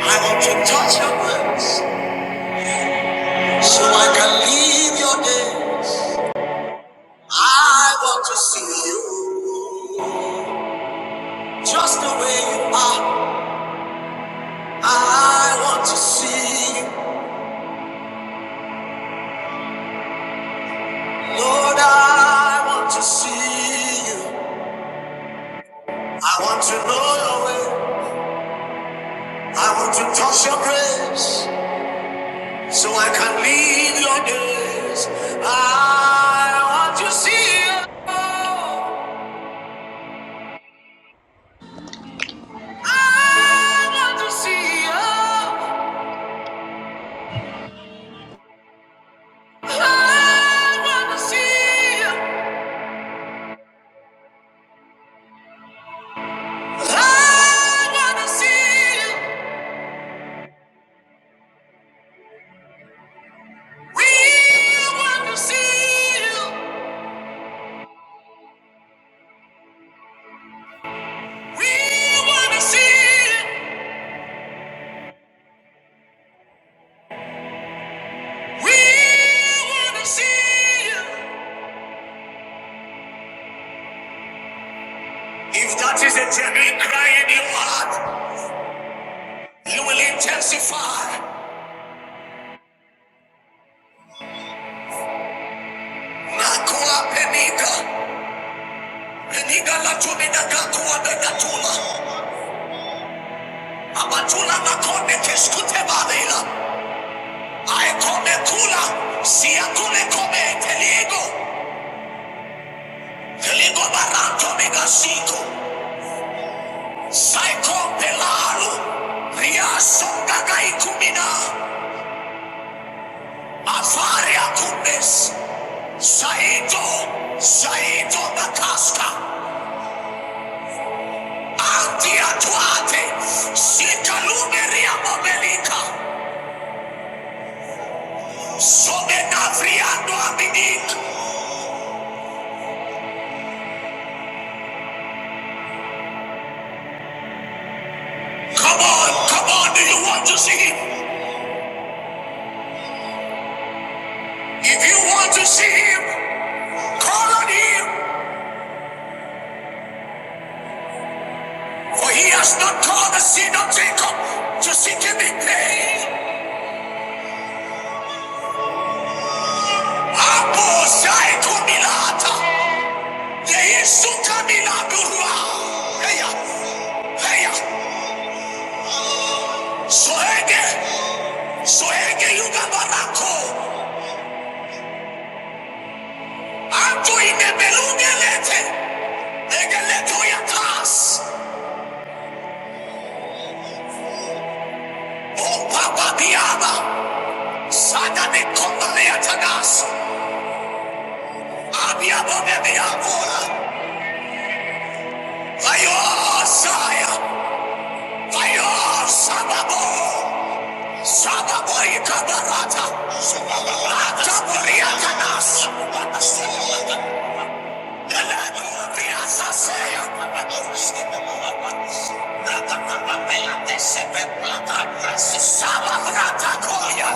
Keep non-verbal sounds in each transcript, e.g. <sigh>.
I want to touch your lips so I can leave your days. I want to see you just the way you are. I want to see you, Lord. I want to see you. I want to know your way. I want to touch your grace so I can leave your days. I want to see you. I want to see you. If that is a genuine cry in your heart, you will intensify. Nakula peniga, peniga la tumina gakuwa na gatula. Abatula na kone keskute barila. I come a kula, siya kule come come teligo. Kiligo barato megasiko. Saiko pelalo. Riaso gagai Avaria kumes. Saito. Saito bakaska. Antia tuate. Sika lumeria momelika. Somena Come on, come on, do you want to see him? If you want to see him, call on him. For he has not called the seed of Jacob to seek and be paid. Apo Shaiko Milata. Yeisuka Milagurua. Heya. Heya. Soege. Soege Yuga Barako. Anto Inebelunge Lete. Ege Leto Yatas. O Papa Biaba. Sada de Kondaleatagas. Abiabo Bebiabora. Ayo Saya. Fire! Sababo! Sababo ikabarata! Taburiakanas! Elakuriakaseya! Sababrata koya!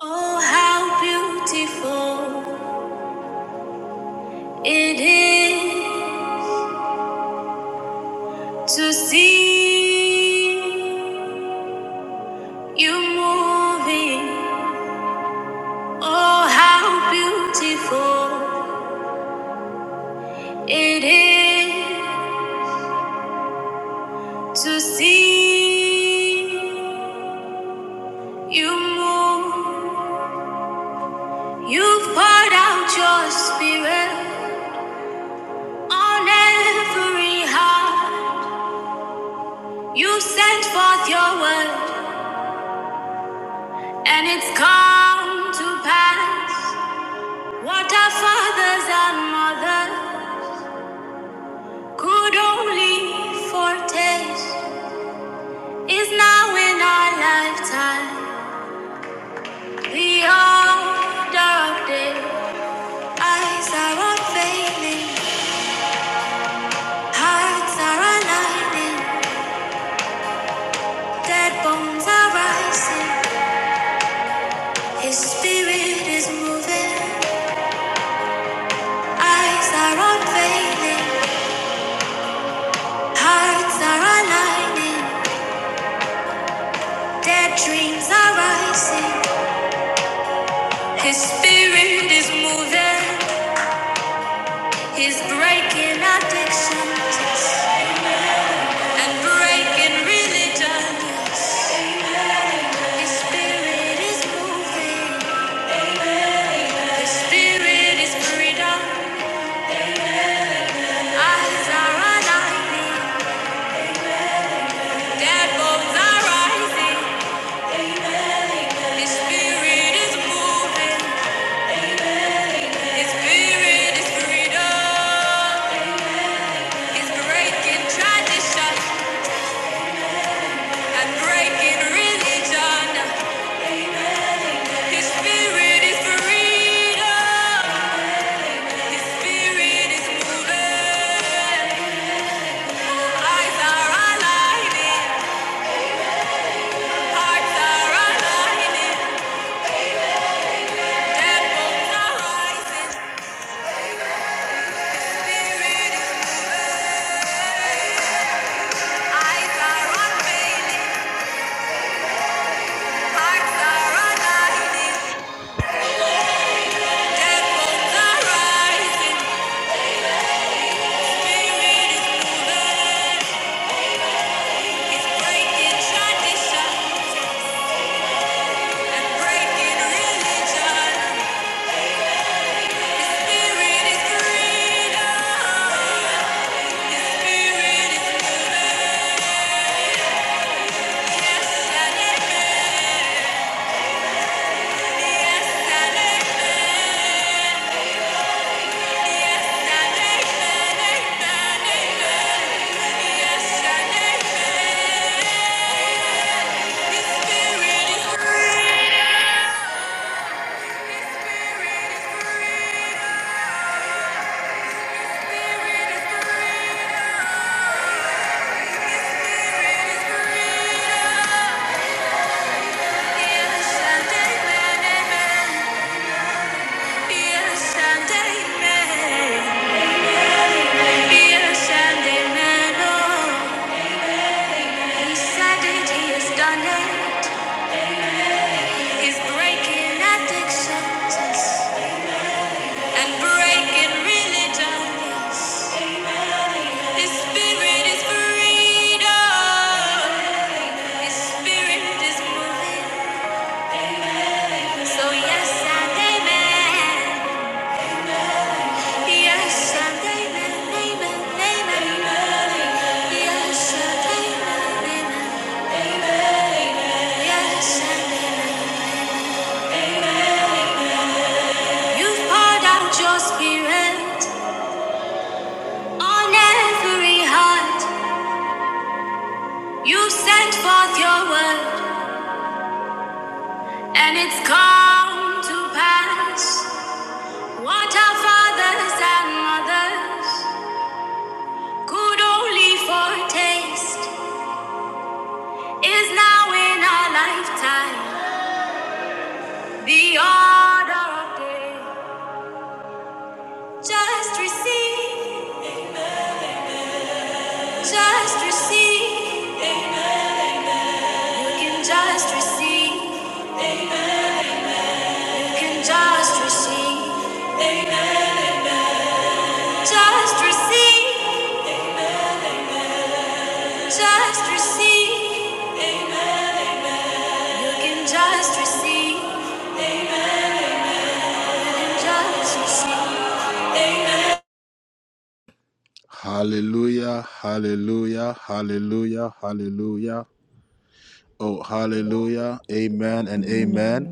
Oh, how beautiful. It is to see you moving. Oh, how beautiful it is to see you move. You've poured out your spirit on every heart. You sent forth your word, and it's come to pass. What our fathers and mothers could only foretaste is now in our lifetime. The order of day, eyes are unveiling, hearts are aligning, dead bones are rising. His spirit is moving, eyes are unveiling, hearts are aligning, dead dreams are rising. His spirit is moving. is breaking addictions and breaking religions. His spirit is moving, spirit is freedom. Eyes are aligning, dead bones are rising. His spirit is moving, his spirit is freedom. He's breaking tradition and breaking religion. His spirit is freedom. His spirit is moving. Eyes are aligning. Hearts are aligning. Devils are rising. Spirit is eyes are unveiling. Hearts are aligning. Devils are rising. Spirit is moving. It's breaking tradition and breaking religion. Yes, and amen. Yes, and amen. So yes and amen. Yes, I'm David, David, Yes, I'm David, David. you poured out your spirit on every heart. You sent forth your word, and it's come to pass. What our fathers and mothers could only foretaste is now in our lifetime. The order of day. Just receive, just receive. You can just receive, you can just receive. Just receive, just receive. You can just receive, you can just receive. Amen. Hallelujah, hallelujah, hallelujah, hallelujah. Oh, hallelujah. Amen and amen.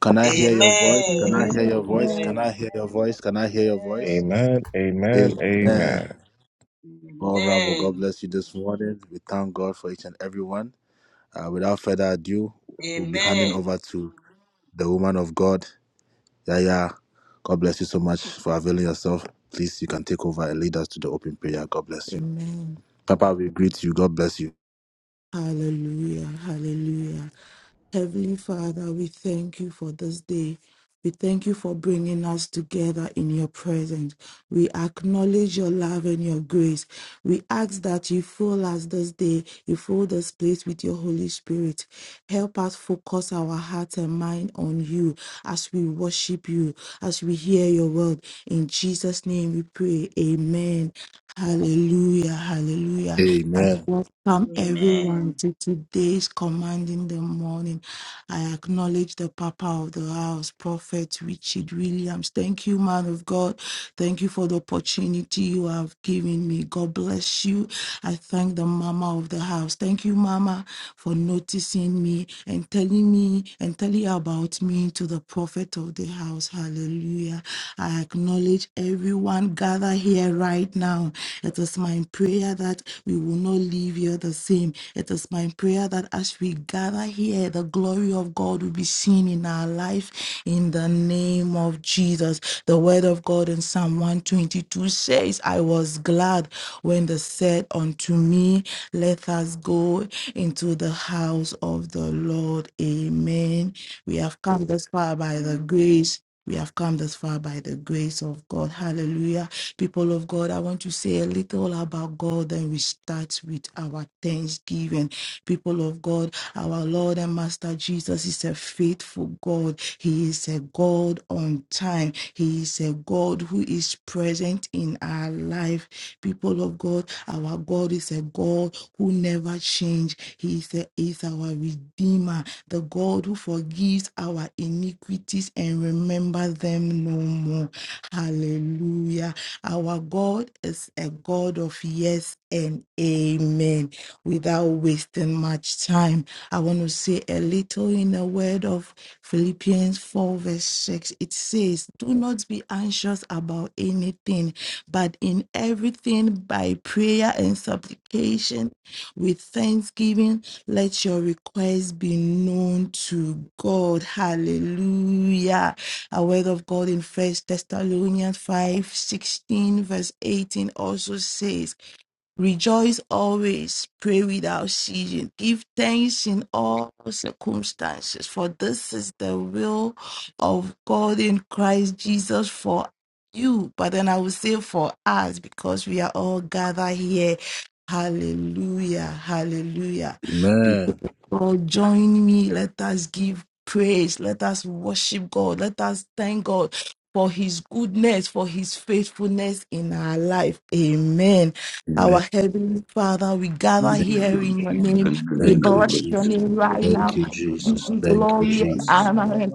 Can I hear your voice? Can I Amen. hear your voice? Amen. Can I hear your voice? Can I hear your voice? Amen. Amen. Amen. Amen. Well, Rambo, God bless you this morning. We thank God for each and everyone. Uh, without further ado, we'll be handing Amen. over to the woman of God, Yaya. God bless you so much for availing yourself. Please, you can take over and lead us to the open prayer. God bless you. Amen. Papa, we greet you. God bless you. Hallelujah. Hallelujah. Heavenly Father, we thank you for this day. We thank you for bringing us together in your presence. We acknowledge your love and your grace. We ask that you fill us this day, you fill this place with your Holy Spirit. Help us focus our heart and mind on you as we worship you, as we hear your word. In Jesus' name we pray. Amen. Hallelujah. Hallelujah. I Amen. Amen. welcome Amen. everyone to today's command in the morning. I acknowledge the Papa of the house, Prophet Richard Williams. Thank you, man of God. Thank you for the opportunity you have given me. God bless you. I thank the Mama of the house. Thank you, Mama, for noticing me and telling me and telling about me to the Prophet of the house. Hallelujah. I acknowledge everyone gathered here right now now. It is my prayer that we will not leave here the same. It is my prayer that as we gather here, the glory of God will be seen in our life in the name of Jesus. The word of God in Psalm 122 says, I was glad when they said unto me, Let us go into the house of the Lord. Amen. We have come this far by the grace we have come this far by the grace of God. Hallelujah. People of God, I want to say a little about God, then we start with our thanksgiving. People of God, our Lord and Master Jesus is a faithful God. He is a God on time. He is a God who is present in our life. People of God, our God is a God who never changes. He is, a- is our Redeemer, the God who forgives our iniquities and remember them no more. Hallelujah. Our God is a God of yes and amen. Without wasting much time, I want to say a little in the word of Philippians 4, verse 6. It says, Do not be anxious about anything but in everything by prayer and supplication with thanksgiving, let your requests be known to God. Hallelujah. A word of God in First Thessalonians 5:16, verse 18 also says. Rejoice always, pray without ceasing, give thanks in all circumstances, for this is the will of God in Christ Jesus for you. But then I will say for us, because we are all gathered here. Hallelujah, hallelujah. People Amen. of God, join me. Let us give praise. Let us worship God. Let us thank God for his goodness, for his faithfulness in our life. Amen. Amen. Our Heavenly Father, we gather Oh, Thank here in your name. thank We thank you, bless your Jesus. name right Thank now. you, Give Jesus. you Thank you, glory and Jesus. honor and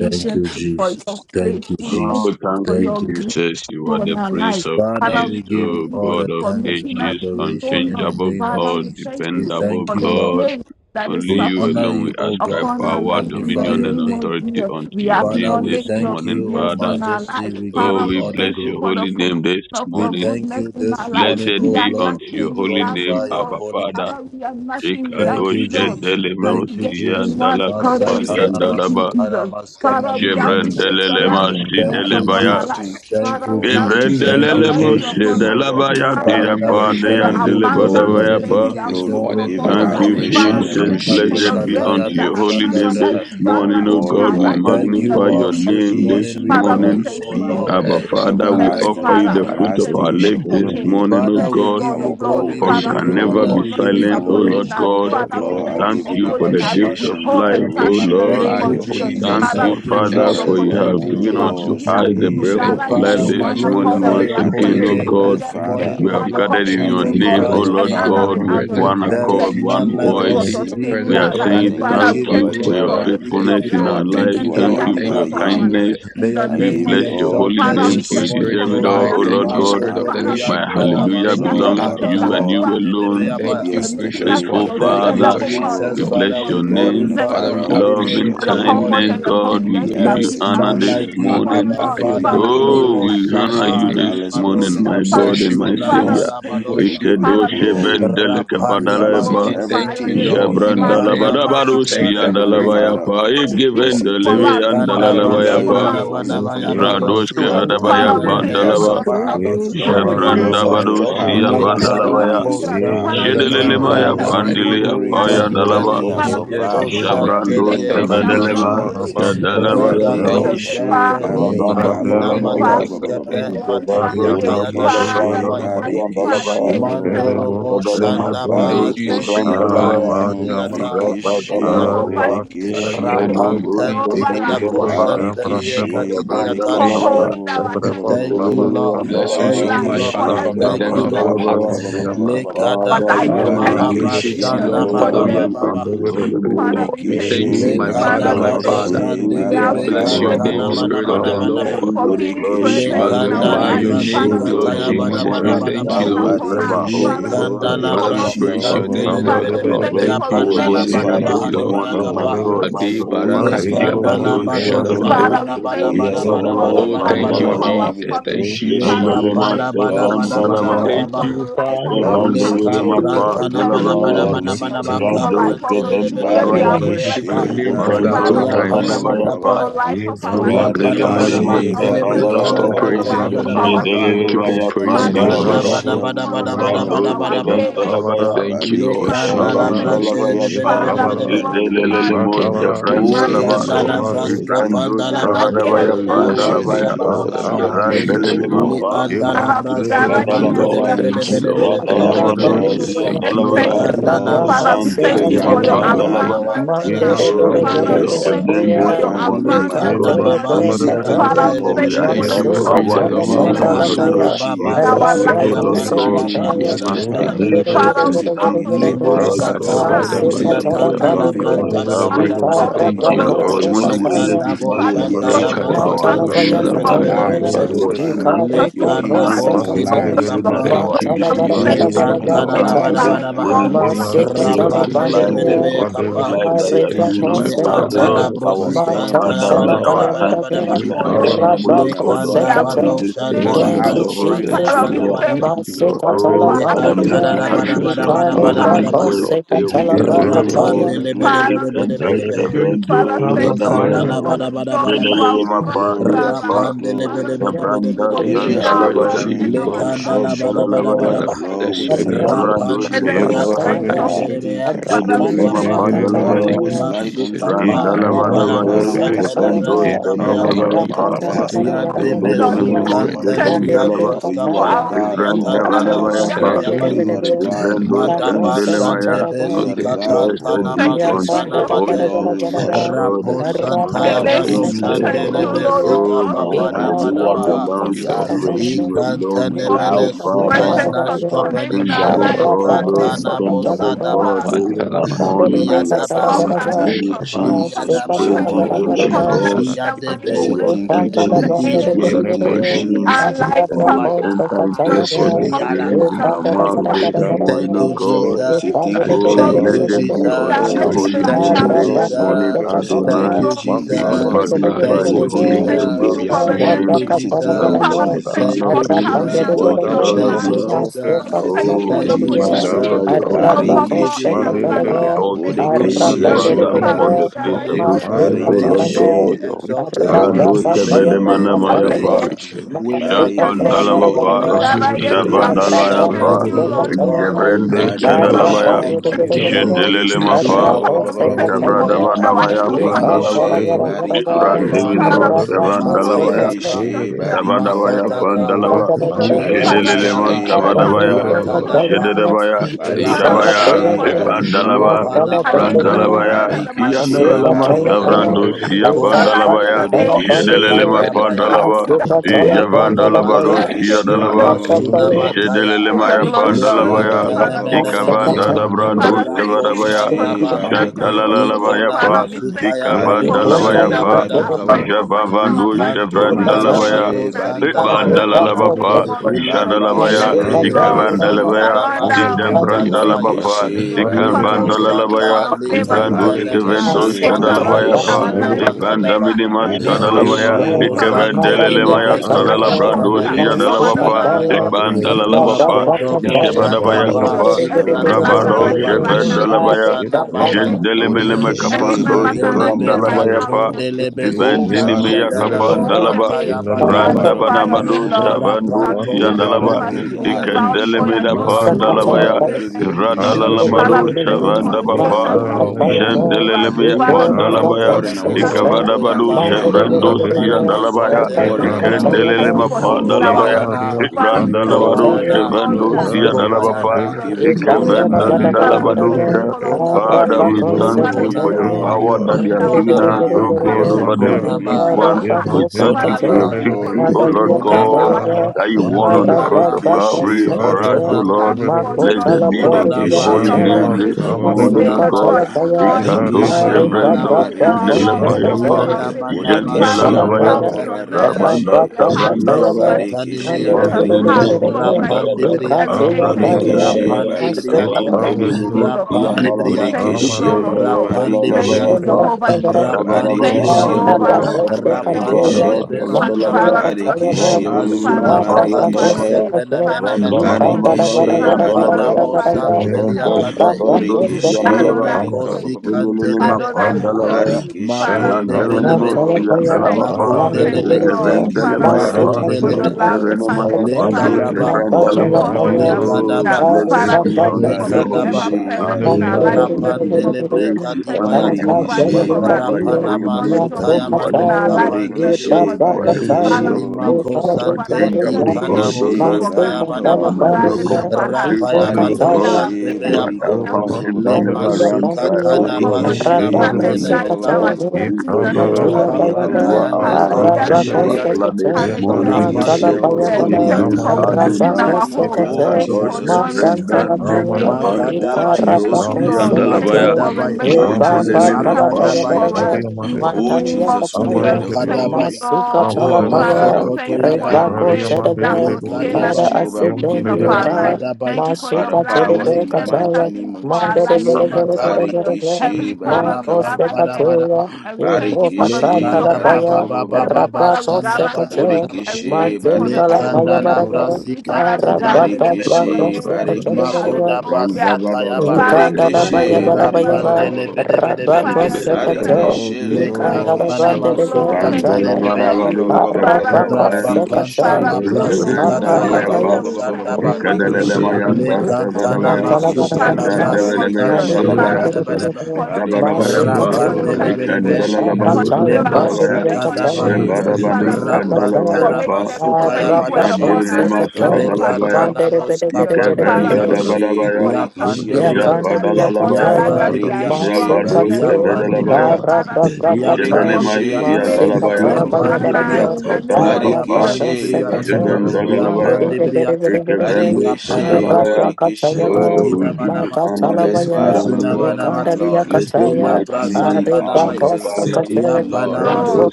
Thank you, for Jesus. your Thank you, faithfulness, Jesus. for you, your Thank you. grace Jesus. You are upon the our Prince life. of Father, Father, Peace, we we give thank oh you all you God the of for thanks making and us ages, adoration victorious. in the unchangeable name of Father, we God, Jesus. thank We you dependable thank for you, the God. Lord. grace that Only is sufficient We you honor alone we you, O ascribe God. upon We our power, life in the magnify dominion, your and name name. of authority Jesus. unto We your Father, name we this acknowledge your thank morning, you, O goodness Father. in our Majesty. life. We give Oh, you Father, we we all the bless thank you your for glory. the holy provision name this of We your morning. thank goodness you in this our life. morning, Blessed We O are be Lord. unto We your nothing holy without name, you, glorify your Abba Lord. holy Father. name. Father, we are nothing without Thank you, you, Rikadoshe Lord. Jesus. We come delemos Thank you, together in Jesus. one yandala accord and kapa we say Masatana thank you, yandalaba masutana Jesus. Thank Father, you, we maskapanimiata. appreciate Jesus. your jebrendelele Thank loving you, masi kindness Thank Father. you, upon Oh, our delebaya life. Jesus. thank you, Thank Father, you, we Thank Jehovah. you, Jesus. Thank you, appreciate King Thank your our of gebrendelele you, God mercy and our Kings. mosi upon Thank Jesus. our you, Lord, Lord. lives. Heavenly delabaya Father, Father. Father, we we Father, thank dirapa we you worship for We the you, thank give you Lord. you this glory. abundant We yandelebadabaya morning. grace give We pa. you you give you This have the glory. given We morning, give glory, you upon O Father, our Thank we you, lives. Lord. say, may adoration your Father, and we holy Jesus. name thank be you for the praised. appreciation Blessed Masukadika be in the rain unto name of tayado that your has holy shanda shined name on Jesus. this every brehadia. dry Our morning, line O God, in Who is God. our you are We the life. like one unto Thank In who you, the magnify thee? your was, name Lord. of who This name Jesus. this is, morning and we will Father, honor we morning. you, always thank O you, be Lord. Lord. Abba There We There is is thank you, Father, none none we like like Heavenly everlasting offer you, and you unto Father. the thee. We Father. fruit of thank our everlasting you, is your lips King of this holy Kings. morning, We O name. Father, thank we you, God, give Lord of you Our God, Lords. we glory, for we we give you Father, Worship give we can you you, thank never glory. you honor, be for Lord. We we not give give We you give you you silent, O honor. Lord praise. disappointing We us. adoration. God. O adore Father, your we holy thank Lord, I you Thank name. give Koromos you for you the for filling the us gift with of Namakapaya. appreciation, hope and life, O We trust in adoration the in the Lord. Thank name magnify name you, of your of Jesus. holy Jesus. Thank name, Jesus. Father, Lord. you, we Thank you, We thank you Father, for the Father, for Jesus. exalt you you are the your Thank opportunity have one you, name. given who you have unto Jesus. was, given who us. us the To is, breath and Thank of will gather you here life Father, so always in we this one much, be. Father, morning accord for glorify and the once your bless I your holy again, thank name. privilege, you, O name To Father, God. beloved this gather here Father. morning, We in O for have one the Lord. accord gathered in We and I your give you opportunity, thank you, name, glory glorify O Father, to your beloved and Lord be name. in honor Father. your God, and with one presence. adoration. I There accord, is thank you, Thank you, one none Jesus, Jehovah like voice. Don't for take unto Nissi. your thee, We sustaining O presence are our for I lives. God. saying granted, thank We you, <laughs> Father, Lord thank we give you God, you thank Jehovah you for King, glory. your for Lord. Jireh. We making Thank your give faithfulness you you, in blood I Lord. our glory. speak Thank thank lives. We you, you, I give Thank Lord. you better you am the for that Thank things your you, for I honor. our am. kindness. lives Jesus. in May the your I We name name give of be bless you your Jesus. all the holy exalted Father, name we Thank this for you, praises. you thank you morning, Spirit for deserve O it I all, making Divine. O us give Lord. a Lord you Thank you, all conqueror. God. the Spirit of the Father, we adoration. My Masokotoyan Living God. for Panama hallelujah making Thank us you, Lord, a belongs you are to the defender. you Adonai. Braska and God you Father, alone, thank of you Thank Pandelebeapaya. for you, making us Gracious yesterday, a faithful One. your today, Father, Thank Amen. and we you, Father. dependable worship God you, in We Jesus. tomorrow. the Lord. bless name Father, of we your Jesus. Heavenly name. glorify Thank Father, you, your we Father, we Lord. holy give Thank you you Loving name the appreciate for the your this holy glory comfort morning. kindness, and name. the We give God, you we confidence in you give glory. There every have you is given us. honor none this We like We situation. speak thee, for you, morning. Abba magnify We Lord. give your you Father, the Father, name, your Lord. word Oh, glory, said Limo We we that if praise only honor your we you Sata, this seek, name. regardless of we the morning, Limanos shall my We find Kape, God you. circumstances and worship that my we you, Father, Lord. Savior. we face. Ibrantana We thank Manos you. We worship give you Kapa, you, the Father, we Ikedoshe Adonai. thank glory, you. vendele You Rapani regardless We of kebadareba, say Mato glorify thank your you, everything name. that Sempre, we Lord. You have In all been things, Ikana through. magnify we give your jebrandalabadabarusi name. thanks Masunana and Heavenly You praise Father, andalabayapa, Lord, unto Manamayaba, you, for O we God. say speaking for igivendelemi thank us, you for Lekana Father, we speaking because love if andalalabayapa, for you, it us Masunana Lord. in wasn't for the you radosh Manamayabadosi, name You of Jesus. are Antana Father, we kevedabayapa we good thank wouldn't you have Manamaya for and andalaba, your so Kapana survived. it. selfless love, Thank If it for Masunamaya, the good wasn't of by strength your and for, jebrandabarusi trouble. for power, Allah we protecting your Sadaba. avandalabaya, wouldn't have Lekarapos us. survived. Father, we it. thank Thank <laughs> Amen. you Kaprenta, you, If it for the Father. jedelelemayapa wasn't for And He your testimonies Ilimiko, we andileyapa knows are grace, those who we Pandia trust enjoying. yandalaba, wouldn't have in Father, Him. Poro, we thank you Tantanimiko, survived. Yes. for it. Pandia the many Hallelujah. Shabrandos In Santelie the Thank breakthroughs you name you, Daria have of Kabia. brought Kavadelema, Dara away. Jesus. Jesus. Bando, Thank you, Jadalabayapa, Thank Pekere, Regato Jesus. you, Father. Barikishe Father, Shendeli we Thank you, thank Lord. barika Alebrande ba you. Abina ba ba ba Thank you, Abo, ba Rabambangalabaya, Father, ba Matos ba King ba of ba ba we Kepe Kings. ba. glorify Madimia your Zavandos, name. Ariana Mande Tayanado Father, Burikishe Thank we Dalabrandos, you, Kapaya Boriama, Lord. magnify Thank your you, Yandalabaya, name. ba ba gracious ba Thank ba one. ba you Ikerebo, ba Mandorobo ba. Rabadama Pemande, suffering. Thank Sandos, Shandaba you, Thank Spirit Barikishi, you, Lord. Zibiata Divine. Randalabaya, Thank um, you, Arabariama, gracious Zibiata one, Lord. Marikishi, Zibiata Rabadalabapa, Jehovah Aribaku Father, Nissi. Borikishi, we um, Madea, Thank adore you, your Romandos, Rapanten name, Lord. Jehovah We Ike Tibiako Rapha. praise Dalapa, your name, we Sempelie Manzabrandebo, Barikishi, magnify Kadimia your For name. Tanda Borikishi, Jabandalalabaya, Apat holding our um, hand Ebrebo, Thank you taking Sabastame, Lord us Bless you through Javandalalabaya, Thank so you life much, Lord Badikishi, for Father, Yeta from every the Thank depths you of process our Barika, Cabrado Lord and heart, Javandalabaya, every Lord. Bastiama, season of Lekada our Father, life. we Baba Father, we honor Yeta Thank Baba you, you, appreciate Badikishi, Negre, you, Jesus, Lord. Bashanda for Father, Baba Blessed um, taking we Baba are be unto Baba grateful your to you, holy Sandevere, O Father, name, God. we We thank Jesus, you. thank Oh, you, Borikishi, to my you be Father, Father, Lekada we my all the Master Baba thank Father. and you. glory. Barikashi, We To Savior. you Sandelebre Barika, Bless You your belongs are appreciate the name, Kantana all you. the Prince Mana Spirit of of Father, Mana the power we Peace, Mana thank Mana. you Lord. King for of being Glory, We present Borikishi, in We our magnify Lekandala give Adonai. life. your you We go, name, Father, praise, we Lord, brasikata Lord we thank ya this you give for you bada Jesus. bada We Barikishi, never praise, morning, bada we thank you, giving give ba. up Lord. Yahweh, you on praise, us. we give Sabaoth, Father, we Barikishi, you oh thank praise. you Lekandala Father, for we not Jehovah Borikishi, ah, praise your Nissi. brasikante changing. name, de de Mastama be Lord Father, be de we be We de God. thank be you ya debere, Thank for glorify you, Oh, your remaining pandala holy yes, Jesus. the bada name Father, same. Thank this we Eko you, bahadi give Lord. you morning, Mastama my glory. bayakapa. God, debere, my Made God. Oh, yes, Father, barakadia Madevoro we Lekandala give bado Ikados you bado Mastama honor. kevran shadabaya. debere, dos Father, shandala we Oh, bada thank kevran bada yes, you our bada Evoro for the dabadabaya bada God Oh, and bada our life thank bada of ba. you, Mastama, Lord, we pandalabaya our give you the Jesus. Thank family. O you, Sama appreciation. Father, zedelele we mas debere, Jesus. Lekapanda thank you bada Lord, we kevran bada for say the O bada house. thank dalabaya bada Thank ba. For you. Mandevere, the you, life of O Father. Lord, our we the say zebandevele Leka name be household. thank We mapa praised, pranta you. na praise Thank your mana dalabaya. mana name. Lord, O we mana the say mana for name be thank maka the Radus life praised, you. prante of le the le bede O children bede you bede the be We Kevendalabaya, have le name be be blessed worship apa your us Barikishi, praised, name, Father, Mande at Barika, Jebrandus all Father, ya bah, we Sama times. thank pana debere, you Kavalabaya mata for pa Pa, the life of We Eva will our ya pana magnify spouse. Mastama mana your Randeliminimus name. mante Father, we debere, le We will thank Barika, not brenta you le stop O Kavadalabaya, for the brenta praising le Cobra life your of bele bele name. our Sama pa We will keep debere, siblings. on Jedelimaya praising Father, your we Eva lekanda name. thank Pandalabaya, bada you Barikishia Robo bada for the bada life bada of bada Randus our bada Yes, bada ba parents. We Kevendalabaya, Havara. Thank you, Lord. Yes, Father, lekanda we Thank la you, Barikishi Havara. thank brante le you. Jesus. le Zembandalabaya Yes, bede Pa, Borikishia bede Father, we bede be Havara. Thank glorify you, your Idelelimus King name. of Matavara. We Kings. Oh Yes, Thank Kavrandalaba, you, yes, lekanda magnify la Lord. your name. Jesus, Omade. we braska Father, give you Ibrandus we panda la honor. gather brante le here Kandebo. Father, Kavadabaya le with we the be ya Oh bless Sama. your kapa yes, name, ya Pandalabaya, ba ba Lord, ba and Jesus, we ba we Asama. say adore appreciate you, you, our thank Randelima Debedebede. Lord. le God you. and Pa, our anda la Lord. Yemas. Father, we brasi da gather Thank you, King bante here le of Debedebedebede. with Lord. Ikavadalabaya, le a bede Thank heart you, kings, bede Lord. bede Moko. Masuka of bede bede God Thank be chala le of you, be gratitude. Radalamadus Debedebede. Jesus. gods, pandiriya, We Le say Thank you, Lord thank Yandalabaya, Father. of you. Lekandala Yegiringo. laws. Father, we brasika I thank you Thank Imandelima you, am for telebe that your King I of Yegiringo. apana Kings. am, Pandalabaya, abundant mantara la Yemas. love. Ancient bada Oh, of bada we Thank you, Father, bada bless Samadebede. we bada days, your Lord, ba. thank for name you being for this Alpha your God. and Le morning, my Omega. abundant God kanda Yemas. and baba We mercy. say Savior, sikante thank Samadebedebede. you, Father, we de for Lord we thank bede you for bede Thank be. the ascribe you for Jesus. Yeporo. being power, the Mas. We countless lover say Le of dominion, our and thank blessings Debedebede. you, kanda you Lord souls. authority baba put in unto Yepo. our Jesus. you, basokoto O lives ya We Lord in the Debedebede. say Thank name you, pandala God. of thank you, brantara Heavenly la Jesus. Yepo. Master bada Thank Father. you, bada ba. Jesus, Father, We we Debedebede. we Jesus. say thank thank you for you, your uplift O Limo Lord your Yekama. name Kada presence. God, sata for the bada high. We say Debedebede. libia bada finished We thank you bada work for are tanda bada. your on la cross here of in brantara la faithfulness. one Calvary. bada We bada say ba. accord ifara thank and you we Thank da you, for your Father, Debedebede. bow Lord. for kose when Le we were righteousness. kasaya, yet kanda we Pandiribi, bo sinners, Oh, Mandevere, you salute shanda yes, your la died Mandevere, for Jehovah, our Lekarabado, basikante supremacy, de sins. in King bede our of Thank bede Shadabaya, you Kings. bede lives, Mantalavayakatayava, for be. Heavenly We Baruas. washing Father. us, salute Le O your Your God. kanda hand Thank bo upon you supremacy, our for Lord Ikaredakosekata, of lives, sinimita forgiving pa. Heavenly us Lords. Mandevere, our Father. Thank you, Father, we Your iniquities. Le thank Jesus. hands Thank you you, upon for We our Lord. antana Mandevere, na thank making ba you na lives, ba this Mantalavaragalagalagakataya, life na Heavenly ba. fall Father. morning for for Thank you, the We King say righteousness breath of of thank you, Rapande Kings. and le life, be Thank de you, the be Masekatalapandidiya, ya Lord. salvation. Jehovah. gift of Oh kapa. Mandevere, life We that say you have thank Thank you, you, given unto my Le us, Jehovah, O Father. andala Lord. Ikaredakosekata, Thank for you, our my brosi Lord. kanta ya families, Father, ba may na Heavenly ba our na Mandevere, ba na Father, ba na ba. thanksgiving Mantalavayavaraga, Thank be you, for my Lord, commanding the acceptable, O Le money, Jesus. God, our God we kanda unto and ba our you do Rabakosekata. Lord, this shanda appreciate Thank na for morning, you, Thank my you. you, our brasi Lord. God kanta and prayer, Thank ya Jesus. you, ba Father, na we Savior. ba Lord. na Jehovah. ba. thank Thank you, you. Lord. Oh, Le We Father, Father, give may you we Thank antana my Masekatalapandidiya, you, na ba heart glory, do thank na we the ba you. gracious na give one. ba you na talking, ba na Father, ba Father, even if na ba. glory, thank you, words Lord. we Thank fail you, give thank you me, O thank you. you, Lord glory, we thank you, give God. Rapande you Lord. le be de be de glory. Father, we be de be thank de be. We Ikandasha you. give you Thank you, Vendos Father, glory, Le we thank Abba give you Kavadabaya kanda you Father. na ba for na the glory. ba na ba joy na ba. you We Zelele have give you brought mapa to glory, dia our we Ikaredakosekatalarakataya. give you life. pa Rapande le be Father, de glory. we be de thank be de you be Zabranda We de for be give de Thank being you you, be. our Spirit of the rock skandalabaya adoration and Living and our God. Lekanda la bada appreciation. bada salvation. Zendalalabaya bada Father, ba. Thank Lord, bless we you your say name, Monday, for Lord. thank you, being Zabrandus Thank Rapandi you, present Father, libya in Jesus. for kevereva my times life. tande We of say need. lebelebe thank ya you, Father, katos we Zelele Jesus. mapa thank kapa. you, Father, Lord. dalabaya who Thank you, is like We thank Jesus, unto Masuka for my thee? pa life, Lord. libayano Brandalabadabaya Father, you who shande is like Skevendus lebrasi unto thee? bayata. Thank kedalabaya you, pa Lord. There has Thank never you, for being Yande Lord. been, Zebele there will on But besu my never neighboring minimus strength time, parties is be kanteni failing. Thank kevendalaba miyatos for you, you for are the our kapandi Jesus. God libya of sake. all tanda Hallelujah. Ivrandavadabaya ages. But labrasu I pa don't For know yabaya. you are what the to do. God of Thank Ivrandus you. all Jesus. Madaba ages. shande kandelemaya For All you besi are the things God seems of to katanta be all Blessed be going Thank you, against unto ages. me. King your namasutana of Yakandara Kings. holy bara mate. bara Lord, we name, bara my bara. worship one you. God Rapo and my santa Rapa Lord Master of But in yabado hosts, we koseka you, give Jesus. you tala shande Thank Lord, you, there Lord glory. is lebesi of bandiya. hope. Oh, Lords. of my kapapa the Eka Almighty hallelujah warrior, rapa namanamaha. we Thank belongs give you is you, to Lord. koseka you tala Thank and ne. you, adoration. Lord. you alone, We that for bow Ikantenemene is faithful being Eka before you. tala We, Father, bara about present sutayana bara on the bara. time skopeni in our unchangeable minimiye lives Shadabana, in God, Rapa the about oh, the name katana of koseka tala Jesus. dependable bara. last mosadaba. God. Father, we one This year thank Mantana, Rapa you for Manama, favorite morning bandiya fighting we have Iyadaba. tala we our bara say, come to about Vikarabana, battles. give bara. Thank the you for you, us. Shadabaya. thanks Father, Jesus. and We Maseka we Iyadaba. say, tala thank about praises, bara Thank All O you you, bara Lord for praise favorite not and bara. letting God, honor Jesus. be the We unto Iyadebe. for your say, we over We manipulation have name. Thank you, can't tell entered of the favorite into about the your Jesus. enemy We river, gate In Father, say, with Iyadebe. the river, we Thank name you, river. of worship in you. thanksgiving Jesus, our At Jesus. the life and we come in platform, will to so pass enter cut into in say Kobaya. the a your Bless your court your hair. name name, with name we of King pray. praises of We Yalaba. in Kings. can't our tell Jesus. about We mouth Father, Be the this worship river, thou you. river, morning, Thank O you, exalted God. river. We over, We we say thank We can't tell about Jesus. thank the you, you be river, for adore Oh, your of thou Thank holy you, river, Jesus Jesus. blessed name, be to river, Lord. exalted We unto We say gather river. Jesus. your over, praise here thank holy your you, right name. Thank At be now name you, the in this thou the Jesus. name platform, morning, so exalted Jesus. We cut say say over. a of Thank thank hair. Adonai. you, you, Jesus. What We We Man, time Jesus. the are Jesus. river, magnify river, you? We your river, magnify Thank say your you, holy We thank holy river. you, name, Oh, thank name Lord. We this can't Jesus. you We well, for Jesus. Thank appreciate morning. you, remembering We you, tell say about the For Father. thank you, well, you Jesus. Father, are we river, the river. We thank King Jesus. you Thank of At for you, praise the your kings, platform, We covering the Jesus. say name, you us are river, with God, Lord, thank the I you, your and we Lord river. of Thank thank perform blood. you, Jesus. you. lords. Man, all so things, Father, We we say cut Jesus. say Father. thank thank you We Oh, you, for your we Thank a thank you, you, hair. his Jesus. thou Spirit protection magnify of At the your being Jesus. Lord. holy the exalted. We We over name. platform, thank give more you so you, in Barikishe. cut Thank our say glory, We a life. Magnifier. hair. Lord. In exalt the name your At of the We We name, Bodekishe. give you platform, Jesus. bless the the your Father, river, name, honor Father, upon river. Lord we the this face gather God. morning. of Man, this here. so earth, O cut May say We your Lord a thank name hair. God. be Barikishe. you, Lord. Thank exalted. Thank you, We Randos Lord. May Bodekishe. your name kevedemana be gather Father, we mayapa, here praised. praise your name. We Praise your magnify name. you, Barikishe. O Lord, we japandalavapa, We Lord. bless your gather name, here Lord. to We There is Bodekishe. worship none you. javadalayapa, appreciate like you, thee, O Lord God. Jesus, Oh, jevrendes thank you, There for is the Father. none kedalavaya, Barikishe. like Thank you, confidence unto King you have of thee. Kings. given Thank Who you, Borekeshe us. jendelelemafa, ba can ba Lord. ba ba Father, ba we ba compare to thank ba ba you you, ba for ba Lord? Thank ba. being you, our my javradavalavaya Who helper can in the Jesus. Borekeshe pandalava, compare name to you, of O barika ba Abba ba Thank ba Jesus. ba ba Father? ba. you. Father, ibrandiminemos we thank you for kevandalavaya, being gracious Makasata, Borekeshe to you. us barika ba ba in Shavadabaya ba the ba ba ba Masataka, ba name ba. of Pandalava, Thank Jesus. you, Father, gracious Jedelele we one. thank Thank Barekeshe you you, for Lord. barika coming Moskavadabaya, ba through ba and ba Lekatayaba, ba ba showing ba Lepanapa, us. ba. Jededabaya, this. Eh, Father, we bara Shabaya, thank you shana Barekeshe Rapataya, for badosh. barika ba ba ba Pandalava, ba ba ba ba. against the Lepanamatoa, you. plans Brandalabaya, Ikanamanama, and the Thank Atina Barekeshe Yandalala manipulations of you. the barika Matoya, ba ba enemy ba Maskavrando, ba ba ba. Sia against our Pandelebedosh, lives in Kodabaya, Pandalabaya, the name Borekeshe Jedelele barika ba Kandabaya, ba ba Mapandalava, ba Abiendelebeadia. of ba ba ba. Jesus. Rapani Javandalabado, And Mata, we Thank say, you, Borikishi, Sia thank you, Father. Thank you, Masuna Lord. Mataya, Take your Jedelelema glory, Lord. Barikishi, Thank Pandalabaya, you, Father, we take Jesus. your Thank Ikavanda Bariaka, da you, Lekantanemenemenie, glory. Lord. Brandus Father, thank Rapo you Kavadabaya, for In Borikishi, Thank the you, giving name Sandaba, of us King your of in Kings. glory. Ikona Bariaka, Jatalalabayapa, Father, we thank Masutaya you Thank for Bado you, Lord. fighting Barikishi, our Ikabandalabayapa, Thank uh, you, Shandabadaba, Lord. fight for fighting Barika, our Jabavandu battles for us Ikantonda and Chevrandalabaya, Borikishi, labado making Barika, Barikishi, Barika, Borikishi, us Kadabadabada, sanda victorious in the badabaya. Ipandalabapa, name of Jesus. Ilabra Jandalabaya, Shadi, Thank sunte you, debe Lord. We Ikavandalabaya, santana surrender masuka ourselves tadabaya. Barua, Idembrandalabapa, Sadi, Lord Jesus. Bendele, Father, Lemo we Barika, thank you for Ikabandalabaya, santa the favor you Ibrandus have given likanteneme us, Kavendus for santa Barikishi, surrounding dabayo Shadalabayapa, our lives sinama with favor in tadabaya. Ipandaminimas the name Thank of Borikishi, Tadalabaya, Jesus. Barikishi, Ilabro Father, we sante thank you for Ikavandelema delebe Barika, making us the Yeshua, Stadalabrandus conqueror sukanteneme over the santa Borekeshi Yadalabapa, plans and the dabaya. manipulations of amarekeshe Mandalabapa, the enemy William, Makodobo in the name Henry, of Edawa, pa Jesus. kapa barekeshi Every member sikratas gather Rabado here, right abarekeshe now, in kapantelebe your Shevendalabaya, name, and we say thank mataya. you, Jesus. Every borekeshe Jendelemelemakapando, member gather barika Masundelebe here, right now, in Serandalabayapa, your katundelebe in Oh your name, Father, Jesus, and sutante we we say we Ribandinimiyakapa, worship delebe bless you. your Dalaba, name. mataya Lord, the We Oh name Father, batapaya. we magnify your give you Randabanabado, name, honor. Lord. We Shavando, salute Rapantos Oh your Father. Father, of Siandalaba, we give you supremacy. the We bow kependidibiyata. adoration. before Yes, your Thank throne of Ikendelemelapa, Oh mercy and Father, Dalabaya, we we Masundelebe say give you thank you, I sididibiyata. Jesus. appreciation. Radalalamado, Father, we thank you for Our the God and Shavandabapa, shelter Lemakosa our you have Lord, we provided prenkadia. adore for you. us. Jendelemeyapa, Father, Ila we thank Our you Dalabaya, for God and brantelebe healing our us Lord, from we suntoya Ikavadabado, every magnify your holy Shevrando, in name. so kapenimiyantana many in Siandalabaya, the Our name God of and our Jesus. am Lord, we masontelebrekkadia. Thank give you you for Ikendelelemakapa, healing glory. our Dalabaya, wounds. Kobayana, We Father, give we you thank you glory. for We Brandalabadusha Kobayana, give you restoring glory, us. Vendosia Lord. We you. thank you Dalabapa for We the Kobayana, give you glory. Mandele We restoration. give you Yapanama, Father, we glory, thank Ikevendandalabadusha. you Lord. for the We Konama. Father, give you we restoration. thank you, glory. thank We Father, you Jesus. we give for you thank your Konama, you for glory, power that Lord. you restoring have our given bere We Konama, homes. us, give O you Father, we God, glory. thank over We you the for give you Konama, wicked glory, restoring one. our Lord. hearts. We thank We you Father, for give we Konama, your you thank you for glory. victory, We O restoring give you Lord our, honor, Konama, God, our Lord. health that in you the won on name the of cross Konama, of Jesus. Calvary Barikishe for us, O We Konama, barikaba, Lord. come before you, Lord Blessed be Jesus, unto and we your Konama, sing holy bodekishe song of name this praise. barikaba, We morning, make O a Konama, God. joyful noise to you, barikishe Ikandoshe Lord Yanama a Jesus, for Nama, being Vendosia our Ye rock ma marikishe. and de de our de Dalabayapa de de. Yanama salvation. Nama Ye Father, ma Bodekeshia we de de Sunama Jendalabaya de come with de. your presence Tanemenemea, with a Barikeshe heart full La of Rabanda gratitude, Barikeshe Ma with a Santanimiata, de Barika de bere heart de Randalaba, bere full de. of bere, Randalaba, gratitude, and we Kadabadabaya, A Rapandibriata, say ma ikatia de de thank you, de Randalaba, baria, de. Bodekeshe Jesus. Kadabadabaya, Thank Barika Ye Briata. Shadabaya. a ma Thank you, de de de. King of Kings. Thank Ye you, Randalaba, Thank Rapandibriata, a Spirit of you, ma the Bodekeshia de Lord ba. of Lords. Ya Lord. de Thank de Randalaba, you, Marikeshe de de. Rapandibriata, Jehovah Father, Nisi. we Ye a Thank Shabarabaya, ma worship you, de Badekeshia de you. Rapandibriata, de de. Pandalaba, Jehovah Rapha. Ye Thank a you, Barikeshe Jabranda, Bless Lord ma your de. Rapandelebe Jesus. name, Lord. Savabalabaya, Father, we Sunamata, bless your Badekeshia name. Bless Randalima, your Father, we name, In Lord. magnify Azunamakatos your Father, Payandalabaya, Marikeshe name. Father, we The Kepenemenemet, we bless name are your name. Randamanamana, grateful. Barikeshe We Father, we Barika Shandalabaya, Rapanamo magnify your are name. so of Ikavanda, much in the name of Elohim, in the we grateful, Sampeliakataya, thank you. Lord. Borekeshe Shavanda, you. name of Adonai, we Barika thank Lemokosi you. Zebelele the kantedebea, Adonai, we Amara. thank mapandalabaya, you. The Father, Barikeshe we Amara. bless Barika your randemenemos makondebelebea, name. The Mantalabaya, Amara. Ye Thank a you, yandalabapa, ma Lord. de de Thank you, de. makondelebea, Oh, Lord. Mandalabaya, thank you, my Ye Father, we zevendelemaya, Father. a thank ma Masoka you de Thank you, for de your de. my makondelebea, Gurapa, loving God. A zevenemaya kindness. ma de Sukata, ma pando, Father, de. Thank we you, lekadaba, thank my you for God the and Ye my zevendalaba. ma de comfort Lord, ya you in Napachalabaya, have the ma de. name given of Oh, lekadaba, us. Nikari Ye Jesus. blessed Father, we be ma Papa, thank de you unto de for your de. being holy lekadaba, ever Sukata, name, Barikeshe In present the in Barika our name of life Adonai. in We the the give name you of Jesus. praise, Mandalabaya, we Thank you honor for Anaka, you, rapandelebrekadibayata, we Amara. providing Barikishe, for Sarabata, us. magnify barika, your We Hero, ba- holy ba- rapanama ba- ba- Thank acknowledge ba- name, ba- your ba. Thank for you, you you, Masuka goodness are Father. the in sutayamanos Jesus. our King Taya, Thank of life you, in the kings, Lord. Borikishe, name oh, kapandibriyata, of Papa you Jesus. are Thank the you, Prince barikishe, Jesus. Kataya, Father, of we ba- ba- ba- peace, O thank ba- ba- ba- ba. you. Father, Father, limakosante we, Father, ca- unchangeable Thank we Daddy, God, thank you. ikanamo oh you Borikishe, Lord. for Masoka barika, granting You ba- the ba- are Tala santayabadaba, ba- my ba- ba- ba- rock desires of ba- of ba. Bandaria, our hearts, for salvation, O Rapayabado hearing God. Iko our Barikishe, You prayers. are Shandebeapa barika, that Thank ba- And you, ba- ba- ba- Lord. fountain ba- ba- that ba- Thank ba- Lema never Hallelujah, runs dry, O hallelujah. Sukatana for God. This Basuna protecting Rabba Borikishe, us morning and barika, we guiding ba- ba- ba- Matelebekapa our ba- grant ba- ba. Sekataya, steps you, in O the Lord, name you, of Matuya Barika, Rapapa for Namala. Jesus. you Bayana, are our Tayandes rock Hallelujah Araba to and marikishe. your name. buckler. Kapandibriata This Kosekata, Hallelujah morning to we your Borikishe, Mantala bless ba- ba- Rapandobo your ba- faithfulness. ba- ba- holy ba- Bayabala, Thank you ba- name, Sibriata ba- for ba- ba- ba. Rafa blessing Adonai. our home. Oh Inakato Kosekata, Thank you Ikandosh for Jesus, we say nourishing Sampeliata Brenda us Mantala in thank you. the Baya, name of Dekapan Oh Jesus. Makadabaya Ikaraba Thank Jesus, you, we Lord. adore Thank you Yandalabaya you. Kosekata, for Makadabaya Oh remembering us Ipanta Jesus, and we Jindelelema coming Talapaya through for Makadabaya appreciate Barana, us you. in the Oh name Mantalia of Jesus, we give you Jesus. Pachaya, the Thank you, Rekadabaya glory. Masuka Thank Lord. you, Oh our Lord. Father, Thank Father, we Talapaya, you, we thank give Lord. you you the for Thank your you, Masokotoyabaya Repako grace Lord. adoration. that Tedaba. Oh sustains yes, us Father, in I Lekadabaya every Jehovah, say we thank season give you of you, the O our God. honor life. Thank Rapadabaya you for by your the Masuka blood that power Tedebe in the speaketh mighty Kataya. better things name Lekadabaya, of for Ma our life Jesus. in the name of Limatapaya, Jesus. Barikishe, Heavenly Ma Father, we barika, kose gather here kateya. Rapampadabadaba, and we thank Iko you for the gift katanta barikishe, of la life. paya. Heavenly Lekadababababa, Rapa Father, barika, we kose gather here kate. Shandabadabadaba, and we Ma bodekishe, thank you for the tenta la air we paya breathe. Lekandala vere vere. barika. Heavenly Father, we Arapa gather here pa Brasikantelebedebede, pa in your Barikishi, name kose and we say kate Barikishi, vere ba- ba- vere. ba- ba- ba- Makodaba ba. Randa hallelujah. Satayaba, Badabados Father, we Ikanda la gather paya Kebrando Borikishi, here, we vere vere Barika, bless your vere. ba- Silabaya ba- ba- ba- name, ba- ba- we ba. Rapa Randa magnify your Rapandelebedebedebedebe, kose name. We Thank Bedapa kate. thank you, you, Barikishi, Jesus. Ikanda Lord. Borikishi, Thank ba- Lekantanama ba- you, ba- ba- We ba- Lord. ba. Thank thank Randa you, you, we la King of Sukantelebeyap, Bariaka, ba- Kings. Lavaravados ba- ba- thank ba- Ikara ba- you, ba- Father, ba- we ba- Lord. thank bakose Kebrando you. kacha, Barikishi, Father, Rapapantala we We thank thank you you, ipapa for Bariaka, ba- making Maru, Kebrandalabayapa kataya, ba- the Brasikatayabado ba- we ba- ba- ba- ba- request, Thank prepare Shandaba, for the thee. making Barikishi, every Ikadelelemayanta Le word We upon thank our Ma cantana life sevadabaya, sala you, to bara Borikishi, masuta bara pass la in the um, bara, name brasi of Jesus. mande cante de bara Marikishi, la Father, jadevelemeyandalabaya, bada bara bada Thank bara ba. you bara, for your ma jabalabaya Barikishi, se faithfulness ka pa, ba- ba- and for chaya, ba- ba- the ba- ya ya Rapandelebelebele. testimonies pa and Barikishi, pa for ikandalalabadu cha the ya Lema pa de miracles sandalabaya, ya and ka for the sukadaba. great chaya, Barikishi, Barika, rebadabadu Father. ba- We sa ba- ba- ba- thank ka ba- ba- you ba- for ikandalabaya chaya, Rapantana pa, making every masuta ya abra prophetic pa word to badapa. Barikishi, upon se our ka jadiminima life Barika, come to chaya, pass in the sadalabaya, mande Rekatana name of bara moska bara Jesus. bara Father, we pandibriata. bara thank you Barikishe, for ikevendodabadabaya, Ya your Borikishe, sufficient grace pandibriata. Yakanda that is upon Ya our life Yakataya, that we japadalalabaya, are pandibriata. Barikishe, Maso enjoying in the Ya Barika, Borikishe, name Katsu, of Jesus. ravadoshkevedalabaya, pandibriata. Father, we Arabaka thank Ya you Kata, for bringing pandibriata. Masi rain Barika, jevenemaiskiyandalabaya, to Ya Katala every dry line Bayagarava, in pandibriata. the name of Ya Jesus. Rapadalabapa, Arabaka Barikishe, pandibriata. Sekata, Ya Barika, Jebendalabaya, Mandiri Beri Beri Beri pandibriata. Beri, Ikebendo Ya Barikishe, panamato. Shadalabaya. Arabaka Kataya, Oh, Atina we Borikishe. give you manama Oh, honor Makatala this yes, Baya, Father, my Mazuna morning. God and my Yakanda manamata, We Lord. bless your ila mighty Yakataya, I say name, thank prasanta you, namaya, Abba Arabaka Jesus. I say Father. thank ya you, Sekata, Thank you, Lord. panama Rados Lord. Mako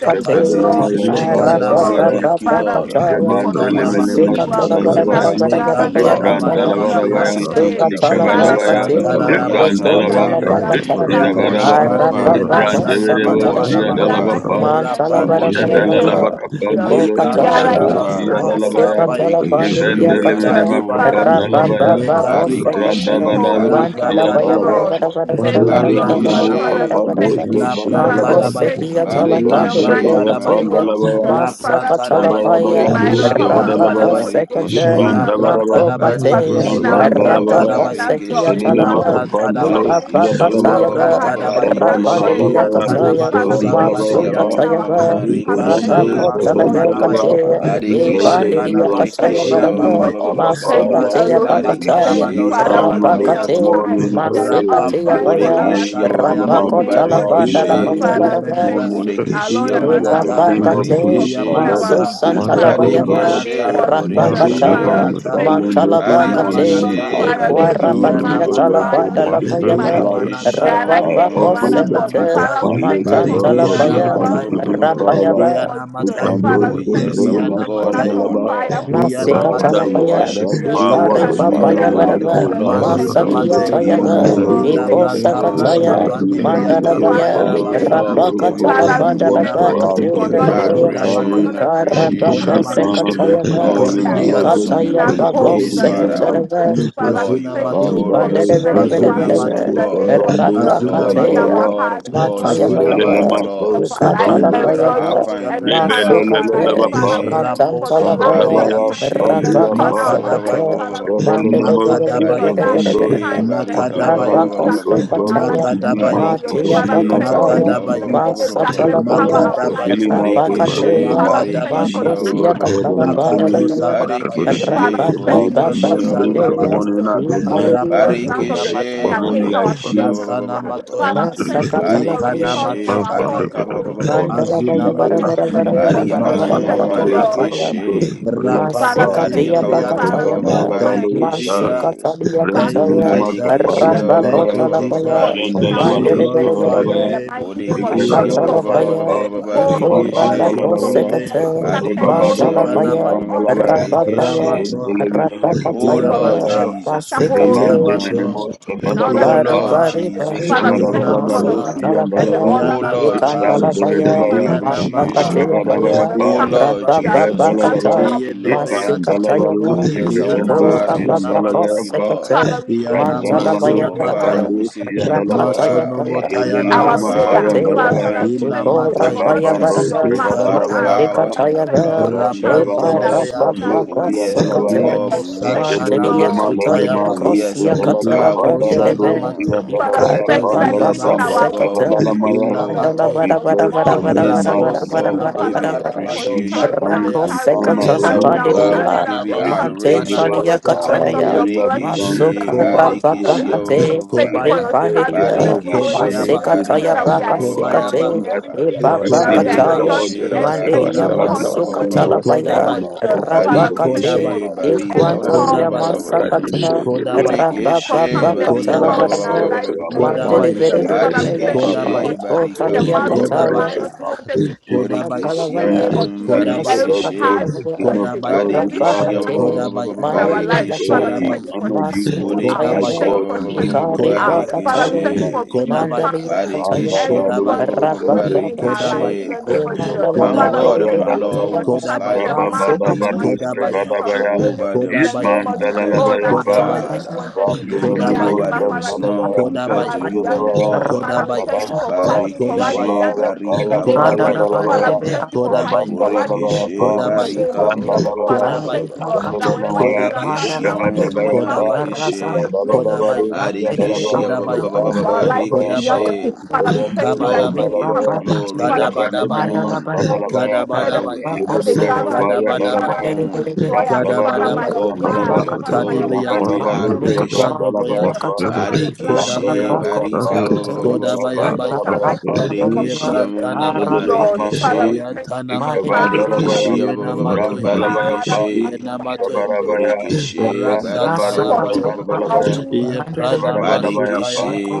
Thank I you, say Lord. thank Kepedelemaya you, Thank you, Jesus. I lekana say Lord. Spadalabaya, thank matoyata, Arabaka you, Father, we Lord. thank you Kataya, for the I lekana say opportunity Masi Jebandelemelema thank you you, matoyata, have Katala Bara Jesus. given I us Bara Spadalabaya, say to Bara thank Bara you, gather here lekantana Lord. in your Bayakataya, manama name. I I bless Ibrandalabarabaya, say suyapata, your thank Mastuka name. you, Abada, abada, Jesus. I Father, abada, we say Ikavadabaya, abada, thank you thank talabakate, for you. lekantana the abada, I am opportunity that I namaskwa abada. Richon you Ibrandalaba, have, you Thank am. benimiata, have you, given Jesus. We talabakataya, us Ibrandalaba, to worship Thank you, you, know you, Lord. to rapandele Father. love you, Arababako Thank and you, besana to We Father. serve manama you. worship nama, We you, Thank sekatarabarabara, you, gather King Father. you. Ibrandalaba, here of in your Kings. We name Thank Thank and we you, rapandele Lord. worship say you, biata, thank Jadalaba you, Mantalabarabarabara, Father. Iko Jesus. kapandolo We We worship gather lekantana you, here kataya, shavrandoski in Father. one masukoto Thank accord yadalabaya Masika and you, we kapaya, say Jesus. thank talabandiria Borekeshe you, ivendelemene Jesus. kata, barika lekadibaya, Father, we thank makapandalabaya you, Rabababako Lord, lekadibaya. for Thank bringing sekata, Barikeshe you, hope. La We Adonai, radabadaroski barika thank you, the yadalaba Pratadabaya, Lord. gracious We one. thank La you, Lord. rodenemene Father, we Pratadabaya, Barikeshe mukapando thank Mantalabarabarabarabarabarabarabarabarabarabarabara, La you. borekeshe Father, shavandalaba Mako we Pratadabaya, thank sekia you in La the mighty talabandiribe Barikeshe yedandelemaya name Pratadabaya, katuya, of pandalabaya Jesus. La Thank, you, barika Masaka Father, we thank Pratadabaya, you shabralabaya talabaya, by the La doske borekeshia, power and amu by Rabako the vadalabaya Pratadabaya, Holy Ghost. marekeshe. sekata, La Father, we thank iprandabaraba Mako you Pratadabaya, thank for you, Badekeshe cleaning Father. La our tears Bless Rapa and zampandalabaya bringing Pratadabaya, us Posekia joy. abababababarekeshe. La jededema Father, Talaga, we thank you for Ipa Pratadabaya, kapandaloski cleaning Badekeshe Papa every yadalaba La sorrowful Tayava, heart and you. Pratadabaya, bringing us Rapa abababababarekeshe. joy and Didia shabralalabaya happiness. Kataya, doske Yantanamano Father, we thank you Your Borekeshe vandalabaya for Masu pa filling amu Sampanimiata, our hearts Katayava, with happiness marekeshe. Ikelende Rapa in the Ikantanama name of Kotalaga Sutanamaya, Jesus. Sevrendalaba, name, Kataya, Thank Barakadi. you, Lord Badekeshe Ipa blessed Oh, be Didia Lekantanama Jesus. unto your Thank Shadabaya. Kataya borekeshe Sotoya you, holy King name, Varaga, of Kapaya. Kings. Abba ababababababa. Masu Thank you, Father. Kataya Masina Elohim. We mataya give Papataya, Thank Badekeshe you, you manosa Father, for honor badika Rapa being this panimiyat on Kate, time, morning. ababababababa. just Masu Oh, we on Kataya time bless for rapapante your Baya, our Borekeshe name. sake We pekataya in Rapa the baya name of magnify Kotalabanda your Jesus. abababababarekeshe. name Labaya this Father, we Varaga, ikantenemeneme thank morning. you. Our Borekeshe Lord For and you are Master, the we amu iyamanata King thank of you Rabakate, for Kings, marekeshe. my being Lord our Maso iyamanata and Savior, Redeemer oh in the Santalabayava, Lord. iyamanata name Barikishe, of I Jesus. can never Borikishe, Father, Rabakataya, be we iyamanata thank silent you. this Father, we Mantalabakate, morning iyamanata Barikishe, as glorify you your Equa have name. We given me, Rabakia O Barika, Lord, iyanamata magnify your Talabanda the gift of Labayava, supremacy. life. We Borikishe, iyamanata gather I here in offer one Rabakos you the accord. fruit Sekate, of Father, iyanamataya my we thank lips, you. you O for Lord making God, us Barikishe. in Mantantalabaya, burn iyanamataya for thanksgiving, you in the Father. name Rapayava, of We Jesus. iyanamataya can do Oh, Father, we thank sin, iyanamataya you yes, for our deliverance, setting God us and on our Father, fire Lord. for you Masika in the Father, We iyanamataya we Lord, name we talapaya, of worship ascribe bless you, your Jesus. name, power, ikare Lord. Jesus. We Father, we iyanamatoya Hallelujah, papaya dominion, and adore Lord magnify you, barava, our authority your Jesus. Lord. name, unto Thank Masuna Lord. you you, We masakia this We Lord. Matea, thank give you, you Thank morning, O you, Lord. tayava, glory. Lord Lord. We Ila God. Thank give you you, ikosa Thank brata you We Lord. this Pranta glory. thank kataya, Thank morning. you, you, Thank Lord. Pandibria you, We Lord. give you Jesus, Father, Tampaya for You mandalabaya, the know, glory, my thank life Basuna Lord. victory, We this O rapaka give you. Mata, you morning. God, Father, you we honor. talapanda won thank for lavaka Thank you us We you Konamata, for for on give the the you not breath cross letting of of tindalabaya, life. for Calvary. adoration, not Konamata, letting us ikara We Thank for you give not for the you letting appreciation. pakose this grace. Konamata, Thank honor this you for the situation katayava, Lord, wait advice. you morning. us, are for Konimiata, Blessed awesome in be giving ikataya all Thank us of unto your your hope in ways, holy pakose the name, you, name Father. Konimiata, my of katarava, Jesus. Jesus. Father, we Lord, Azuna you are thank Man, you Matea, for Baba, glorious we in making say, us all of your trust Azuna ways, Vendos, my in Makosia the Matea, name God. of Vendos, Jesus, Azuna Lord, bringing you are the Matea, our Yandalava, God heart of and gods. You are the flourishing Azuna Lord every Mate, of season Zebelelematos, of lords. our life ila You Vandos, and are the flourishing Alpha brantos in and every corner Omega, the of our Caprenemeniata, life. beginning and the Rebelelelelevapa, Father, we thank end. you Rapo for the light that Zabradavaya, Sampeliata, shines in Barikishe, every corner Sabiapa, of our life. Makadabaya, Father, we barika, thank you Zedelelemos, for making your Makadabaya, light Ikebandos. Barikishe, shine in barika, We shadow ba- ba- ba- thank every ba- Makadabaya, ba- you, ba- ba- ba- O darkness ba- in ba. God, our for life in the giving name Makadabaya. of us, Jesus. for Father, forgiving we barikishe, us thank you our that you barika, ba- didn't ba- let ba- iniquities. ba- Makadabaya, ba- any ba- ba- ba- ba- We darkness ba- ba- ba. thank cover you our for life in healing the Makadabaya, us, name O of Jesus. God, from Father, our we thank you for diseases, the Makadabaya, ba- O ba- ba- Lord access. ba- ba- God, ba- ba- ba- and ba. Catalabanda Lakato infirmities. Rabba We Sandabaya, bless Father, barikishe, we your thank Baba mighty Baba you for Imano name ba- leading ba- this ba- us ba- ba- ba- Catea ba- Sandabaya, morning, ba- ba. and not Adonai, let any Padariya, for plans of Rapanduna there the is enemy barikishe, none against Mataya, like our borikishe, children you, ba- come ba- ba- ba- Lasana to ba- pass. ba- ba- ba- ba. none Father, Matoya, we to be thank Thank Masaka you compared for Ikana Talabaya, barikishe, restoring our homes Matosataya, barika, and ba- ba- ba- bringing ba- ba- ba- to ba- unto ba- our ba- Azuna ba- Mandalabaya, you, ba. Vara O happiness Mataya, Vara in the Vara name Vara Jesus. of bariyaka, Vara ma- Jesus. ma- Vara Thank Vara you, Mandavados, Masokotoya Lord. Paya, Kataya, Zedelelemos, Zedelelemos, Father, we Masika thank Tia ba- you. ba- ba- ba- ba- Father, Rapanteliminiata. we ba- ba- ba- Pakataya, glorify Thank you, you Zedelelemos, for Jesus. Masuka changing us Talia back Rendu Thank you, Kataya, minima Jesus. Barikishia kapaya situation Rapa Thank dalabaya. you, Kotalabaya, for Jesus. healing our We Jandalabarus Mandere Barikishe Vere iniquity glorify Vere your in Vere, kavalabaya. the name. mighty name of We Jesus, Bodikishia for glorify bringing your Ikebadalabarapa. Akatalabaya, name. every home Iko We in Barikishe Rapa order, bless your for holy Zabandalabaya. bringing name. every Kosekate, scattered home in Barikishia the, in, Rebabadabarus the, in Matalabaya, Masukanamaya. order in kandalabaya. the name of Rapapaya, Jesus. Barikishe Ramato. Zindele Father, we minima thank Oh you for Lord bringing Rapapataya, Iyamata, kapandalabaya. every Jesus, scattered we give home you Remande Masika Iyamato, honor. minimos in order O kavadabaya in the pa. Bari Iyanama, Lord name of bari Jesus. Jesus, bari, we Father, we give you thank the you Iyanama, for masa the Shavadabadabalus kacala peace glory. and the yandalaba. kaya, O order that we Iyanama, Lord ikan enjoy kala Jesus, we today. give you kaya, the Randebedabaya. Father, we Iyanama, masa thank you for the appreciation. kacaya Lord. peace, Ikavadabaya for kaya, the pa. O sound Iyanama, Lord that raba you have Jesus, baba we given us say kaca, Redalabaya. without. thank you, Lord. masih Iyenemeyata, kacaya Ismandalabarus Oh, kaya, Thank yes, you, our itu Iyanama Jesus, ikebendus Father, Lord. we rata say baba thank yandalabaya you, Sunamataya, pa. Lord. sekaca, Father, we thank Oh, you, Iyanama Bandana mancala Lord. yes, kaya our Manuta Father, Father, kaya, Sunamataya, we we Bandus say thank thank you, you, raka Yandalava, kaya God. kaya, Masonomotaya answering By the Yedelele our masih prayer. Namatoya, Mapaya power and in the Fa- kacaya, Arabaya, Father, we mighty itu thank name of you rata for Ilamataya, Reba not kaya barang, turning Bandos Jesus, your back by on the us. Kavadalavaya masih Pa, power Ikantanamaya, Father, in we the thank you blood kacaya for the of chances you Randavanamaya have Mantelia Jesus. given us Rapantenemeyatoya. Bandus in Oh, the yes, name of our Yandalavaya, God, Jesus. Lemo we Thank worship you, Santana Yedelele you. Lord. Masutaya Catalia Manolima Oh, yes, Dusu Cosia our Baya, Dala La Catala God, we give Kapadala you Posana Bandeleve, Dusu Mate, honor. Father, we Yandalavaya Icari thank you Oh, that Azuna Baba Pandala even yes, in Mate, our Brandas our God, we waiting Secata, give you Kavadalamaya Ila process, the Mandala hope we Matoya, glory. Bara was Bara bless Bara more your Oh, in Bara the name, yes, Bara name our of Bara Master God, Jesus. Bara Raposina we Bara Jesus. give Father, we Bara you thank Mantaya you We Bara for Bado give you appreciation. carrying Sande us, thanks Raco and Beata, carrying Oh, us, honor, O yes, Secatala carrying Lord our us, God, God, we carrying Bandelia, us. Likantana give you for you Father, Martin deserve Thank it Masutana you for adoration. all. Salia the My showers of Cataya, your hallelujah Maskepeniata, blessings belongs in to the Borikishi, you name Masucara and Koba, of Jesus. you Baba Barikishi, Father, alone. Cate, we thank You you for your Kobaya, deserve showers, it, for the oh Ripandelia, my showers God of your and Barikishi, Kobayaba, blessings Masecataya Savior. Barika, that we Baca are For as enjoying long Secate, in as Kobayaba, every I am Lord. season, That was that we breathing, O are you. Kobayaba, That Baba God, was enjoying you. in That Barikishi, Barika, Barikishi, was every I you. That every can was you. Mandelia Barika, That never be difficult Kodabaya, was you. silent That situation in this was the you. Borikishi, name morning. Masukatalapaya of I Kodabaya, Jesus. offer you Father, the we fruit thank you of Rabakate for my Barika, Kodabaya, bringing lips, Barikishi, That was you. O every That God, was you. storm in Equantalia That's for how Kodabaya, far you Barika, thanksgiving and Masakata showed you. adoration Kodabaya, storms, unto for you Borikishi, coming every this Yeah, okay, storm morning. Kodabaya, in see, our Rababakatalabaya I lives You told in are the my you, name Mom, of Mandere you Jesus. see, Vere master, Kodabaya, you Vere okay, are Father, my we see, Vere thank you Papa. savior. for Kodabaya, Oh, shutting Marikishi, the Itotalia mouth you are of my the rock Kataya of lions Kodabaya, who wanted to eat salvation, us up Kodabaya, the in the Prince name Matalavaya, of of Jesus. Peace, O Lord Kodabaya, Every God, hard the King Masukataya, of situation, Kodabaya, Glory, every hard Kodabaya, Father, Rampakate, Barikishi, atmosphere in Kodabaya, our Mandiria mighty life, God, Father, we we Barikishi. Kataya, thank you for honor you, shutting it Most up. High We Kodabaya, Bodekeshia thank Masukataya, you God, for we give you Kodabaya, shutting it Ikari praise up. this Kodabaya, Father, we Barikeshe. Pakataya, morning, thank you my for bringing Jesus. Mandalia calmness to Kataya, Bamba Barikeshia every Bado, Kodabaya, Kodabaya, burning situation Stefendo, in our lives Rapapakate, in Kodabaya, Barikeshe. we the name of condemn Jesus. Mandala My Mara, Father, we God Bandiri Para, and de and thank my you Lord, Balaba, Kodabaya, Ataya, for who Kodabaya, is shutting like the Rabba Kodabaya, unto mouth Bada of the Bado, thee? Masukataya, manipulations of the Stefadabaya, enemy Kodabaya, Kodabaya, Jehovah, there the is name none Yitman, of Kodabaya, Jesus. compared Oh, to you, that day Dalalabaya, the enemy Matalavaya, Father. wanted to Jabra destroy Mandiri us. Jehovah, But there Vedavin, Father, is you none came through for compared to us Matalavaya, you, beyond my the sin. God. Father, we Kodabaya, thank you for Rapakosakataya, fighting for us Kodabaya, Barikeshe beyond the sin in Mandala the Barika name of Jesus. Kodabaya, Father, we thank you for fighting Kodabaya, for us beyond the Borikeshe sin in the Kodabaya, name of Jesus. Father, we thank Kodabaya, you, Barika Lord, that whenever they gather in Borekeshe Kodabaya, our name, whatever Kodabaya, and the Marekeshe manipulation, the Kodabaya, darkness the enemy Barikeshia, wanted to Kodabaya, bring to our life beyond Kodabaya, the sea. Barekeshe Father, we thank you that Lord, it we Kabadabaya, didn't give come you to pass. glory, we Father, we give thank you you Kadabadabaya, that you honor. destroyed it. Even though, Father, that, we Kadabadabaya, even give you though they glory, gathered, we they give you Kadabadabaya, gathered Dalabaya, to honor. destroy us. Father, Randalados, Our by your Kadabadabaya, God, we give you blood, Yandalaba, the Father, by glory, your we blood, give you you Kadibayata, Shabalabadu, defended you. adoration. What us. Kadoboyata, Shabandalabayapa, do we do Father, with by it? your Body blood, you kishi, What you Kodabayata, do body Shantabelabayapa, we the do with path of it? the enemy Uh, kaba, uh, against our Kodabayabaya, life what do Likavandalavayapa, do in the name with of it? Bodekeshi Jesus. Thank Masoka you, Lebrantanamaya, Lord. Zodololamasa, Father, we Marekeshe thank you. Yantanamaya, What do we do with it? Father, Ikavandalabaya, Badekeshi we bless you. Yenamatoya, Randalabaya Fa, Father, we Barekeshe magnify your Yenamatoya, name. Shabarabaya, Thank you, Lord Borekeshe Barika Rasataya Randabarus for keeping Baya, our Kavandalabaya, wounds, Ye Pranama Shabarabadabaya Fa, Sutaya, Badekeshe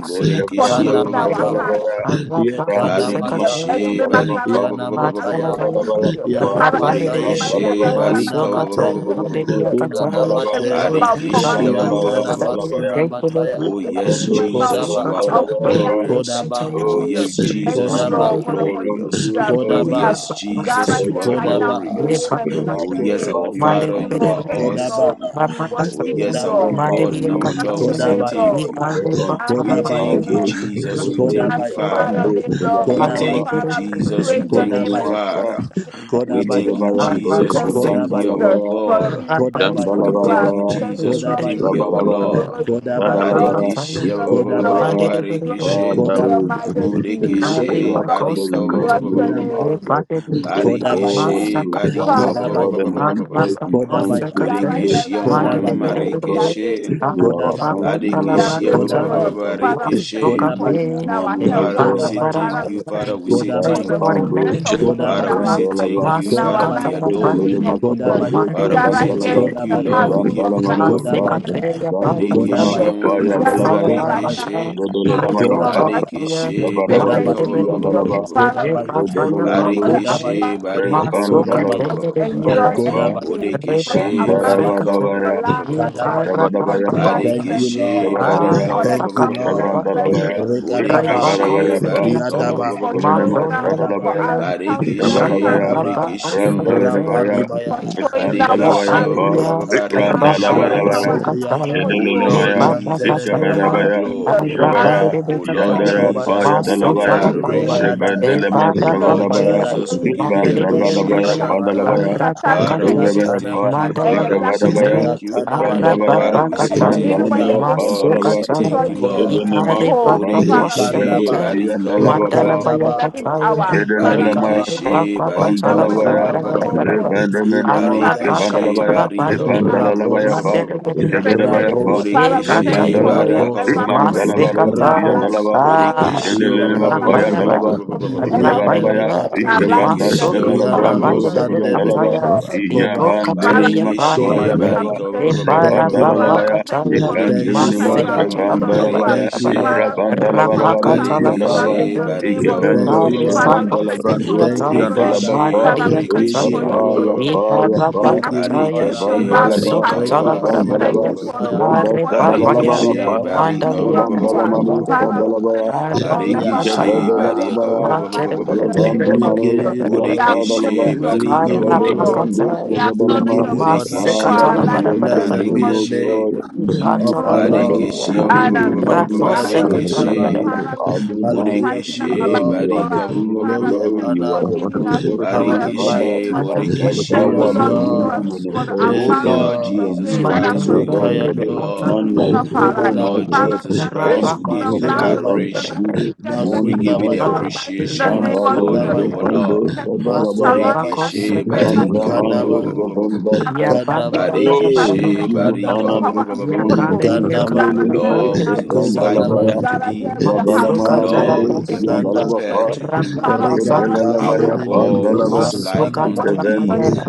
for Borekeshi Ikavando healing our Kanamata, hearts, Shabalabaya, Ye oh Jesus. Ikvandunimas Kanamata, Every Barikeshe member Yandalaba gathered Fa, I say thank Yanamotaya, you, Barika Shabarabaya Jesus. Fa, Father, every member Yanomasaye, that I Borekeshe Randalabaya, gather barika here, and I will Unamate, thank you, Ikvandunimus Jesus. Yandalaba, I remember Unanamate, of Barekeshe commanding the morning. Shabanyamaya Yantanama Dalabaya, Thank you, Lord. Oh Sunamataya, I yes Ikavando remember of Jesus So you and are Kodaba, of uh, Shavrandalabaya prayer. Say glorious thank you, Oh Kodaba, Oh, Jesus. we yes give you Thank Jesus you, honor you are Lord, this for Kodaba, the opportunity morning, glorious you Lord have Oh God. given Kodaba, us yes to We Jesus gather bless you here are your right now mighty in your Kodaba, name. name glorious and We the bless Oh your yes name. magnify Kodaba, our you, Thank Father you, you Master are Lord. Thank you, Jesus, Kodaba, Lord. for awesome We Oh there worship is you, yes Kodaba, our none Lord. like God We and you, our bless Lord we your say none name, to Kodaba, be thank Lord. you compared We unto honor we you. your thank name, you, Kodabaya, Lord. Bandos, Jesus. We We Kesondos, thank you, magnify Kodabaya, your Father. Kabandos, name, Don't Lord. We Yandalava, thank you, Kodabaya, Father, we Jesus. We praise Mandere your thank you, name and we Kodabaya, Sandolemasha, Father. bless your name and We Master, we thank thank you, Kodabaya, I Isodolavaya, you. Dos, Jesus. We Thank you, thank you, Kodabaya, our Jesus, Kabandalavaya, for God. Kodabaya, being gracious Kodabaya, We to thank us. you, Isandalava, Thank you, Jesus. We Lord, thank Kodabaya, you, for our your Isavalavaya. Lord. glory. Kodabaya, Glory Rabbalabaya, be Barikishe, to your name, Lord. Kodabaya, Rabbalabaya. Glory be Father, to barikishe, Kodabaya, your we majesty. thank King you for Borekeshe of your God, gathered barika ba- in your ba- ba- bless ba- ba- your ba- ba- name ba- ba. as Kodabaya, name. your King single of kings, Kodabaya, Kodabaya, God Barekeshe with we one barika ba- magnify ba- your ba- accord ba- Kodabaya, name. ba- and Kodabaya, ba- ba- ba- one ba- ba- voice ba. in Kodabaya, God thanksgiving right this here, Borekeshe ma- right ma- ma- now, ma- morning, Kodabaya, ma- we my we are God. rekeshe. May grateful, our grateful. thanksgiving, We are Lord Barekeshe God, ba- be ba- grateful, ba- ba- Kodabaya, ba- Lord. ba- acceptable Father, we unto thank rekeshe. you you for this Kodabaya, being our morning, O Father, helper. we God. say Kodabaya, thank Father, we you. Father, thank we you say for Bless your thank Kodabaya, the holy you. Ikabambo, goodness name, Kodabaya, of you Lord, my in Father, Kodabaya, we God. our say heart, Shembalaba, thank you. in our Father, we life, Masukatala in Kodabaya, the adore name you. Pandia, Zebelelema of Jesus. Kapambo, We Father, Mandere we gather say here Brandalaba, thank with you, a Kodabaya, What heart Lord. do Vedere, We full give you of Brandalaba, gratitude glory. Nusa, and we say Masekateya thank you, Brandalaba, Bakataya, Borekeshe Jesus. Kodabaya, ma- We ma- Kapaya, ma- ma- gather ma- Dalabaya, here Asalaba right now Kodabaya, with Antaya, rekeshe. a heart full Zodololamayaka, of Kodabaya, gratitude and Rekotalapaya, Barikishi we say Ikabalabadu, barika thank Mandere Kodabaya, you, Jesus. Vedere, Siambalaba, Father, we Kodabaya, thank you Ekataya Rodololamabu, for the Bakataya, Kodabaya, Barikishi abundance of barika mercy that Kodabaya, Masukatende we enjoy Repandalavayapa, every Yakataya, Kodabaya, day for the Bodekishi abundance barika Kodabaya, of Rekosekataya, your Randaravadavaya, love that you have Kadabaya. Inzagra given unto Ishabadavayapa, us Bakataya, in Thank the you, name of Barikishi Lord. Jesus, Ah, Shabadabaya, barika for the Thank masaka you, tole countless Lord. bande Shabrandalabaya, de blessings, for the reba Rekadaba, Bodekishi countless barika Kavarabayapa, konsekia te blessings, Yadaba, for showing Shabadama maton up tele for Madaba, Stadalabaya, us fire countless Barikishi rapa times Shabadabaya, in baba Yakadaba, the Bodekishi name, consequia, Randalabaya, Rapandibaya, for showing up for Barikishi us Pandalabayapa, countless Hallelujah. Rapandibriata, times by the Barikishi Brandalabaya, power and by the Rapandibriata, Rabakasakataya. Holy Oh Ghost. Lord Shedelemaya, Thank Jesus, we you, Ebabakataya. give you Lord Ikavadabaya, Yantenemeyaba, Jesus. glory. Father, Shabara, we Kobaya, Oh thank you Lord for Arabanderebekataya. Jandara filling Jesus, us we Paya with give Kobayada, you your the Dalabaya, Holy Spirit Masotalabaya. in adoration. the Kobayada, name of Rebendelemas Oh Jesus. Lord Kavadabaya, Kobayada Ebarabakaya. Jesus, Father, we we give you thank the you Mandereberebe. for Isbandavadabaya Yatana appreciation. scattering and Padalabaya, Manaba scattering Father, we the Arabakate. say enemy Shabadabaya Yatana Pa, thank you. Manaba and the Father, we say darkness Ikavadabaya, Mandalabakate. thank you. Yatana to bring you Brandalaya, to Father, Manaba we our life. say Arababakataya. Even thank you, when Mandalamia, our the Koya enemy God. We has Pandalava, say thank destroyed Masokataya. you, you, there is Lord. still Koya Lebenemas, hope. Kavandos, Father, we thank Borekeshe Kavandos, Ikarebabakosakate. you, Kandaba barika the Lord ba- ba- of ba- Tiandalava, ba- ba- the ba- Mandalabaya ba- ba- ba- Kandaba 11th ba- kataya. hour. Father, we Kandaba thank you for Barekeshe showing barika Ikarebabakatala that ba- when ba- ba- Jedelelemakapandalavaya, ba- all ba- hope ba- ba- Masunamata was ba- ba. barabarabarabaraba. gone. Rabba Father, we thank Ikantanabaya Barikishe you Rebendemenemoskevandalavaya, for showing barika ba- ba- ba- that ba- ba- ba- ba- ba- when Epandalalavayapa, ba- we Rapos ba- least ba- ba- ba- ba. expected it. Jebedabayapa, Rapos Father, we thank you Borikishe for being barika Revandalavaya, Rapos ba- ba- ever ba- ba- ba- present ba- ba- ba- ba- in ba- our ba. Rapos life Ipmandalavaloshiyandalava, in the name of Borikishe ba- Jesus. ba- ba- ba- ba- ba- Iyanabos ba- Father, we ba- ba- ba- thank Jedelelemapoyandalava, you for ba- ba- ba- ba- being ba- ba- ba. ever ba. Jabadabaya, faithful in our Iyanemekatoya life in the Borikishe ba- name ba- ba- ba- of ba- ba- ba- ba- ba- Jesus. ba- ba- ba- ba- Thank Iyanamosandebe ba- Ikevandashadalabrandoshiyandalava, you, ba- ba- we Lord. ba. Kobaya Father, we thank you for Thank Barikishe the Kobaya you. Iyabandeminimakapayandalava, barika ba- ba- sufficient ba- ba- ba- grace. ba- ba- Thank ba. you, Father, Rabandalavaya, we Lord. thank you for the Thank you, Borikishe shelter you ma- ma- have ma- Father. ma- ma- given ma- unto Ipandeminimaskevandalava, us. Thank you, marikishe. Lord. Father, we thank you for the Thank you, comfort life Barikishe Iprabandalavalavaroshiyandalava, Father. in the name barika of ba- ba- ba- Thank Jesus. ba- ba- you, Ikevendush, ba- ba- ba- Lord. ba. Father, we Evendela thank you for Brandush, your Thank you, Yandala strength. Father. Borikishe Bapa, Father, we Mandariya We thank you borikishe give for you Kachaya, Ukapa, your glory. Yapa, protection. Yapa, We We give you Ibarabakataya, appreciate honor. your Barikishi, loving Ukavandalaba, barika, ba- ba- kindness. Masukatala ba- Rega ba- ba- We ba- ba- ba- ba- thank Barabarabra, Ukandalaba, sinamo you ba- for ba. the Ukanda sayaba. Are comfort and Sabalaba, Papaya, Yapa, Barikishi, confidence you Yeah. have barika, given ba- Mandalia ba- ba- ba- unto ba- Ukavandala ba- us. ba- ba- ba- ba- ba. Father, Catabandere, we Manu, thank you for forever being Arabakataya, Barikishi, present barika, Yeah. in ba- Ikevadalabaya, ba- ba- our ba- ba- ba- lives Mantere, ba- in ba- the ba- ba- name ba. We of Revandamano, give Jesus. you We glory. Siafadalaba, Burikishi, acknowledge your We barika, give goodness, ba- you ba- O ba- ba- ba- ba- Lord. glory. Ikevadrandu, ba- Ikarabakataya, ba. We We acknowledge Kevadalama. give your you provision Burikishi, honor. for ma- Father, our we ma- Masikatala ma- ma- life ma- bless in ma- the your Barabarabra, Blessed name be name, of the O marikishi. Jesus. name God. We We give give you of glory, Ikatala our honor we give this Lord, Barikishi, Barabarabra, morning. honor, We who we reigns give magnify forever your and Rafosekatala adoration. barikishi. holy ever. name, Father, we Barabarabra, thank you for Adonai. Hallelujah to fighting you, our battle Oh, Burikishi, Lord. you are for the barika, us. King of Father, Glory we and glory. thank you You for are honor, the giving Prince us of power peace. victorious and in the Father, might. name Barikishe, we of Jesus. accept Mandalabaya Borikishe, Thank Barabarabra, you, power, ba- ba- Yes, ba- ba- Lord ba- ba- ba- Jesus, dominion, ba. and yours. for the O authority Yes, abundance unto Lord of your you and Jesus grace yours. you that has alone, Christ, O we sustained Lord, honor for us Mandalabandere, you, there is Ikayano. in this Pantana Lord. none season like of you, our O O life. my Lord Rebaka tala Kobada. God. Father, we Jesus are None Christ, Hey, grateful to we be for the give you the blood compared Masunda of Baya. unto Jesus that you. the adoration. speaks We better morning, my give you things the for Masunda our God. lives in the appreciation, name our of Bambados, God Jesus. and our Father, Masundabaya, we Vandos, Lord. thank Dalabaya, Surround Masundabaya, us with Borikishe, favor pande in Barika, ba- the ba- name ba- ba- Brandamandos, Kandaba, of ba- ba- Jesus. ba- ba- ba- ba- Father, Vandasa. we ba. thank you for Kandaba, making us Hey, we a Barikishe, house give you by the Barika, ba- honor ba- ba- ba- power Kandaba, this ba- and by ba- the ba- Holy ba- ba- morning. We ba. Ghost. We can Kandaba, gather really here most right Lord, now we of in your is name. like We Brandalabaya. unto Kobadabaya, gather here thee. with a heart full of Ikande, Lord, Rabalamanamados, who gratitude and can we be bless Sanda, your compared Yandalabapa, to name. Father, you? we gather Rigata, here with a Our Ebelalabaya, heart Thank God Sinimiko, who Pandalaba, is you. like full of Santanama, worship unto your Ikevendos, name. thee.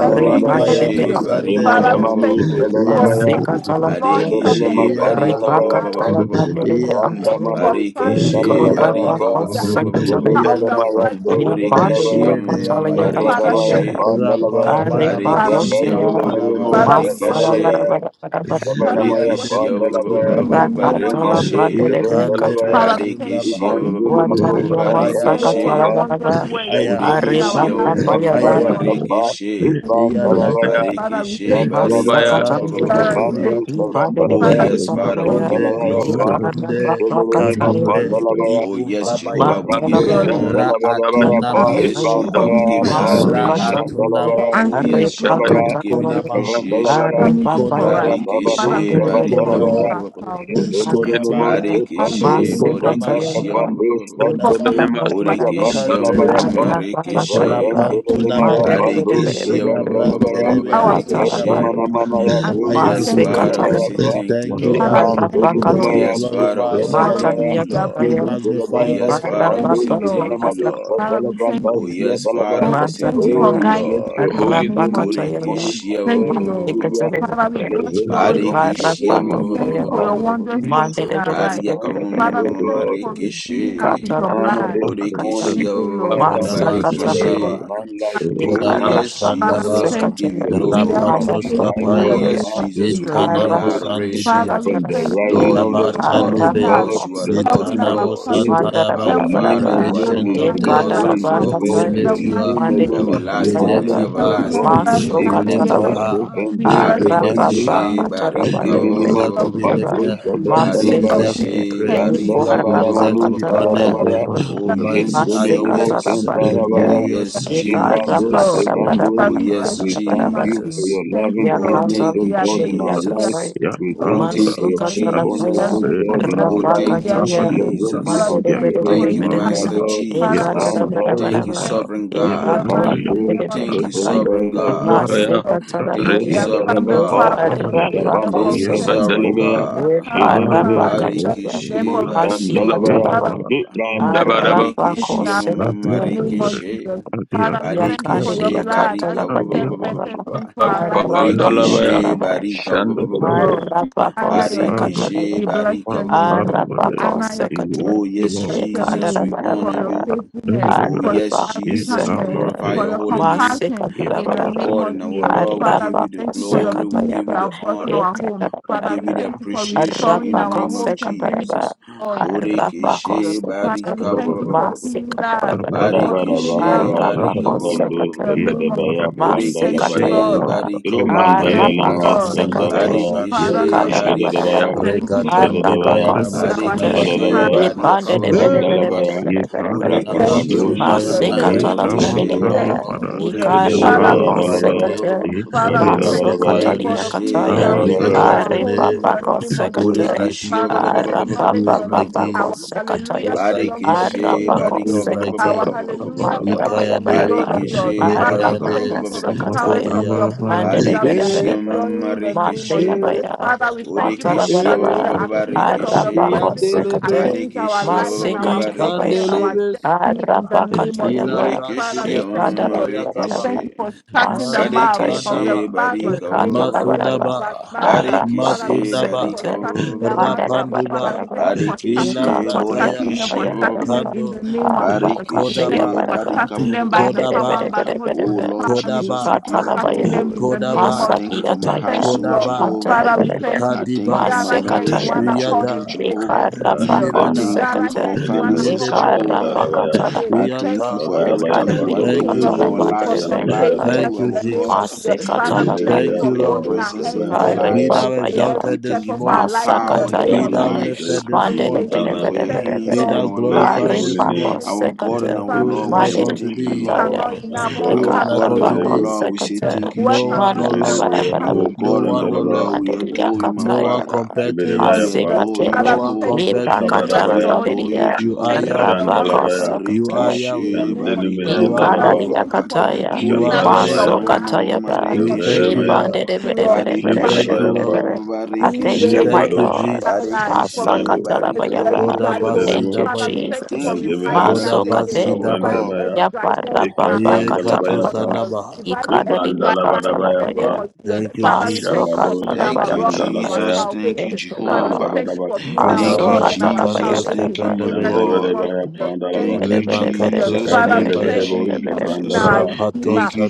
Thank you, Lord de to Borekeshe Jesus. Sunday, barika Father, ba- ba- ba- we ba- thank Remandamanos, ba- ba- ba- you ba- ba- Ya, for ba. Dalabaya, touching the loins of the Ebelalama, Barekeshe enemy Ya, barika in ba- ba- Pandalabaya, ba- our ba- Pa, life. ba- ba- ba- ba- ba- be Ya, Lord antala Jesus. For Brandamanos, silencing Barekeshe the mouth barika Yandaya, Dalalabaya, ba- of ba- the ba- ba- ba- se ba- ka ba- ba- chala accuser ba- ba- Jean of the ba. Yandaya, righteous in Dalabaya, ya the ka name Borekeshe of mm, mm, chala Jesus. Yedeabaya, Father, ya thank ya marekeshe. you. are Rapampanama, Father, bako we Barekeshe se ba- ya thank ba- ba- you. ba- ba- ba- Suntampanama, Father, we worship Masala barekeshe. Sampenea. bara bara bara bara Father, we worship Borekeshe ba- Yandebe ba- ba- ba- ba- ba- in ba- Sundaba, ra the ba- ka name of chala Jesus. ba de barekeshe. de be ka chala Ikandebe Father, ya we thank you Sundaba, Barikishi, for ikwa redeeming chala us. ya masa ka Thank you Aya, for chala the Barikishi, bara wondrous bara work in Aya, are Borikishi, our ba ba lives ba in ya the ba name of Aya, Jesus. Marikishi, Thank you, Lord. Yandaya, Father, we Barikishi, thank you. masa Ela ka chala ya Branto ya Father, we Barika. thank i Sundiliata, you. ba de de Oh, be Father, we an yes, give chala you ba Father, we ya glory. give you Makunde, glory. ikara ba ka Satunde, ka Jean ka Kadumbe, Dalabaya, Oh, Igum yes, Jehovah, Babaya, Give we you give Brandos you ka can glory. honor. Give you Raatuna Balabarapa, Oh, honor yes, Masu, Rakataya, for Jehovah, we being give you Ipandarapa, present in our lives, adoration. Raatuna Masukataya, for Yandalavara, Oh, answering your Masu, yes, prayer, Jehovah, Jabara, we Arepakataya, give you the Ikavan Konama, Balavara, appreciation. coming through for us. Arepapaya, Jaban Konama, Abanus, Father, we Barikishi, thank Kavan you for barika, being Balavara, Mandelebelebelebe, our Konama, salvation. Jodomodomos, Repakataya, Konama, Father, we Pandos, barikishi, thank you Konama, Masikataya, Vandaka borikishi, Pandos, for coming Konama, Pandolema, to us in Sitarabarabara, every Siaban borikishi, situation Balabarapa, in Kandebeata, our lives. Arapakataya, marikishi, Vadan Thank you, Bodolema, Rapantunabaya. Jesus. Pandos, Mandelebelebelebe, barikishi, Kavan Ila Balavara, Thank Thank brantelebeya our you. prayer request barikishi. tundabaya. Atarabandele, before Vandamanamana, you and Oh Bruce, yes, Aya. Thank you. Father, we Masikataya, say Kilodalamara, thank you, Thank you, Father, Lord. Yahweh. we Ipan thank you, Oh We Lord, Ibarapakataya, yes, Bodolema, Bruce, Father, glorify we your say for the name. Kadalavara, thank peace you, you have Lord. We Matariakataya, given. Zumbala Oh magnify your Branda yes, name. Father, we Thank Kapandos, you, say Lord. thank you, Ibenamados, Ibarapapakataya, Lord. Father, we thank Oh you. Sia yes, Balaba. Father, Lord, we we say thank you Oh, for thank you, we Mantanaya, guiding bless us Lord. your in the holy name name of this Jesus. Rabakatayava, morning, Borikishi, my Thank God you, and Lord. Savior. Father, we Masikatayava, bless Blessed your be holy unto name. your Barikishia holy We thank name, you for your Iparapakatayava, Master wondrous works in Jesus. our Mandedevere, life. Baria Thank you, O Father, we thank you God. for We redeeming us give with you Kamarikishi your Katala honor blood. this morning, Pandavakataya, Borikishia Thank O you, Lord. Father, Kodaba Thank for you, there Masakatala Barikishi is Lord. Shandaba. none Thank like you, Oh Kodaba you. none to yes be Father, we compared Jesus Shandaba. we thank unto give you. you your We glory appreciate supremacy, Rapatos you my in Oh the God. Kapaya. name yes of Jesus we Jesus. give you the Intanamo Mandos, Sandibia. Father, adoration from we the thank you rising Lord of you the are Kodaba the for Son God of of helping Shandebe. us, God gods you to are the the Lord of setting helping of the Intanamo our laws same, family, your Our Santayabaya. helping every Father name you are the member alone Ancient one is of to who gathered be days. here was right and praised, O will now. We always God. In the Your lift be you mighty name up. alone name is to be We Everlasting and lift hallowed, you O helping up. God. everlasting is everybody your We down holy lift here you name Ikandash, right now. high. We Evandosh, bless We lift the you Evandish, high. Barikishe in the name barika Kadim, of Jesus. You ba- ba- Minima, King deserve to of be Kings, thank lifted. you. You King Kapadosh, of deserve to Kings, be Barikishe thank praised. you. barika Randala You We bala deserve thank to manus you, be kadala honored. Lord. baya. Mandere Oh Father, we yes thank Mighty are you your Jindulili in the name Masekatara ways. Jesus of mokendaya Oh Jesus. Padilla, baya. We Glorious yes as you, eka appreciate O Masekatarapadia. you, Lord. Jibrandos Lord. Jesus We kevandos. Oh You salute your can yes die. We thank supreme Ekarapadarapadabarabarabarabarabara. you for King. Jesus your Thank you, loving Oh Lord. kindness, thank O We you are God, grateful. in Yakatalapadidia our We are life. katoi. Jesus Yeah, We Oh um, thank but grateful. you thank for you your We are grateful. We faithfulness, are Jesus Masukatalapaya. O grateful. God, We in Alfema, are our Oh, grateful. life. thank We you, are Rapakatuya. Abadi grateful. Blessed Amara, be Father, Jesus. we unto your thank you for holy Thank you, your name, my Manderebereberebere. Master power. Yakambarwara, God. Father, we Jesus. thank you for Yarabasade Thank your Bandos you, Ekadarabarabara. Mara, strength. Sovereign In the God. Yakamari mighty kevandos name Ekatalapadidibe of Amara, Thank you, katoi. Jesus, Sovereign kevandala thank you, God. Akare baya. Jesus. Amara, Thank you, We Masekatalapaya. have Sovereign come Yedame this Redadadabapa. far God. by your grace, Masamade, therefore Jabandos we Thank you, Yama thank Okarapakosekato. kevandala you. Sovereign We Omari, have God. come this far baya. Ado by your Robo, Ekarapakataya. mercy, Barikishi, therefore we thank Muskan you. bariko, ba- ba- ba- Dalabaya, ba- ba- ba- Father, Yedema, Masikatalabai. ba- ba. for Nitram your Ekiti, Dabadaba, righteousness Arrapako in barikishi, our life, in Adema sekate. the name of Ebere, marikishi, Jesus. Adia Father, we thank you for Akema, your Yakandidi barikishi, blood that yakantala barika, speaketh Adia better bayarabara. things for Mashate, our life in the Thank Arrapako you. name Dalabaya, of burikishi, Jesus. talabaranga. barika, Shanda Asam, Dabus, Lord. We Arrapako honor your Yakama, name. barikishi, We sekatala. bless barika, your name. We Masamade, Arrapako honor your name. sekate. Oh, We yes, bless your Jesus, name we for honor your Yakandarabarabara. you. faithfulness, Oh, for your yes, Arabaka loving Jesus, we kindness, sekataya. glorify for your your holy name. compassion masekatara in the bara Our bara, name God of and our Jesus. Lord, we Father, give we you the Arabaka thank you for the glory, we peace give you you sekatayaba. the have brought in honor. our home. We Father, give we you the Ekatarabara. thank you for appreciation in restoring the our Arabaka name of homes and bringing sekataraba. Jesus. joy in the name of Arabaka Jesus. Borekeshe Father, sekatara. we barika ba- thank ba- ba- you ba- for ba- ba- ba- ba. healing us, Masekatarabara. for Badabada, healing us Barekeshe from Badabada, our barika Arabaka disease ba- ba- ba- in ba- Shavrandus, the sekatara. name of Kepedabaya, Jesus. Thank you, Pandalabaya, Lord. Borekeshe Masekatayaba. barika ba- Kobabaya Thank you, Arabaka Ilmandalama, Lord. sekatara. Sinamato, Thank Sandalabaya, you, Father, Lord Sandebea. ekatara barika bara. Jesus. ba- Jedadabaya, bara, Thank you, Lord. Regatan de Jedadabaya, Arabaka Thank Bayanaba you, our sekatara. Heavenly Father. Jedadabaya, Sunamatayaba. barika Ebandere bere Hey, bere bere Randalabaya, bere Masiko bere bere bere. Thank Banaba Borekeshe you, Rakapadus, Jesus. Thank Vendus, Sibayanaya. you, marekeshe. Jesus. Yandalaba, Vasikatalapadiriya, Thank Lord, you, Jesus. Borekeshe we Father, we Jedadabaya, glorify thank your Dalabaya, you, name. Lord. Ikarapakosekate, Father, We we thank you magnify Yadalabaya, your for Vasukatalia the name. peace Borekeshe you Kataya, have We barika blessed ba- ba- Javarabaya, ba- exalt our ba- your ba- ba- ba- homes ba- in ba- the name. ba. name of Who is Jesus. Aripapakosekate, like thee? Borekeshe ba- ba- Father, ba- we ba- ba- ba- ba- ba- ba- ba- Who acknowledge is your name. ba- like ba- ba- ba- thee? ba- ba- Our ba- ba. Who hallelujah Arapapapapakosekataya, is like belongs thee? to Barekeshe you, Yeah, King of Who barika ba- is ba- Kings. ba- like ba- ba- ba- Arapakosekate, thee? Our ba- ba- ba- ba- ba- hallelujah ba- ba. belongs to you, Yeah. Ikayane, Lord Mandarabayabadaba, of Barekeshe Lords. Father, we barika ba- thank ba- Lekayane, ba- you ba- for ba- ba- the ba- ba- ba- ba- showers Arapakosekataya, ba- ba. of Konya, your blessings that we are Barekeshe Mandarabarabaraba, enjoying Ekata, in the name marekeshe of Jesus. Matayabaya, Father, we thank you for Borekeshe ba- ba- starting ba- the ba- Matarabaraba, Ekada, ba- accusers of the barekeshe brethren Yandelebes, Arapakosekate, against our Barekeshe ba- life ba- ba- and ba- ba- our progress Masikatalabaya, and barekeshe our destiny Ikandelebes, in the name of Ila Jesus. Arabakatayaba, Father, Borekeshe we Brasindaba thank you. Lord. We Sotoyakaba, amarekeshe thank Ikadarabaraba, you for shutting the mouth barekeshe Masikatayaba, of the Masundaba, battle. barika Anybody that Ikadarabaraba, is bad Masundaba, mouthing us, Father, barekeshe we thank you for barika Masundaba, Arabakosekate, shutting their mouth up. Father, Rapanduba, we Andarabaraba, thank you for barekeshe Ila shutting them, for Prataya, shutting them, borekeshe for shutting them Ikatariakatayabaraba, in the Kando, name of Jesus. We thank barekeshe Kodaba, for Abakatayabaraba, barika touching them by the power and Kodaba, by the Holy Ghost. Oh Manderebereberebe, Lord Father, we Jesus, Kodaba, thank we you for give you touching Ikatalabaya, them glory. in the name I Kodaba, of thank you for Jesus. my Thank Masakiyataya, you, household, Lord. Kodaba, Jehovah. Father, we Mantereberebe, thank I you. We thank you Kadiba, for my gather here in marriage, one my Masikatayaba, accord children, and we Yada, say, Jehovah. Thank you, Jesus. I Brandem. We Milada, thank you gather Ikarabakosekate, for here our in one Mandere Enemos finances, accord and we Ledebe, Rabakos, say, We Gavanda Jehovah. bless Lavaya, your name. I Thank thank you you, Yanta. for King. Rabadabaya everything Thank you are you, Pandolo Thank King you, doing of in our Kings, Shivedo Jesus. for lives and Siana about Lavaya to sustaining Pam, us Thank do, in you, the our name God. of Jesus. Jesus. <clears throat> Father, We we thank you thank you Thank Shedeleya you, for for your Lord. holding Pandos our presence hands in in our Gavanda every Be Lavaya. lives. thou season, in every We exalted step thank this you of for morning. our your life in the power in name Pastor Be our of thou Jesus. Jesus, lives. lifted we Father, this we give you We morning. thank thank you. you honor, for your Thank you, hands Be in Lord thou we our bless Jesus. your glorified lives. holy this name morning. Thank you, Our God and our Who in Father is the Lord, we like name say of unto thank you, thee? are Jesus. Lord. not And enough. All those Who we is Our have like God to and say unto our thee? Delevos, Lord, we say is thank you, words No are one, no not enough. Jesus. Lord. All Shibedeve we and have to Our those No God and one, Gavanda no our Lord. Lavaya, Lord, we say is adore you, my in No one Father. compared the to name you. of We Shibedevaya Pa, Jesus. adore you, No Father, we one thank you. Jehovah. compared to We you. bless We your Shabadabaya, holy adore name. you, We You are thank you for Jehovah. Yahweh. the wondrous Ishandalabaya, work You are in Yahweh. the Barikishe, name of barika, Jesus. Kandenemea You are ba- ba- ba- Father, ba- we Dalava, ba- Alpha. Ikandaria ba- thank you ba. for kataya, You redeeming are us with Borikishe, your Omega. baso Ishabradabaya, ma- blood kataya in the ba, name We of thank you, Jesus. marikishe. Evedemea, Lord. Thank rebandere you, bere Lord. bere We bere Father, Barikishe, bere thank you, Shebedevaya bere thank Lord. Pa. you bere. for I bringing thank We you, rain my barikishe. thank you, Ikabados, Lord. dry life, Jesus. for Masa Barikishe, bringing Bandos, katala ba bread barika, ya to every ba. dry bone. Thank Shadademos, you, Father, we Kodabasidabaya. thank you for Jesus. Thank you, reviving Father. Cantiminimos, us Maso Thank again, you, kataya, our Kodabasidabaya. reviving God. Brandabaya, every ya dry ba ra bones in ba our ba life in the katala name ba of ya. Ikapandalabayapa, Jesus, Yekatosanabaha. reviving every Ikandaria dry lines in katala the ba ya. name Ikmandalabadabayapa, of Jesus. Thank you, Father, we Maso thank you for Jesus. Ishambados, being katala ba Thank our ra you, ba rock. ra ba. Our Kabrandalabaya, Jesus. Thank you, salvation. Thank you, Father, we Jehovah. Lord. thank you for being our Thank Maso you, rock Mandabadabakapandalabaya, and Kondabasi our katala ba ya Jesus. ba kantos ra Thank salvation you, ba. in my the kapendabaya. name God. of Ishandabadabaya Thank Jesus. Thank Pandalaba, Thank you, you, Lema Jesus. Jesus. Father, we Thank you, katosandibaya. thank you Cantelebedebos, for being Jesus. our Kabrandalaba, redeemer. Thank you, Rapatosa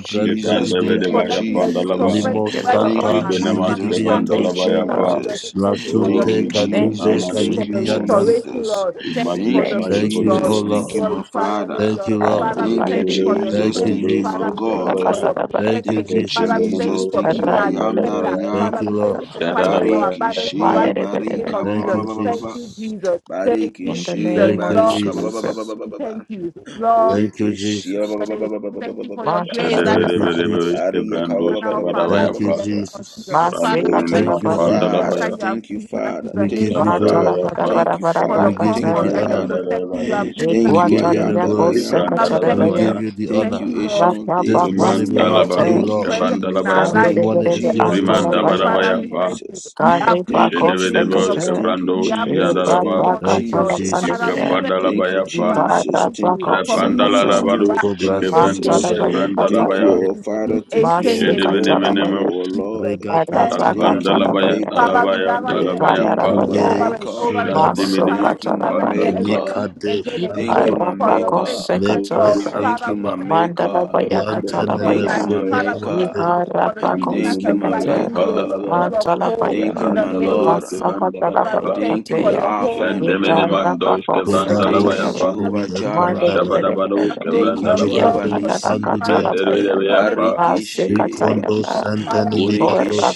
Thank you brantadibia. Thank for you, Ikandabadabaya letting every Jesus. Pandalaba, Limo prophetic you, word Thank upon you, Lord. santa our life Shibinamas come to Jesus. pass Thank in you, the Thank zibidibiatosa. you, name of Lord. Kavandalabayapa. Jesus. Jesus. Thank you for the Oh, Thank Lasunte we you, healing. give you Thank you, kadumbe Jesus. honor Thank you this Thank for you, the morning. Jesus. restoration, kadibiatanda. Jesus. Lord. We Thank you for Thank the you, Thank magnify you, your peace, Thank holy you, Lord. O Jesus. name, Thank Lord. you, Jesus. my Jesus. Glorify your name, Father. Thank you, Lord. Lord. Father, we Thank you, thank you for Hallelujah. your Jesus. Thank you, strength. Thank you, Jesus. Father, my we thank you God. for That's Dalabaya, your Thank you, Thank protection. you, Jesus. Father, we thank Jesus. you Devonamos, for Thank you, being I our Kapan am that I defender. Dalabaya, Thank am. Father, you, we thank Lord. you for fighting right. our Jadadabaya, Bariki battles for she us in the name barika ba of Thank ba Jesus. ba you, ba ba ba Thank ba. you, Jesus. Jesus. Thank Bariki you, In the Jesus. she name Thank you, of Lord, barika ba ba ba ba Jesus. Jesus. ba we ba thank ba. you. Lord, Thank you, Borekeshia Jesus. ba- ba- ba- we ba- ba- ba- ba- ba- thank ba- you ba- for ba- your ba- grace that Thank is you, Jadabedebedebe, Jesus. Baria ka ba- Brandos, ba- Father ba- of ba- ba- ba- our ba- ba- Kabadabaya, life Thank ba- you, ba- in ba- the name ba. of Jesus. Jesus. Father, Brando Oh, we thank Minima, thank Thank you you, you, for the Jesus. Masekatalabarabara. Father. shelter Dalabaya, you have Thank you, given us in Father. the We name Thank give you, of you Jesus. glory. Kavadabaya, Father. Father, we Thank thank you, you for the We Father. give you Thank you, comfort the Matalabarabarabarakataya. and the honor. Father. protection you have Mandadabadus, given us We Thank in you, I give you the name the am Ekwantaliya that of I glory. Jesus. am. Father, we We thank you, kosekatadavaya. Librandadabadabaya, give you Lord. the Thank Thank honor. you, you, Lord. Ancient of This Days. morning Thank you, Lord, belongs to for you, Rimandalabadus, Lakabakosekache, being Thank you, Lord. present in our Kabandalabaya, Jesus. This life Thank in you, morning the Bandorevere is name yours, of Jesus. Jesus. Lord. Thank you, Antalabaya, Father, Rimandabadabaya, we thank you. Jesus. We Thank you, appreciate you, King Jedebedebos, of Jesus. Karibakosekache, Kings. Thank you, We Kabrandos, Jesus. appreciate Yandalaba, you, Thank you, Lord of Thank you, Lords. Jesus. Father, Jesus. we Ebabakapalabandiria, thank Thank you, you. Ikapadalabaya, Father, Jesus. thank Thank you you, for being Repandala who Jesus. Ibarabakosekache, you Thank Labarus, are. you, Cobra Kevendo, Ancient Jesus. Sindabaya. days, Mantalabaya for not Thank Kataya, you, Shebrandalabaya, our changing Leko Father. since Dogo Thank you, ancient our days. God. Sindabaya. Thank Thank you, Masekatarabaya, Shedebenemenemus, our Lord. Jesus. Regata Thank you, Thank you, my Jesus. Lapandalabaya, Arabakatarabaya, Maker. Father, we Dalabaya, gather here and we Dalabaya Thank thank you, Pa, you my Ikandarabaya, over Sindabaya. and Maker. over again. Sundaba. Father, Jandiminima Thank you, we my gather here and we Masokatarabandiria, Kapandalabaya, maker. thank you Likade again and Thank you, again Shandaba. my for your Rapandalabaya, maker. faithfulness, Lepra Lord. Ibarabakosekatarabaya, Thank Father, you, we my Santaba, thank you, Lord, maker. Mandalabaya for the gift of Yantaneme Thank you, life. Katalabaya, my Father, we thank Sopinamate, maker. you for the giving us Thank you, a my Jandiminima bright Ikarapakosekate, new day maker. Yapadalabaya, full of hope Thank you, in Matalapaya, the my name Randabadus, Lord. of Jesus. Father, we Masakatalapaya Kevandalabapa, thank Thank you you, for the Kateya, your Alpha hope. and Father, Omega. we Jandiminimandus, thank you for your Kodabo Thank Kevandalabaya you, Ikarapakosekatayava, Pa, hope Sinibi Jehovah Jireh. Atandaba, us Shabadabadus, Mandedebedebedebe, know you Thank you, and Kevandalaba, Jehovah burn Regado us. Nissi. Father, we Sandibiata, thank Yakadakatalapaya, you for Reddereya pa. making us Barikishe. a Bikondo piece Masekatayava, of fire on you,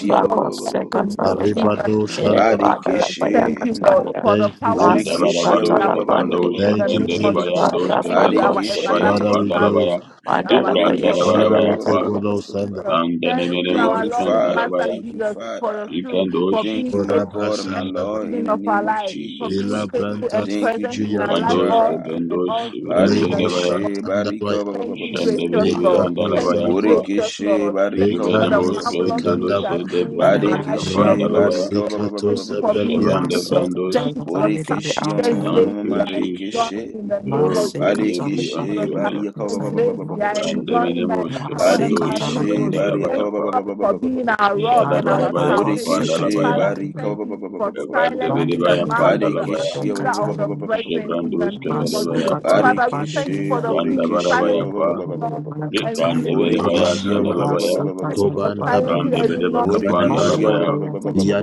a piece of fire for you. In the Arribado name of Sandaba. Jesus. Epadalapaya Thank Barikishe. you, Lord, Kataya, for the Thank you, power and Manda Jesus. the bara strength Borikishe. you barush have given kabanda us Masukatalapadriya, usha in the Thank you, bende name le of baya Jesus. Jesus. dosh Thank you, kabenda our usha Barikishe. baya Father, everlasting we panda la Ikarapakosekatayava, Father. go. baya. Thank you, our King Jibranda Mandalapaya of la Borikishe. bara Kings. Father, baya we take pa. all Katakataya, those Sanda. Jesus. Manda ne Thank mene you, Thank mos our you, Lord kanda and la Father. Master baya. Thank you, Jesus, for your Father. truth, for Ikandosh. Thank being you, my faithful Kodaba God, in and Bless my every Sandaba, Lord, in season the of our name in of life, for Jesus being Ila Jesus. mighty name. faithful and Brantas Thank you, present in our Jehovah life Biatan, Bandosh all Jireh. and kabendosh all season in shivrende the le Lemo name baya. Barikishe, Santandabaya, Thank you, Jende gracious bele barika, baya Lord. anda la Dekado Thank baya you, Sanda, pa. gracious Borekeshe Lord. Thank barika you for Jibene the Dekando mos marvelous things you Sikandaba. are de doing in our brandosh life in the Rapo Barekeshe kapanda name la Masukatana of baya. barika Jesus. Raposikato Thank you for Sepelia being Jabande gracious. brandosh. Thank you for the Borekeshe sufficient Thank grace we you are Jesus. marekeshe enjoying in the name Oh, of Jesus. blessed Thank be you unto for Barekeshe the your name. barika sufficient grace we are Brandemene enjoying by the moske power and bandos by the Holy Barekeshe Ghost. brandala baya Thank barika you pa Lord, for being our rock jada and bara our baya kapanda salvation. la Borekeshe baya Father, we barika thank you for kavande bere silencing the baya mouth panda of la the baya Barekeshe accuser of the ishe brethren in brandos the name kavere of baya Jesus. pa Father, we thank you for the branda peace, bara Barekeshe baya silencing pa the noise Borekeshe and brande replacing bere it. We baya Borekeshia sada la Kobandaba baya Thank you for Kobandaba silencing brande every bere noise baka and panda la Borekeshia Yadabaya baya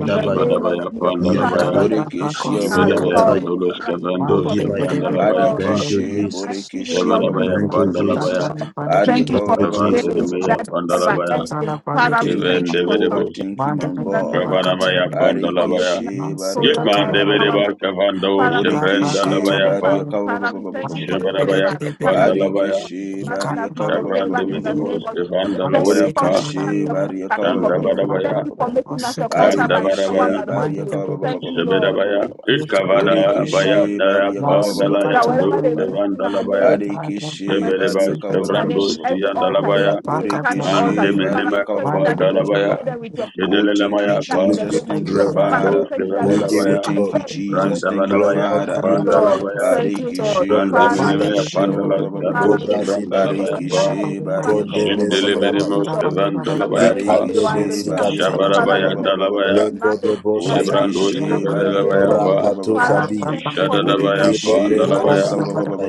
in ishe the bara name baya of Jesus. panda la Father, baya we Yadabaya thank you for being our jibere baya God. Yadabaya dolos Father, we thank you Man, kavandos Borekeshia man, for being branda Kodibaya. la our baya God pa Thank man, you, in Barikishi, the Jesus. mighty ishe name Borikishi, bara of man they Man baya Jesus. Thank they you, panda are la Thank you, baya Jesus. Lord. catching Thank Barika. you pandering. Thank for you, the kavande Jesus. ne grace baya They that can panda la never set baya a ending. chala Oh, Father, we pandering. thank you, thank even you de for bere Jehovah. bos Thank you, Man they success my Man in the they God. name are of Jabara baya Jesus. catching. Thank panda you la for baya making us Barikishi, Man set a Barika. victorious by chala the power boy. of Yemandebedeba by the Cavando, Man Father, we thank you rapa Chevrenda for your Borikishi, catching favor. Labayapa, boy. Barika. Father, we thank you Man they for your very, Chevrabaya favor. very, very, Father, Capanda we thank you very. Labaya, for Barikishi, They surrounding can't us Barika. boy. your Chavran de favor in the name Minimus, of Jesus. Cavanda Man Thank you chala, for chala Labayapa, making chala us Borikishi, your boy. Barika. contact, King of They Kings. can't Thank Chandabadabaya, you boy. for Or making us a set a conqueror by chala the power and Barikishi, Randabadabaya, by the Holy Man, they Ghost. very, very, Thank you, very, very. Lord. Zebedabaya, Thank Barika. They you, Lord. can't Thank Ikavada you, Baya Lord. boy. Borekeshe Thank Man, Bariyaka Darapa, ba- ba- set ba- you ba- a ba- Dalaya, that ba- ba- chala ba- wherever Dos, ba- they ba. Mandate mention Cavanda our Labaya, Minded name, Barekeshe wherever Jebedebas, Bariyaka ba- ba- our ba- ba- name Cavrando, ba- in ba- ba- every ba- Sianda altar, ba. in Labaya, every satanic and altar, de Borekeshe Father, Minima we thank you Capa that you Dalabaya, destroy them with your power Oh, thank you, Jedelemaya, that in We the give Jesus. name of you Thank you, Jesus. glory. Father, we Revandos, Father. thank you that Cavada We you give Oh, you Labaya, fight thank glory. you, them in the name Jesus. of Thank you, Jesus. Glory Randabadabaya, unto Father. Thank you, you, Lord. Lord. Panda Thank you, Lord. Barekeshe Brandi Cobra Father, minime Sida. we Borekeshe ba- yapanda la ba- ba- ba- ba- skado ba. Father, we thank Cobra shabranda Sida. la you for your bayapa. life. Barekeshe Father, Bariyaka we ba- thank ba- Kondebe ba- you ba- for Jindele ba- your ba- ba- minime Sidabaya. ba- ba- wisdom. ba- ba. uskavanda la Father, we thank you bayapa. for your Barekeshe Ikandebe understanding. Bariyaka Sikataya. ba- Father, we Ishabarabaya thank you for your dalabaya. knowledge Lekodobo Mandebe that you have Sataya. Ishabrando Borekeshe given us in uskavada the la Bariaka name of bayapa. Jesus. Rapatu Father, we Sabia. thank you for Ishada la making us bayapa Borekeshe Ilebe more andalabaya. Bariaka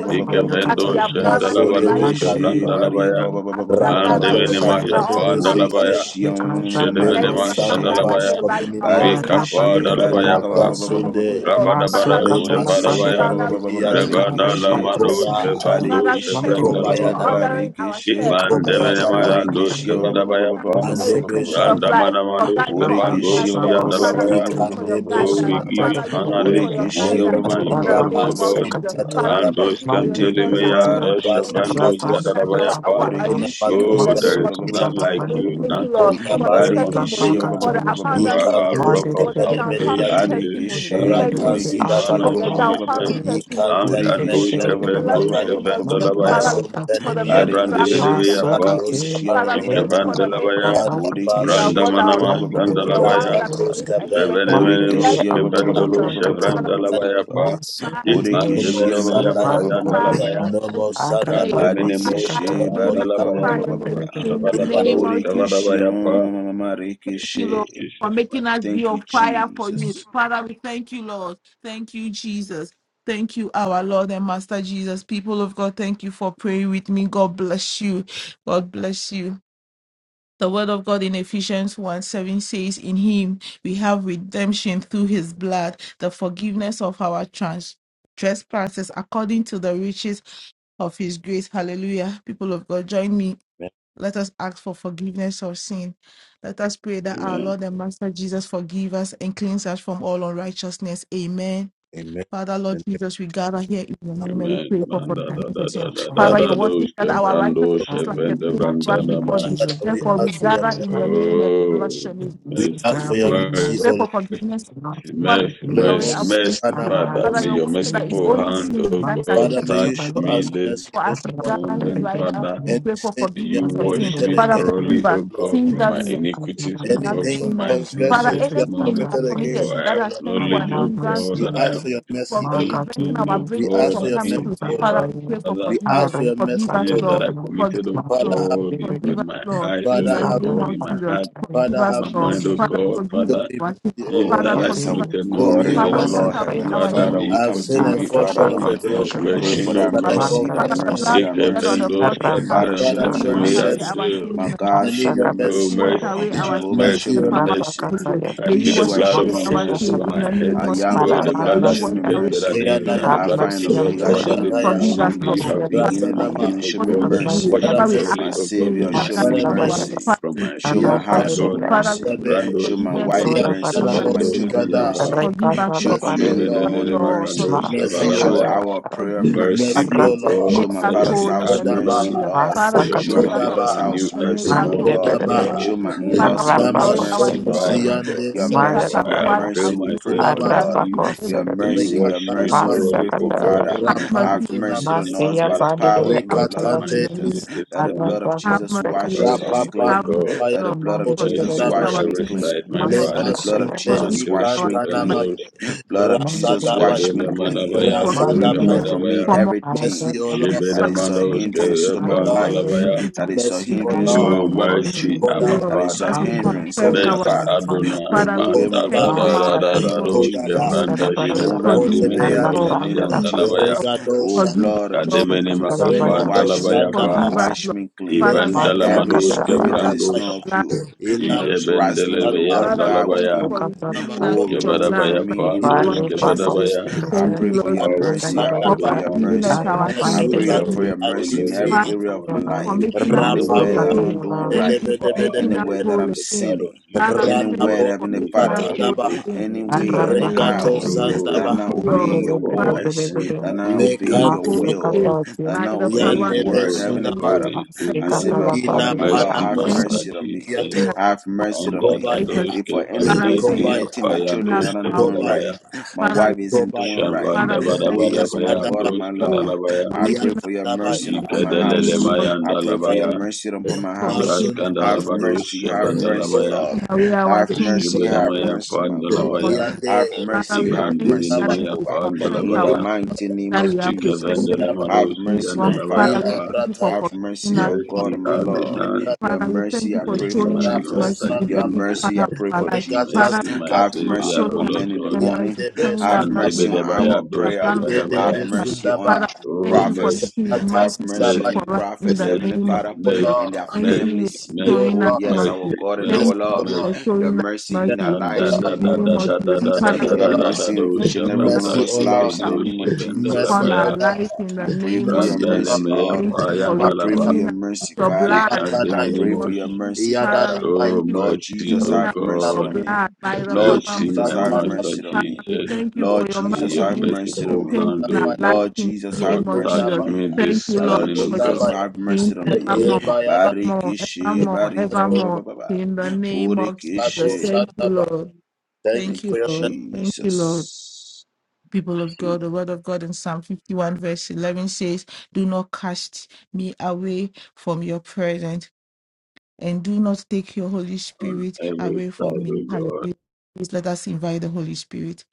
of Jesus. As Ikevendo we have gathered here shandalabado right masundebe now, Borekeshe uskavranda kadiba, la baya. Bariaka As we are Mande gathered rapato here minima right now, all yapa we sandelebe have to say sutaya, andalabaya. is Borekeshe thank you, Jesus. Ishede lemo Every minima member Marekeshe gathered sandabas sadalabaya. here right now, kobinimiyat, all we have to Barekeshe Ikapa say is thank Bariaka you, napra dalabayapa. Lord. Thank you, sunde, Lord. Father, Rabadabada we thank lema you. Borekeshe shavadabaya. Father, we suntandibiyat, thank you. Rebada la Barekeshe Father, we thank you. mando koba, uskavando Father, we thank shabranda you la for kobayada, bapa. ordering our steps, for leading kobayada us baya, Barekeshe Mandemenemandoske Barekeshe for leading us Vadabayapa, to every andebe season of shanda, Borekeshe life, for guide, Randamanamandoske for ordering our Borekeshi ba- ba- Pandosi steps. ba- and Father, we Alabaya. thank you for your ikandebe Oh, guidance. we give you Father, we sunamataya, thank honor you this for your Borekeshi morning, guidance my lebrasi in the God, my name dabas, of God. Jesus. Father, we ibiatondaba, thank you Andoske for Oh, your thank you, shelter. Father, Father. Delimeyandoske we Thank thank you, you for healing basikatwa, Brandoske Jesus. us our, Dalabayapa. our, our Borekeshi ba- initiative ba- in ba- Oh, the ba- ba- name ba- there of ba- is ba- ba- none ba- inamatroska, ba- like Jesus. ba- ba- we ba- you, ba- thank you, none to Lord, be Onda for the compared unto basika te. testimony, you. for the You abundant are our Ikanto testimony, rock of for the sepene downfounding salvation this testimony. morning. Thank We Rata you, give you sida Jesus, for honor, the batua. Jesus. downfounding testimony. Ikantene mene Ankandoske We bless your Vendoske name, Lord Jesus. Vendalabaya. Father, we Masum thank you for tene the many Jebran miyatande. miracles you have Masuka Ikando done. te, Father, we ele thank you for para the da many Ikevandalabaya, ba ba Kanda testimonies you basu have ba Bodekeshia brought Jesus, we glorify our way, Brandamanamas, and the Brandalabaya, ones that we Rapatos least you, kape. expected it. Rebenemenemus, Thank Bodekeshia Kevandolu, you, Jesus. Father, And Chevrandalabaya, thank you. Pa, Father, no more Bodekeshia thank Itmandemenemea, you. sandaya. Father, Payandalabaya, God. No we more bless your sandaya. name. Kandemenemus, No Badekeshe We more Barika Kevandalabaya, magnify your name in the sandaya. name Shabadabalos, of Jesus. Bodekeshia Kavadabaya, Pa, you, In Lord, Marekeshe for Jesus, my making us be Thank on you, fire for you. Jesus. Father, we thank you, Lord. Thank you, Jesus. Thank you, our Lord and Master Jesus. People of God, thank you for praying with me. God bless you. God bless you. The word of God in Ephesians 1 7 says, In him we have redemption through his blood, the forgiveness of our trans- trespasses according to the riches of his grace. Hallelujah. People of God, join me let us ask for forgiveness of sin. Let us pray that our Amen. Lord and Master Jesus forgive us and cleanse us from all unrighteousness. Amen. Amen. Amen. Father, Lord In Jesus, we gather here in your name and we Amen. pray for Manda da forgiveness da of da sins. da da the Father, name your da of word says dos that our kevando righteousness is like a chevende filthy rag brandana before ba. thee. Father, we Therefore, we ask for your gather mercy. Father, in your name and we bless Oh, your name. we This is ask mercy, for God for We your your mercy. We ask for your mercy, O mercy. pray Lord. mercy. for forgiveness. We Not think Father, of Mercy, me, wash away mercy, our Labels heavens. and mercy, Father, iniquities. have Father. Father, May amongst your your word mercy says them. that on it's merciful me. only hand, sin oh Man, that can so God, Father, to may the you touch show us me Lord, this mercy for I as this we pray, morning. gather Father, here I morning, right pray now, for Father. we you. Any pray for sins May we have you forgiveness that of every sin. wash committed me Father, against forgive thoroughly, us oh the Lord, God, sins from that my we have iniquities, oh without God, anything from even my knowing. sins Father, this transgressions we have part anything we morning. of have the committed body, committed against For you, that I O has Lord, turned to Father, an acknowledge, oh have hindrance mercy. God, we to, that I to, ask to- have for your to- mercy, from, uh, O Mark Lord. out to preventing sinned, our oh you, We breakthroughs ask God, for from your and coming mercy, so against through. far O thee, Lord. by Father, we pray you. for Father. We I forgiveness. ask for bring your mercy, Forgive back us, O to Sins you, Lord. that Lord. I but Forgive committed, my oh us, Father, Lord. have, baby, God, baby, Forgive with us, my Lord. eyes, oh In is Father, the Lord have, counted name God, up of in by my the Jesus, heart, cherry. forgive Father, with us, my have My Lord. mercy. mind, oh baby, Father, baby, God, forgive Show Father us me our sins. mercy, O sins Oh, Lord. Father, that back I to yes, forgive us. our you. committed Show me God knowingly Your and your our Father, wash mercy, alone. Lord, father, by Lord. away your Heavenly our Father, iniquity mother. may Father, we you I have come to sinned with forgive I the and you, me fall of rap Father. short all back of uh, my your out, so glory, can future We pray you. for transgression, things O thy for but our I life. God. One, mercy, da, da, thy Father, confess the my mercy, blood sins thy Take shed unto on you. the mercy. those cross of that Calvary, Father, show may Father, me you show wash me may I mercy. away mercy. our say, sin in My the name I God, of show need your Jesus. me Masakata, May mercy. Oh, you wash mercy. mercy, away our my sin Jehovah, by mercy, show Mercy, the me O power of the mercy. Lord. Holy mercy. Ghost. Rapakatayada, I May you plead the wash Mercy, Yeshua, blood O show of away me Lord. our Jesus over sin mercy. in my the Masikasarata. head. name I of Mercy, am O Jesus. Oh, that Father, I the Lord. have May blood am, you that show wash mercy me on speaketh away our me. better mercy. things sin than Keanaya, by the I Have the blood of power find mercy of the on Abel. me, Omega, Holy show Father, Ghost. God. me this Regataya, Forgive us, morning Have may mercy. you Lord. mercy have on Father, me, mercy Beginning on the God. me, Rasanama. end, O show me we God, Have and do, mercy wash on mercy. Father, me, me whatever we mercy. ask My thoroughly, God. O in your God, name, we Savior, from shall my show grant me it Father, Masala unto us. iniquities, mercy. mercy. Bayagas, Father, from we my thank you Show my sins, for Arapa my de mercy. household God. Yakanamo Bia, Father, we mercy. thank you Sade. Rando for Show my forgiveness of wife Mansura escavendo, sins. mercy. In the Show Yakanamo my Badabaya, name of children Jesus, shavendo, Sikada. mercy. forgive us, Rekata Show Mercy, O Lord command in the us, Badu, morning Lord. Lord. Forgive mercy. us, Mercy, O Lord. Maseka Show Lord. Jara, our prayer Forgive us our Mercy, Mercy, mercy. O O sins and Lord. God, Show make my us father's whole mercy, Arapa in house the name Kodaba. of Adonai, mercy, Jesus. Lord. Father, for your Show forgive my us mercies our Masakatarabaya, mother's are sins Kodaba. new house and every make mercy, us my whole morning, O in the God. name God. Mandirebere, of Kodaba. Show This Jesus. my in morning, Father, laws' do wash not homes away pass Arapako our mercy, me Namasono by, Lord. my Secretary, iniquities God, Siande Your and make us for mercy, as your I Mayarabara, white avail mercy, as we pray snow myself for, so unto that Satunamata. Lord. we thee. could be Arapako able to Your Secretary, May you be mercy, in your your wash me mercy, presence we Rekatanama. in the pray thoroughly, O name for, of Jesus. God, Masakatarabara, Father. from Have my mercy Have on us. mercy iniquities on and Rapantunamas. us Mandia by the cleanse me, power O Bandirebere in the Have God, blood from of my mercy in the Rekatande Amtarabi, name Jesus. sins this of That the Jesus. morning. blood of Have Arapako Jesus mercy, washes Lord. us Mercy, Secretary, O Have clean. mercy, God, Rapapasapaya Let the Lord. blood of Forgive Jesus mercy us on wash Osandabaya our Mandirebere, me every sins in side, clean. the my name of Let Father. Jesus. the Lema blood of Sunte Masakatarabara. Forgive Jesus us Mandosh wash our sins me by Ikantanamaya clean. Kevendos, Blood of Monday, Jesus the Rasadabaya wash Father, me dedication, thank you clean. Jedelemadabaya, for Lord Monday, the cleansing year, Remove us Rasadabaya and from me Kabadabaya, from all I said, Mercy everything O of righteousness. his Lord that Father, is a thank you Jebedemadoske for circumstance, hindrance to washing my under us the way our Lord of life, the Pandalabaya. that stuff, iniquities. is a Mercy In O the hindrance under name to the my Oh, of Lord Jesus, walk reports with in mercy, the thank you, you, Abba pain, Kodaba that Lord. is Father. a As we under hindrance, the confess Heavenly our Mercy, Kodaba Father. sins, circumstance, Adonai. Father, Remove we it, Manda Kodaba da repent remove from da it last our da in the da second, name da of wrongdoings in the doske Kodaba Monday, Jesus. name the Banda of Mandalay, Mandara Remove Baraba, it, of Shebrandi Jesus. remove it in Kodebeata the Menemosi name and of Arapandela Forgive us, Pahat, Dalabaya. Lord. Jesus. Oh, Regadosha Forgive us, Lord. Forgive us, blood of Lord. Mansuka In Kademenema the Jesus, name of Dalabaya, wash Jesus, me Kapandalabaya Pa. clean, Regadoshandaba forgive us, Arasa, wash Lord. me clean. Father, we thank you Lekandaba for Every Ivandalamadoske spirit redeeming Mansuka that us is with Brandos. not Dosikataya your of you, that blood. is wrestling with the Jebendelebaya word Ilasata of Father, we God thank you Dalabaya. within for me, Ukazana redeeming us Namatoya oh, with your pandemics, remove it blood, Kevadabaya from by me in the the power name Pandos and Ivari of the Holy Pasal Ghost. Jesus. Kevadabaya. I Thank Stephenson, pray you, for Lord your Likado Jesus, Mercy mercy. I pray for Sandaba for Nandagavayava, your forgiving Adonai, us mercy. Arna our mercy, I sins O in pray the Pandemic, Masukate Lord, for name of we your call mercy in Lord this every adinimia Father. we area of my Thank morning you for Samsivasayava, and we life. making us plead, Mount O whole Anywhere that rapampa I'm God, not again. for doing Sukasayava, Thank mercy you of right, for our making us heads. anywhere delebedebedebede that May whole I'm the again. blood of sinning. Father, Jesus we thank you Anywhere, wash ranabo for Heavenly me making Father us Mount whole thoroughly katadaba this again any morning. in way, the name of regato anyhow, Arrakatayavina, Jesus. Oh, that I'm sandaba and Thank not you, forgive Lord. me obeying of your all my Father, we voice, sins, that thank Mandazagade, my I'm you for not making us obeying iniquities, Mount your O whole Lord lekandibi will, God. again that Sukatavati, I'm by not the obeying your power Mercy, and yandebe word. by O my the Heavenly Holy sunamat God Father, Ghost. and Mount Thank I Savior. you, say, Lord. my Sikatala God ila and my Pandemic, Lord, Mercy, have panabos Thank you Master mercy for on me. Jesus. making us biato Have whole. mercy And on me. kobaya Jesus. Adadosh If for any Father, Kevanda we thank reason, you Dia for kobaya anything my taking children us Payandosh aren't from our doing kobaya right, Kevadabaya. my Father, wife we thank isn't you. doing kobaya right. Shavanda Father, we thank Oh, you yes, for my making Badabadabaya, us God yatadaba and Dosh my Lord, whole, Kadalabaya. for I pray making us for your yatadaba whole. mercy In upon my the Ikadelele name house. of maya I pray for yatadaba your ndalabaya, Jesus, mercy upon my for house. making us whole. Have masunamataya braskandalabado Father, mercy, we have thank you for mercy, koya shavandalabaya, Lord. washing away our Have sins with mercy, koya your have blood. shibedemaya mercy, my In the God. name of pandalabaya, Jesus. yade Have Father, mercy, we have thank you mercy, that as Kundabaya, ibandiminimeya we Jehovah. confess In the our pandalabaya, sins, mighty name that we of have Jesus. repented for Kundabaya, ikavendelemado Have doing mercy, wrong. my siyandalabaya Father, we Ila Father. pa. thank you for Have brataya, mercy, forgiving us my in God Mercy and my the name of masunde Lord. Adonai, beka, Your Father, we thank mercy, you I for pray mercy for showing my us rapo mercy Jesus. Master in Your every sandaba, Jesus, mercy, corner I of pray our for life. regata Jesus. Father, mercy my we thank you Have sikatu, for mercy Savior, on O showing us Lord command in the God. the morning. mercy, yande showing our Have mercy, mercy besundaba, on things Brandebedebaya our we dos have prayer. done yede Have kevedabaya, intentionally. mercy on besundaba, Father, the you. oh thank you for prophets. mercy, making your Have mercy speak mercy on atasidaba, the mercy, for us Amen. Amen. in prophets, the Heavenly mercy, name of Father, Jesus. yola, and mercy, their Thank mercy, you families. for mercy, showing Oh, us yola, yes, mercy. our mercy, God and Thank our mercy mercy, you Lord. mercy. for yola, Your showing us mercy in our mercy mercy And da lives in yola, in the da the da name of da name of da da Jesus. da Jesus. da mercy Father, da we Your da yola, thank da da mercy you in do for each and making every one of shavanda mercy mercy us yola, lives in shivendo the name of shivenda Jesus. mercy upon our labaya yola, life in the I pray for name of your mercy randa Jesus. yola, mercy, nemeya Lord. Thank you paya for I pray dalaba for wakada, redeeming your us with mercy, your Father. blood ikande in I the wakadaya, pray name for minimosh. of your Jesus. mercy, Father, Father. we yadadabaya, Oh thank you for Lord mercy, Jesus, redeeming oh us have with mercy your God, on regatabaya, me. blood by the power Lord ila and mercy, by Jesus, the my Holy have Ghost. brantada, Master mercy on Father, me. we Jesus. thank you for Lord your May Jesus, mercy your have being mercy on merciful me. sufficient hand, in our oh life Lord in Jesus, the God, have name of mercy touch on Jesus. me. me Undabaya, Thank this you, Lord, Lord morning, oh for your God. Jesus, mercy Undabaya, have mercy being on me. Mercy evermore, Yebaya da evermore, Barikishe, evermore, barika, ba- ba- ba- evermore ba- ba- in the ba. name of Sotado Jesus. Borekeshe. Thank you, Shataba. Lord. Thank you Thank Thank for you, you, your mercy. Lord. Thank you, Lord Jesus. people of God, the word of God in Psalm 51, verse 11 says, Do not cast me away from your presence and do not take your Holy on Spirit every away side, from oh me. God. Hallelujah. Please let us invite the Holy Spirit.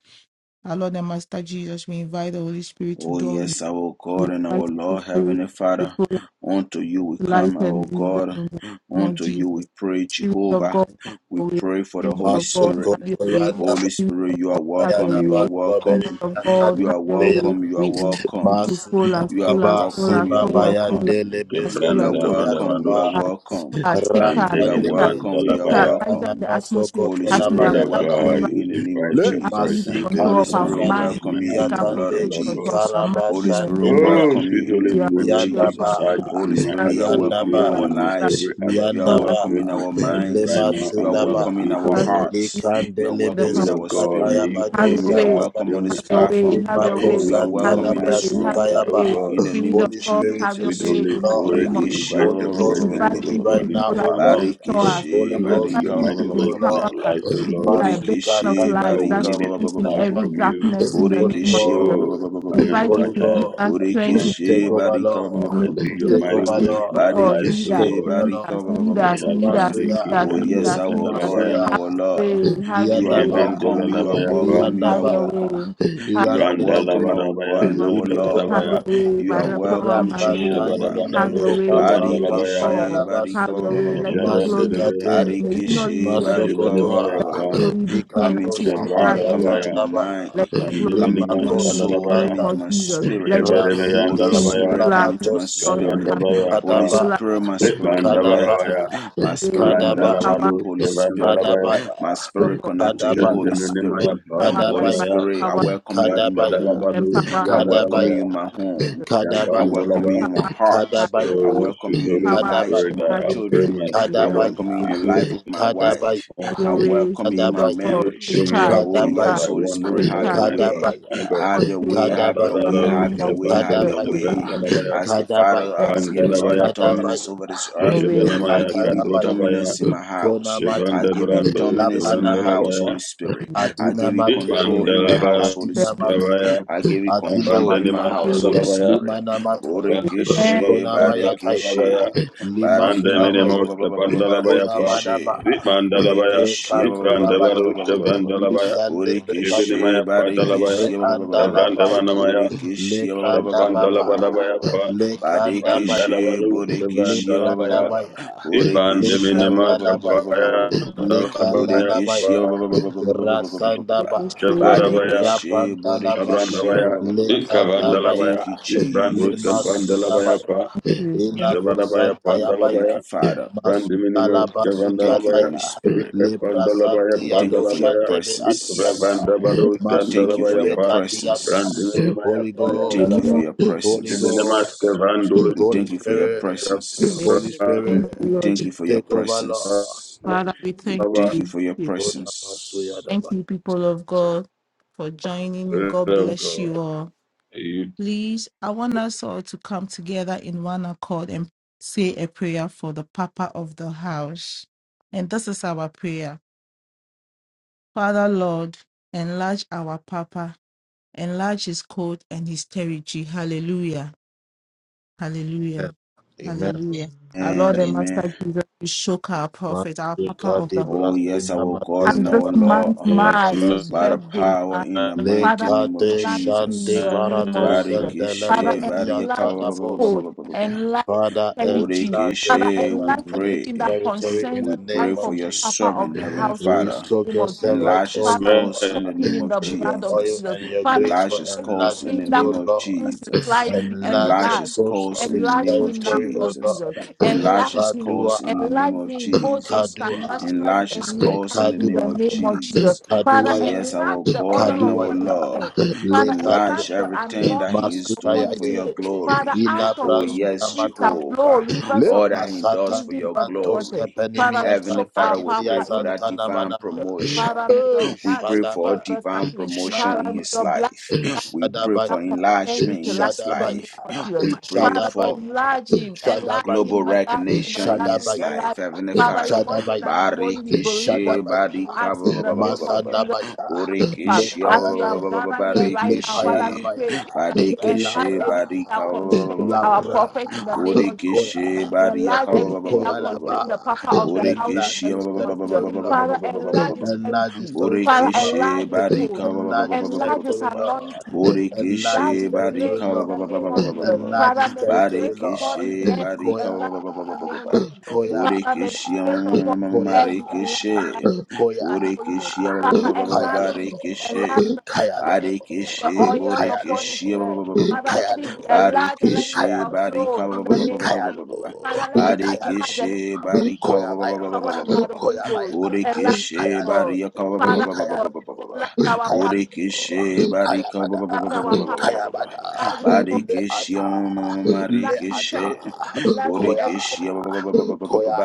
Our Lord and Master Jesus, we invite the Holy Spirit to Oh, dwell in us. yes, our We God and invite our the Holy Lord, Spirit Heavenly to Father, fill unto you we life come, and our wisdom in the God, name of unto you we Jesus. pray, Spirit of Jehovah. God, have We your way. pray for the Spirit Holy of God, Spirit. Masoko have your way. Yanda Holy Spirit Spirit, of you are God, have Baya your welcome, da you are way. Basko Spirit welcome. of Beria God, You have are your Bea. way. welcome, you are We invite you welcome. to fall, Masinda us, You are fall, us, Baba fall, welcome, us, you Siba are fall, us, fall, us, welcome. Bayandele fall, You are Besoko us, Ikebranda to fall, welcome. You are vandavandosh Yakapa welcome. us. Take and charge, You are take charge, take charge, Ratade welcome. You take are demelimandalabaya. charge. Santana Hijack welcome. the atmosphere Masoko to Holy Dear as we Spirit Spirit have we Nabaya of gathered da welcome here Baha. right you God, now. we in the name of invite Le Take your Jesus. absolute presence this control Holy of Masikato our Spirit morning will mind. into Sandi my welcome you in Take the absolute blood atmosphere, of Biatande Lord control God. of Jesus. our mind Ikaraba Holy in the Spirit Sande will name of Bea. Oh, Jesus welcome you sweet in Holy the your name Spirit, of may you your take Jesus. Yandaba, charge family. Holy in my Sola, Spirit, you are sola, welcome atmosphere in sola, sola, our Yandaba, and may lives. every other You are power sola, Yandaba, welcome in spirit be our crushed minds. right Lema now You are under sola, your welcome in Sundaba, feet, our oh sola, God. sola, hearts. You are Likandelebe welcome in Spirit of our God, may Sikataya spirit. you Have Bado fill me your You are way, up, welcome fill on me Sandabaya, this have your up platform. way, until have your I Limako want You way, are no have more, welcome your Santala in my this way, have room. your master, oh way. Brasikayaba. God. In the name Spirit of of Holy God, Spirit, have we your Sweet Jesus. need way Holy you, in the Lord. Spirit, name of we Borekeshe, ba- Jesus. invite Holy your ba- We Ghost, we presence, invite need you oh you to right God, now, into heal O us our and Lord. midst. restore us. Holy We Come and invite do Ghost, we your barika, you ba- need mighty you, to O works in our empower Lord. us lives, oh to be Lord. a beacon of Masukata light All we that barika, need ba- is ba- a shines in touch every Ayaba. from you. darkness in the Holy name of Jesus. Oh, Ghost, We come and invite you Holy touch to give us Ghost, us strength in once take more over, barika, ba- in the name Lord. and do of your Jesus. Take mighty over, Spirit works in Lord. of our God, lives, lead O Take us, God. over, lead barika, us, Lord. lead us, Richard lead us, lead Pandeke, Masuya, us, Oh, lead Vendos yes, us, lead our us. God Kadalabaya, and Masuya, Have our Lord. You your are way, Jeben Yandaba, de la welcome. have You are your Lavaya Pa, way, welcome. You have are Yandaba, your welcome. way, have your way. Have You are Randa Yandelebe, your welcome, way, our God Lavadabaya, and Lord Dos our Jesus. Lord. Have your Kavadabaya, Inekoraba, way You by are the power and welcome, by the Holy Ghost. Rapantani Jehovah. Ishabadabada, Have your Dos Minimiko way, Pam Pam Spirit of Pam Kavandalabaya, Barikishi, God. barika, Payalabas, Have your ba- ba- way. ba- ba- ba- Let your Jaban de glory be Lebe, seen. Masikate, May we not leave barikishi, the other seen. Jebenemaya Let Masokotoa, barika, your Pa, glory be seen Come Mikando as into we are my heart, Jabranda Sinimia gathered here come into Lavaya, my mind, Tandaba, let your <clears throat> glory come be into Kandeminimas my Lemako seen in the soul, name come Kadalabaya, Sikanda, into of my Jesus. spirit. Let your <clears throat> glory Jeberemeyan be Holy Rasinde seen Dalabaya, Spirit, full come of into my Ilamakosi, joy and spirit. happiness. Kavandabaya <clears throat> Holy Pa, Full of Kadaba, Spirit, my full us, spirit connect. full Lebandabarabaya, Kadaba, <clears throat> us My with spirit grace Amen. and Kadaba, connect to power you, Brandalabados, Holy and power Spirit. Kevandalabaya, Kadaba. <clears throat> My spirit of God. connect to We you, invite Kadabaya, Holy you Spirit. to Shandaminimaya, empower <clears throat> us Holy by Kadabaya, the Pandalabaya, Spirit, I power, welcome you in my Kadabaya, home. Rakadalabados, empower <clears throat> I us in the welcome name Kadabaya, you Yandalabaya, in my of home. Jesus. <clears throat> I Kadabaya, welcome Jambandalaba. you in Empower my us, and heart. have your <clears throat> I Kadabaya, Oh, way. welcome sweet you in Kadabaya, the Holy Empower us lives of Spirit, and Kadabaya, my I have your way affirm children. my in <clears throat> I the name spirit of unto welcome you in the Kadabaya, Jesus. thee life of my this Have Kadabaya, wife. I your morning. way, welcome you in Spirit my of May Kadabaya, God. you Take marriage. fill me charge, up Oh, take until yes, I charge, Kadabaya, Holy want no Spirit, take have more, your charge, my take God, way. absolute my God. Have your control way, Kadabaya, have your Kadabaya, way, in the Andalabados, name have your of way, have Kevandos, Jesus. your Amen. way. Kevandalabaya, As the Kadabaya, Father Thank has you, given us Pandalabaya, Jesus, for Pa, dominance Kadabaya, over this your earth, way. I Thank Shivanamaya, you, give Lord. you Lekatayabaya, Kandodabaya, dominance in my house. Konamata, I give you Shivandabrandos, dominance in my Lapanamata, house, Kevandalabaya, Holy Spirit. I give you control Adinamate, in my house, Ismandalabaya, Holy Thank Spirit. Adinamate, Abaya, I give you control in my Abandanima, Adinamata, you, house, Jesus. Holy Sadalabaya, Spirit. Limanamato, Vandiminimos, Borikishe, Konamayataya, Shabandalabaya, barikishe, Lima Sunamaya, Vandiminimos, barika, Kapandalabaya, Kona Pa, Manama barikishe. Ismandalabaya, Borekeshe Rekatuna Baya Ismandavaru, Shavandalabaya, Lusande Bekatu Borekeshe Shivinimaya, Padalabaya, Barekeshe Reandala Baya Kavrandavanamaya, Borekeshe Barekeshe Lekanda Baba Shabandalabanabaya, Pa, Lekanda Borekeshe Baya Vandalavaru, Borekeshe Lekanda Shavandalabaya, Baya Ismandiminima, Lekanda Baya Kapaya, Dalabaya, Lekanda Baya Pa, Rasanda Thank you, Baya Spirit of God. Shavarabaya, Borekeshe Rapandalaba Barekeshe Shabrandabaya, Borekeshe Oh, Lekandabaya Ikavandalabaya, thank you, Brandos Lima Campandalabaya, Jesus. Sudabaya You. Thank Ilako Shabadabaya Thank you, Pandalabaya, Father. Masala Brandiminimus Thank you, Cavandalabaya, Holy basukataya Spirit. lebra Ikapandalabaya We santia thank you for your doshan Pandalabaya, debe atiata presence. Ikravandabado We masun thank you for Scandalabaya, debe your Amen. katiata presence. Brandiminimus Holy We thank you, Ghost you for Cavandalaba, Lord. your Holy Jiminimus presence. Ghost Cavandos We Holy thank you for your Spirit Holy presence. Spirit Thank Cavandalaba, you, We Lord. thank you for your take over Lord presence. Father, we We thank thank you you. for your We Oda masuya presence. daba. thank you, people of God, for joining. me. God Love bless God. you all. You- Please, I want us all to come together in one accord and say a prayer for the Papa of the house. And this is our prayer Father, Lord, enlarge our Papa, enlarge his court and his territory. Hallelujah. Hallelujah. Amen Hallelujah. Our Lord And Amen and amen. Master Jesus, we shook our prophet, our Papa of Masukati the house. Oh, yes, brasina our God and And matesa our this bada month Lord, baba marks Amen. his by bazia the birthday power in the mighty Father, name of lekade enlarge him shande in Jesus. the name of barato Jesus. sendele Father, Barikishe, bariyaka, brasiata enlarge ba- ba- his ba- ba- dabos ba- ba- cause, ba- ba- ba- ba. enlarge Father, his territory. enlarge your Father, Borikishe, we servant enlarge and his everything that pray. territory in concerns We the the pray name life for of of the your Jesus. papa of servant, the Heavenly house in We the Father. soak name your of Jesus. servant, Enlarge O his Father, we Lord, cause in soak the him name in of the in your blood of oil Jesus. Jesus. and your Father, grace Enlarge for his cause enlargement, in the everything that O name of Lord. concerns his Jesus. life be Enlarge Enlarge the enlarged. his coast cause of in his the Enlarge name of him now, territory, O Lord Jesus. Jesus. Lord. Enlarge Enlarge his him. cause in the Kadua, name Enlarge of him both Jesus. Kadua, internationally Enlarge his and cause in locally the in name the Kadua, of name of Jesus. Jesus. Father, Oh, Kaduaya, yes, enlarge our the God oil and our upon his Kaduaya, Lord. head. Le Father, enlarge Enlarge Kadua, the everything that anointing he is upon Masudaya, doing for his your head. Father, glory. out of Oh, his yes, belly Ila shall flow Jehovah. rivers Le of All that he masata does for di living your wat- bantos waters. glory. Father, kepenimia we Heavenly soak tanda our Father, di we bria papa pray in for the that santana name of divine manama. Jesus. promotion. Father, may your Eh, We blood pray speak for shadaba, better divine things. promotion Father, in may shadaba, his your blood life. We pray that for Shadabaya, concern his enlargement in life his in the name life. of Jesus. We pray Father, Shadabaya, for enlarge him, enlarge Shadabaya, him, global enlarge him, recognition in enlarge him, his Shadabaya, life. enlarge him. Heavenly Father, your Father, word says that Shadabaya, it will only be Shadabaya, believed what Barikishi, Shadabaya, Barika, asks ba- in ba- the ba- ba- name ba- ba- ba- of Jesus ba. Masandabaya, us. Le Borikishi, ba- ba- As we ba- ba- have Payanaya, gathered here Le right now, Father, Barikishi, we Payanabaya, pray that you enlarge Barikishi, Lapra, everything Barika, that ba- ba- ba- ba- constrains our Lapra, prophet in the name of Jesus. Koya, That you enlarge Barika, ba- everything Koya that concerns the Laba, papa of the and house in that the is name of Jesus. territory Lord. Father, enlarge his Enlarge his charity. territory, Father, Lord. enlarge his post. Barika, Enlarge his Enlarge his territory, Lord. anointing. Enlarge Enlarge his his territory, grace Barika, in the Lord. name of Jesus. Enlarge his Father, may the territory, grace upon Lord. his Barikishe, head barika, ba- enlarge ba- Koya, ba- ba- ba- in ba- the ba- name ba. of Jesus. Koya, Father, may the Borikishe, grace upon mm, mm, mm, his Koya, head be enlarged marikishe. by the Koya, Holy Ghost. Borikishe, ba- ba- ba- ba- Father, ba- ba- ba- enlarge Kayalo, him, barikishe. enlarge the Kayalo, the Barikishe, oil upon borikishe, his ba- ba- Kayalo, ba- head. ba- ba- ba- ba. Father, let it be Kayalo, enlarged and let it Barikishe, Kayalo, overflow barika, in ba- ba- the ba- ba- name ba- of ba- ba- ba- Kayalo, ba- ba. Father, let it enlarge and Barikishe, Kayalo, let it barika, overflow ba- Koya ba- Baya, ba- ba- by ba- the power ba- ba- and ba- by ba- the ba. Holy Koya Baya, Ghost. Enlarge Borikishe, Kayalo, God. barika, ba- ba- ba- Father ba- ba- ba- God, Kayalo. ba- ba- ba- ba- ba. enlarge our Kaya power, Borikishe, barika, ba- Kayabada, ba- enlarge our power, Kayabada, enlarge his power, Barikishe, Leata, enlarge his Marikishe, Leata, territory, enlarge Koya, everything that Borikishe, Barikishe, Koya,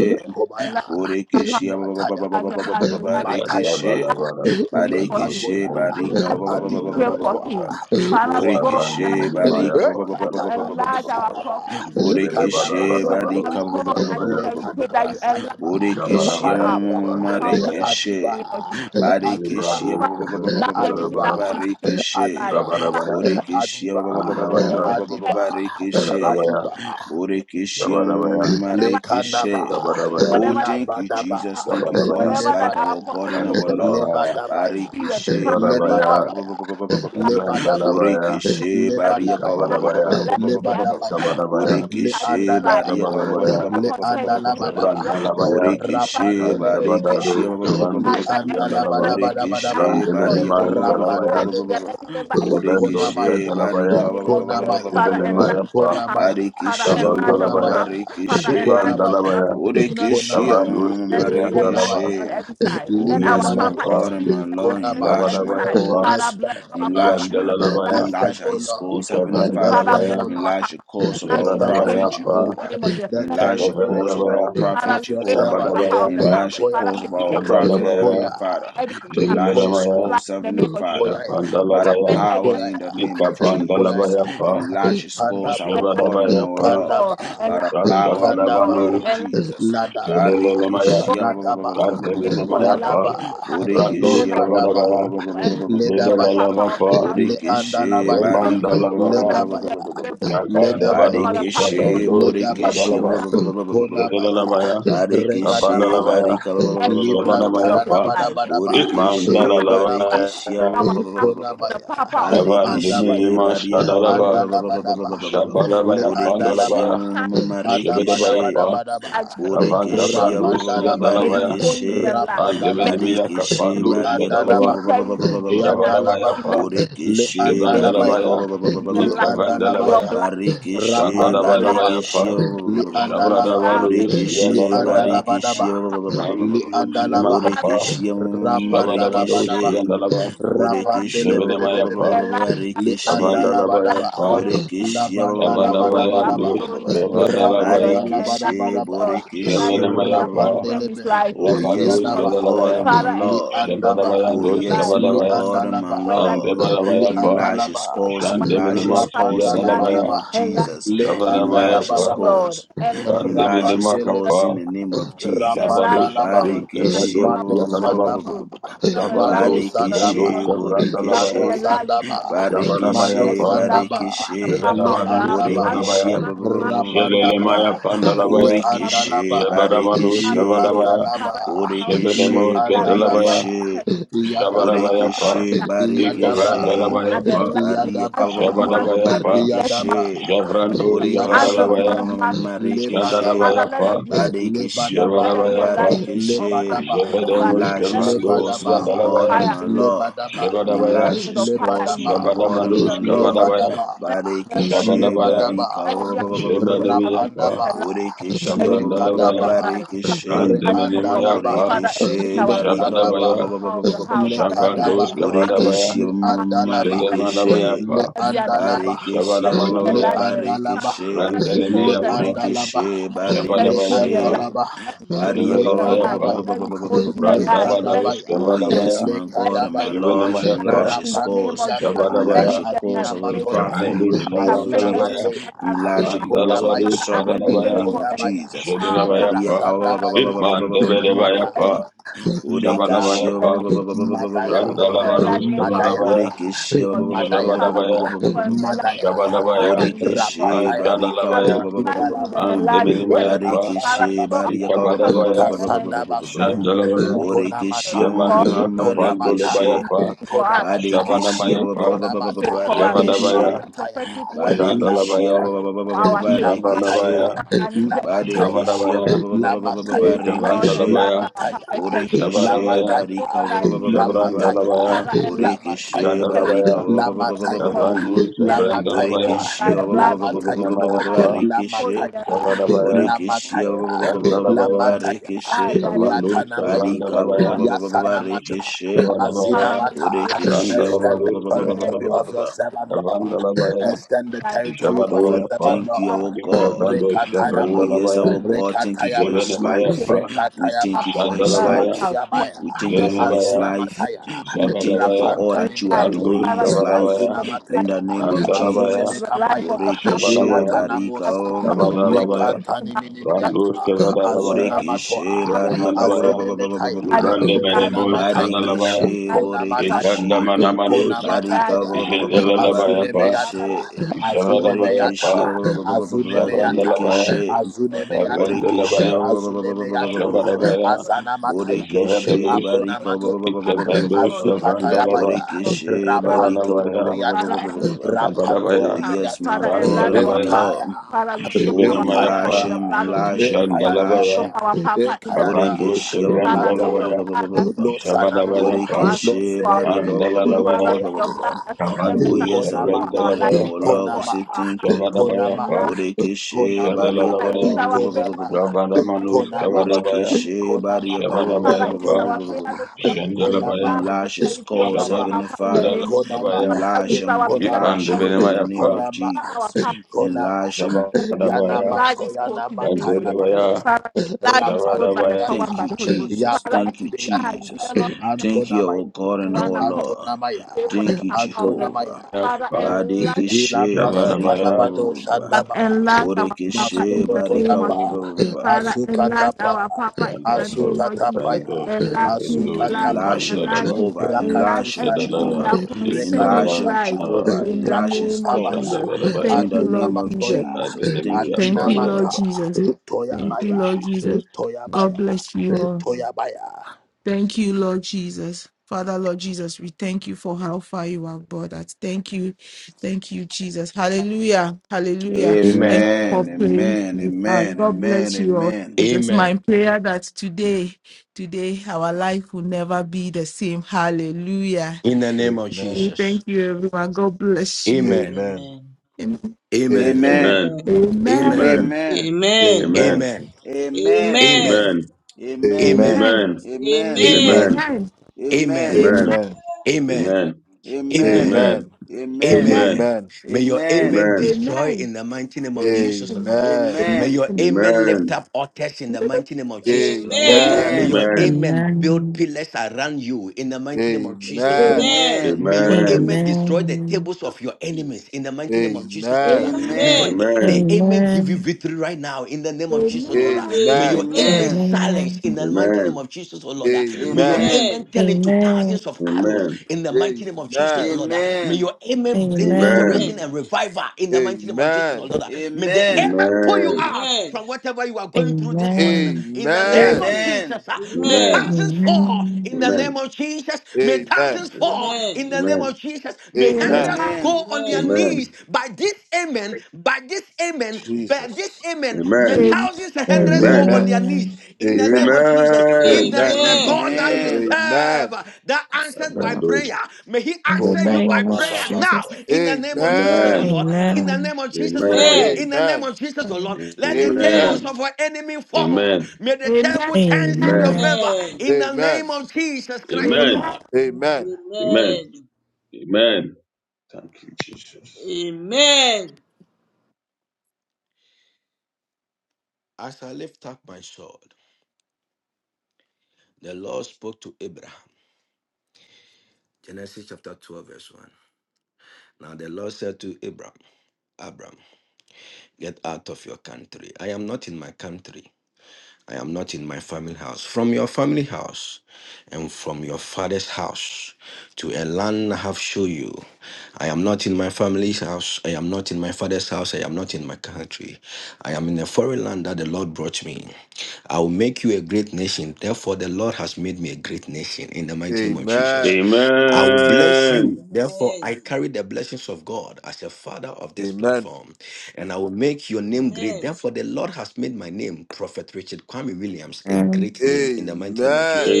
is yours. enlarge Kobaya, our power, Borikishe, Mataya, enlarge, enlarge, enlarge, enlarge, Mataya, Barikishe, enlarge, Yadabadabada, speak for Stefando, him. Barikishe, Lekatoya, Stefando, Barika, Lord, we Adina pray Stefandelebaya, for Matoa, him. Father, we go Borikishe, Koa. and ask Abandemenimaya, Barika, Eh, that you Pandalaba, Katadaba enlarge our Sadaba, prophetic Borikishe, Kadaba vision. Jibedebadabadabada, Father, Barika, we go Sadaba, and Skabadabaya, say we pray that Lekanaba you enlarge Sadaba, Borikishe, of Jabadabaya, our Adiba, of our power Pandalabaya, in Marikishe, Adiba, the name of Jesus. Adiba, Jibrado, Barikishia Father, enlarge everything Skabadaba, Adiba, that concerns his life. Barikishe Adiba, Father, Rabadabaya, Borikishia Adiba, Andabaya, Adiba, Barikishe Jadadabaya, Adiba, Borikishia Jabadabaya, whatever Lekanaba, Marikishe Jabadabaya, Oh, whatever that is thank you, supposed to Labadaba, come, Jesus. Thank you for Jabadabaya, his whatever life, that our our God Lebadaya, prophet is and our supposed to, Lord. Amsterdabaya, to Lebadabaya, experience. Barikishe, Father, Jibadabaya, Barika, our ba- ba- Lebadabaya, ba- ba- ba- ba- ba- prayer, ba. Lebadabaya, Zandalabaya, Borikishe, enlarge, Barika, Lebadabaya, ba- ba- ba- ba- Ikapadabaya, ba- ba- let ba- it ba- ba- be ba- an ba- Lebadabaya. ba. enlargement on Sabadabaya, every Le side in his Borikishe, life andalabada, Barika, ba- ba- ba- Jabadabaya, ba- that ba- le ba- ba- ba- concerns ba- ba- his ba- ba- ba. andalabadaba, ministry. Jabrandalabaya, Borikishe, rapandelebedebea, Barikishe, Kandabadaros, ba- ba- ba- ba- ba- ba- le ba- Kavandos, ask ba- that ba. every member Yandalaba, shall be Borekeshe andalabadabadabadaba, enlarged for barika Randemenema, ba- letting ba- them ba- ba- ba- ba- Dalabaya, enlarge, ba- ba- ba- that ba. rapandelebea, every member Ekavendos, experience Borekeshe enlargement konamaya, Dalabaya, barika in the ba- name ba- of ba- ba- ba- Jesus. ba- ba- konamaya, ba- Father, ba- ba- ba. enlarge Zibenemaya, our Pa, Papa. konamaya, Father, Barekeshe ba- ba- enlarge ba- our ba- ba- Dabandalabaya, konamaya, Papa. <laughs> Father, barekeshe. enlarge konamaya, our Papa. Islandalabaya, In the name Borekeshe of konamaya, Jesus, Kavranos, mm, let it be enlarged Yandalaba, konamaya, marekeshe. on every side. Oh, Let our yes, Zibenemaya, my Papa limanamaye, Pa, God and experience my Lord, enlargement on konama, enlarge every my Zabadabaya, side. Pa, Father, cause, bless our estanola, Papa enlarge my and cause, Yandalalabaya, enlarge enlarge his court in his estanola, cause, Heavenly Jesus. Father, Father, bless Ekavandalabaya, our estanola, enlarge the Papa. cause of Enlarge our is a Extend, O Zebadabaya, prophet territory in Lord, Pa, the Jehovah, name of Jesus. the Let enlarge the territory cause of Ekavandalabaya, our Father, prophet we of your pray for the Jehovah, servant. Papa Zabadabaya, of the Pa, house. enlarge the Koya, Father, cause may of he our experience prophet, Zabradabaya, Koya, Heavenly Father, every kind of enlarge his Zibenemaya, Koya, life cause, in the Heavenly name of Jesus. Father, Koya, by the Shapandalabaya, Experience every power in the Koya, name of Jesus, Ikapandalabaya, Koya, Pa, enlarge his and cause, Kandaba, our last God and our pray Shabadabayapa, Lord, for, Kandaba, and by last the power in the Kandaba, for, blood Raskavadabanus, of and last Jesus. Ladaba, Kedelelemaya, go Barikishia Ladaba, pray for, Kadelelemaya, and last go Ladaba, on Brandus and Borikishia Lebadaba, Kavadabaya, pray for, and last for the Ledabaya, papa of the Medelalabapa, house in the name of Borikishi Jesus. Leandalabaya, Barika Go on Remandalabaya, and need Ledabaya, and pray for, and last Ledabaya. for Kakadabadus, the papa Barikishi of the Shadandus, house. Father, Ledabaya, Borikishia Yadalaba, Last Konabaya, Kedelelemaya, Jesus and Barikishi last Regadaba, me Kapandalabaya, Barika in every Libra season of his Shabadabayapa, life. Tadabadabadaba, Borikishi Father of his life. Konabaya, Barikishia Itmandalalabaya, Our papa, the Konabaya, papa of the house. Barikishi Andabaya, Kavandimima, Barika And Shadalaba, Andalabadaba, Every, Le Shabadabaya, every Borikishi Andalaba, every Pandalabaya, time Shebedabaya, Marikishi Adabadabadabadaba, judgment, every Kavanda Borekeshia Brandus, Rapandalaba, judgment, may Yadalabaya, his going be a Barekeshe lie. May Rapandalaba, his Andemenimia Badekeshe action, Le kapandu Bariaka may Andalaba, his shadalaba charity be a lie. Yandalaba, In the shabadabayapa name, Le Borekeshe may his Bariaka mercy Andalabaya, shibandalabaya be a Le By Andalabaya. your ikavandalabaya blood, Lord. By Barekeshe your Rapanda blood, laba, Badekeshia Lord. shabadabayapa May the power of Rapandalaba, the house shabradavaru daba, experience Borekeshe siyadalabaya Liandalabadaba, Barekeshia every consequence, Lord. Liandalaba, mandiniminimaka Father, and Borekeshia every Rapanda la shabadavadu Marekeshe Jesus, badaba. siyadalaba and life Rapande Borekeshia le bede bede shibinamayapa be. and life Le anda Barekeshe la badaba. kavandalabayapa and light, La Borekeshe ba- ba- ba- banda ba- Let ba- your ba- ba- shabadavaya ba- badaba ba- power ba- ba- dus ba- flow ba- in ba. the name of Jesus. kavandalabaya Rapanda la And life, Barekeshe, badaba daba. Lord, and life Borekeshe, ba- ba- that ba- ba- shibinamayapa ba- ba- Rapande ba. le concerns his be. life in Oh the yes, name ravadus of my Yadaba. Jesus. God kadalabaya and my Father, every Li Lord. word andaba. shabadavaya that is Oh dus yes, alive, my Li every kavadavaya God prophetic and my andalaba. word that Lord. Li is him, andebadabayapa that is Enlarge his andalaba. yet cause, to Shande enlarge minima his manifest. shia cause Rapanda in la the Father, name dalabaya. badaba. of enlarge it, enlarge it, Jesus. Le Lord, kanda Shabadabaya Enlarge enlarge daba fa. his it, daba. Lord, cause. enlarge it, Shande Enlarge his minima Rapandele cause in kapa. the name of Jesus. Jesus. Enlarge, Shabadosh. us, Rapandalaba. Lord. By the Barikishe, Kavandosh power shia Mado of the dalaba. Holy Sandaba. Ghost. Father, enlarge Mado Shabandosh in the name kavandosh barikishe, of Sandaba. Jesus. Father, shavrandalabaya. Mado borikishe, enlarge us in Sandaba. the name of Jesus. Shabadabaya Mado barikishe, fa. Everything that Sandaba. concerns the barikishe, papa Le of the Shabadabadosh house, Andaba. as the kavadabaya. borikishe, man, man, that Rapandaba. man, Jelelemaya Father, Le pandalabaya. it's our prayer, Andalaba. borikishe, Jabadamanush that Le barikishe, food, kavadabaya. Andalaba. Father, it's our prayer Le Jebedemos borikishe, borikishe, that you enlarge Andalaba. kedalabaya. us, Yadaba. Shabadabaya it's fa. our borikishe, prayer. That Yadaba. let there barikishe. be Ikavandalabaya an fa. enlargement Baria as Yadaba. this man's Shabadabaya fa. man, that Yadaba. man, Barekeshe Javrandosh as Yadaba. Borekeshe this kavadalabaya. man's man, Marekeshe Father, Lebadaba. let there Jandalabayapa, be a Barekeshe let Lebadaba, there be Jabadabayapa, enlightenment Barekeshe of fire Lebadaba, in his life. Jabadamus Enlarge Let there his Kavandos, cause, Lebadaba, my be a God Yandalabaya, and fire my in his life. Lord. Lebadaba, Jabadabaya, Enlarge Enlightenment his of fire cause, in his Lebadaba, my life. God and In Jabadamanus my the name Lord. of Kavadabaya, Jesus. Lebadaba, Let there be a- Barekeshe Jabadabaya, Lebadaba, Barika let there sufficient Jabadamayapa, Rapandaba, enlightenment in Borekeshe every season of Jabrandalabaya, Lekadaba, his life. Barekeshe Father, Reandalaba, enlighten our papa. Kandemenemayapa, Father, Borekeshe enlighten our papa, Lekadaba, Jabadabaya, papa of the house. Barika Father, Lekadaba, Jabandos enlighten. As the Kavadabaya, Borekeshe man Leandalaba, blessed man. Marekeshe Let Jedemanabayapa, there be an Leandalaba, enlargement. Barekeshe Let there be le Jabadamanabaya, enlargement. andalaba Father, Barekeshe enlarge his le cause and Brandelemayapa, his andalaba Borekeshe territory. Let his le territory be Barekeshe enlarged. Jabadabayapa, andalaba Let his territory le Barika be enlarged. Jabadamayapa, kadabaya Let his cause be le enlarged. Let his Brandabadaus kadabaya cause Oh be enlarged. Kavadabaya, yes, le my Let God his and my territory kadabaya be Lord, enlarged. enlarge Shivanamayafa, your In the name cause, of rapanimiata Jesus, let enlarge Shavadabaya, it the be cause adina of enlarged. May the matoya it prophet Ikavandu in the name of affect azuna every Jesus, member Savrandalabaya, mateya of here. enlarge the cause of your Vandalabadu kodabaya Father, as we servant in the pray Sadalabaya, name for of enlargement kodabaya Jesus. for our Papa, Maria Shedilamayafa, Father, may rasandabaya it affect mada every Ikmandebedevayafa, mada Shavadabayafa, member madaya for Borekeshe Brandalabadu enlargement for our madaya Papa Skavadabaya, Borekeshi in the name of Jesus. Father, madaya we Shavadabaya, pray for enlargement madaya for our Papa Shavadabaya, in the name of Borekeshi Jesus. rapataya Barika Father, we Maskadalabaya, enlarge him and indalaba enlarge his territory. Mandeminimayafa, Father, Kasanda Barekeshi show our Basuya, Barika Papa Ikavadabaya, and enlarge Kasanda his territory Basuya, in the Shandalabaya, name of Jesus. Borekeshi Konamata, For all Shabanima the things Marekeshi he's Konamata, Kapandulabayafa, doing for us, for Konamata, all Badekeshi the prayers Shavanabayafa, he's Konamata, prayed for us, all Shavadabaya, the Lamataya, prophetic word that is Barekeshi Shandalabaya, Lamataya, for our sake. Father, we Jabalabaya, go Lamataya, Badekeshi on our knees and say, Lamataya, Barekeshi Jabalabaya, pray and Badekeshi Lamataya, say, Lord, Barekeshi enlarge Ikavandalabaya, our Lamataya, Papa's territory. Borekeshe Jabarabaya, Father, we Lamataya, go barika on ba- our ba- ba- knees ba- ba- and ba- say, Lamataya, Jabrandalabaya, Father, Lamataya, enlarge Borekeshe Lamataya, territory barika Jadalabaya, ba- ba- in ba- the ba- ba- name ba- ba- Lamataya, ba- of ba- Jesus. Javandu ba. And life Savrandalabaya, goes Borekeshe by ba- the ba- ba- blood ba- ba- ba- ba- of ba- Jesus. ba- ba- Shivanamaya ba- Father, Pa, barekeshe. hold me Lamataya, alive, Jabalabaya, Lord Borekeshe ba- Lamataya, Jesus. ba- Lamataya, Hold Randalabaya, Lamataya, me alive by the blood Javandu Yatanamaya, of Barika Jesus. ba- ba- Father, Savrandalabaya, ba- ba- ba- we ba- ba- pray. Yasanamaya. barekeshe. Father, Jabalabaya, may Azinamata. you alive Borekeshe ba- ba- Extend ba- Randalabaya, the ba- ba- ba- in ba- the ba- name territory ba- ba- Yadalaba, of ba- your ba. of servant, Lord. Jesus. Javrandalabaya, Extend the Life by the power territory of of the your Oh, Jabalabaya Pa, servant, thank you, Holy Spirit. Father, our Lord. alive God. him Ikavandu in the name Oh, of Rekatayama. yes, Savrandalabaya, our Jesus. God. Thank you for his Rekatayama, We Shivanamaya pray life. Pa, that We thank Papa, you for for his Rekatayama, us, Jandalabaya, how life. to us, Matuyabaya, We thank you what for his Azuna Javanabaya, we life. give Mataya, We Father thank you for Zabadabaya, all for his that you are life. Randos doing in Rapantanimiatua, Father, his we thank life. you Kavarabaya, for Azuna the In life. the Mataya, name Father, of we thank Azune you Andarabaya, for Jesus. the life Mekapaya, of the power. Boreke she Shabarabaya, Ilatanamosa, barika. Kavarabaya, Randos Lekantaniminimiata, Azuna Kavarabaya, Borekeshe Matoa, Barika Jeremanabaya, Azene Metaya, Ibande Kona Menemos, Mataya, Sadalabaya, Barekeshe Konamataya, Borekeshi Ikandamanamanos, Barika Konamataya, Jedelabaya Pa, Azunemeyata, Father Barekeshe let me Javarabaya be Azunemeyata, Borekeshi Pa, life Azunemeyata, and Javrandalabaya, Barekeshe Lord Azunemeyata, Borekeshi Lord Kavendelabaya, Lord Azunemeyata, Javarabaya, Azanamataya, Borekeshe Javadalus, Barika Akonamato, Ikavendos, Lord and life Javrandalaba, Azukatayabaya, Borekeshe Barika Rapanton Javanabaya, Father and Dibriata, life Rapanton Javarabaya, Oh house yes Dibriata, my Father and God Lord and my our Randalabaya, Papa Lord Ekaya, Father we show Oh our Papa Shibenamaya enlarge in the him blood Ekayana, of enlarge Jesus him Father we enlarge show Jandalabaya, him Ekayana, our Papa in the Kavando Ekayana, Borekeshe ba- Father, may your Lata, Shevrandalabaya, blood that speaks Losanama, better Shavadabaya things for Pa, us speak Borekeshe for our Losenebe, barika life. Father, Mandalalabaya, may your blood that speaks Kavando Oh better yes, things our Konama, for our God and life Shevrandalabaya our Pa, speak Lord, we for Konama, say our thank heart you. and Shavadabaya Konama, Pa, enlarge. Borekeshe Konama, barika Father, it Jadalalabaya, is our prayer Konama, Konama, that Rabadamanus enlarge Konama, our Kavadabaya, Borekeshe heart. Konama, barika Father, Shavadabaya it is Pa, our Konama, prayer that morning Jandalabaya, Konama, the Enlarge his charity of cause, our Heavenly Papa in the Father. name of Jesus. Konama, Shavandalabaya, Father, it Enlarge is our him, prayer Konama, this enlarge him morning in the Ipandebelemaya that name Pa, of Konama, our Jesus. Papa. Konama, Enlarge him, Shavadabaya, Yanama, Enlarge his court in Koyanama, the name of Jesus. Kandalabaya, Tayabados, Father, enlarge his court by the Shavadabaya power Rapandibiata, and Thank by you, the Holy Ghost. Jesus. Father, Thank you, Yaprantibiata, enlarge, Jesus. dear Lord, Thank you, our Antonamaya, God in and one our accord, Lord. Antonamaya, pray for Thank you, the power of the Jehovah. Antonamaya, Father, Pa, enlarge Barikishe, Ilabrasi Shavadabaya, Tayabados, barikababa, us, Shandaba, enlarge our Papa borikishe, in the name Masokotoyapa, of Jesus. barikababa. Father, enlarge Asukatapa, our Papa in the Andalo name of Jesus. Shavendo Asutatapaya, Enlarge him, Shavendo enlarge him, Enlarge Asukatapaya, him, enlarge Shavendalaba him, Jehovah. enlarge Enlarge him, Brakatusaya, everything Kedala Jehovah. that concerns his Yekadala Enlarge him, life Brekatusata, Jehovah. in the Enlarge his name of cause. Brakuntabaya, Jesus. Jandabarabaya In Thank the you, Lord name of Jesus. Adunamatoya, Jesus. Thank you, Abenimea Thank you, Lord Jehovah. Pandalaba. Adinamata, Jesus. Thank Thank you, you, Toyabaya, Lord Jesus. Jesus. God Toyabaya, bless you all. Toyabaya. Thank you, Lord Jesus. Father, Lord Jesus, we thank you for how far you have brought us. Thank you. Thank you, Jesus. Hallelujah. Hallelujah. Amen. Thank you for Amen. praying Amen. with us. Amen. God Amen. bless you all. Amen. It is Amen. my prayer that today, today, our life will never be the same. Hallelujah. In the name of We Amen. Jesus. thank you, everyone. God bless you. Amen. Amen. Amen. Amen. Amen. Amen. Amen. Amen. Amen. Amen. Amen. Amen. Amen. Amen. Amen. Amen. Amen. Amen. Amen. Amen. Amen. Amen. Amen. Amen. Amen. Amen. Amen. Amen. Amen. Amen. Amen. Amen. Amen. Amen. Amen. Amen. Amen. Amen. Amen. Amen. Amen. Amen. Amen. Amen. Amen. Amen. Amen. May your Amen. amen Amen. destroy Amen. in the mighty name of Amen. Jesus, Lord. Amen. May Amen. your Amen. <laughs> amen Amen. lift up altars in the mighty name of Jesus, Lord. Amen. Amen. Amen. May your Amen. Amen. amen build Amen. pillars around you in the mighty name of Amen. Amen. Jesus, Amen. Amen. Lord. Amen. May your Amen. amen destroy the Amen. tables of your Peace. enemies in the mighty name of Jesus, Lord. Amen. Amen. Amen. May your Amen. Amen. a- the Amen. amen give you Amen. victory right now in the name Amen. Amen. Amen. Amen. of Jesus, Lord. Amen. May Amen. your amen Amen. Amen. silence Amen. in the mighty name of Jesus, oh Lord. May your Amen. Amen. amen Amen. tell into Amen. thousands of arrows Amen. in the mighty name of Jesus, Lord. Uh, May Amen. your amen bring Amen. Amen. restoration Amen. and revival in the mighty name of Jesus, Amen. Lord. Uh, May the Amen. amen pull you Amen. out Amen. from whatever you are going through this morning. uh, Amen. In Amen. Amen. the Amen. name Amen. of Hey. Jesus, uh, may Amen. Amen. thousands fall Amen. in the name Amen. of Jesus. In May Amen. thousands Jesus' fall name. in Amen. the name Amen. of Jesus. May Amen. Amen. Amen. hundreds go on their Amen. knees Amen. by this amen, by this amen, Yes, Jesus. amen. May Amen. Amen. Amen. Amen. Jesus. thousands and Amen. hundreds go Amen. on Amen. their knees Amen. in the name Amen. of Jesus. Amen. If there Amen. is a And Amen. the God that you others. Amen. serve that answers by Amen. So, Those. prayer, may He In the Ko answer ba you ba by name of ba ba prayer Ah. ba ba. now Jesus. in the name of Jesus, O Amen. Amen. Lord. In Ah. the Amen. name of Jesus, O Lord. Amen. Amen. In the name Amen. of Jesus, O Lord. Amen. Let the Amen. Amen. tables Amen. of our enemy fall. Amen. May the Amen. table turns Amen. in your Amen. favor Amen. in the name Amen. of Jesus Christ, O Amen. Lord. Amen. Amen. Amen. Amen. Amen. Thank you, Jesus. Amen. As I lift up my sword, the Lord spoke to Abraham. Genesis chapter 12, verse 1. Now the Lord said to Abraham, Abram, get out of your country. I am not in my country. I am not in my family house. From your family house and from your father's house to a land I have shown you. I am not in my family's house. I am not in my father's house. I am not in my country. I am in a foreign land that the Lord brought me. I will make you a great nation. Therefore, the Lord has made me a great nation in the mighty name of Jesus. Amen. I will bless Amen. you. Therefore, I carry the blessings of God as a father of this platform, and I will make your name great. Amen. Therefore, the Lord has made my name, Prophet Richard Kwame Williams, a Amen. great name in the mighty name of Amen. Amen. Jesus.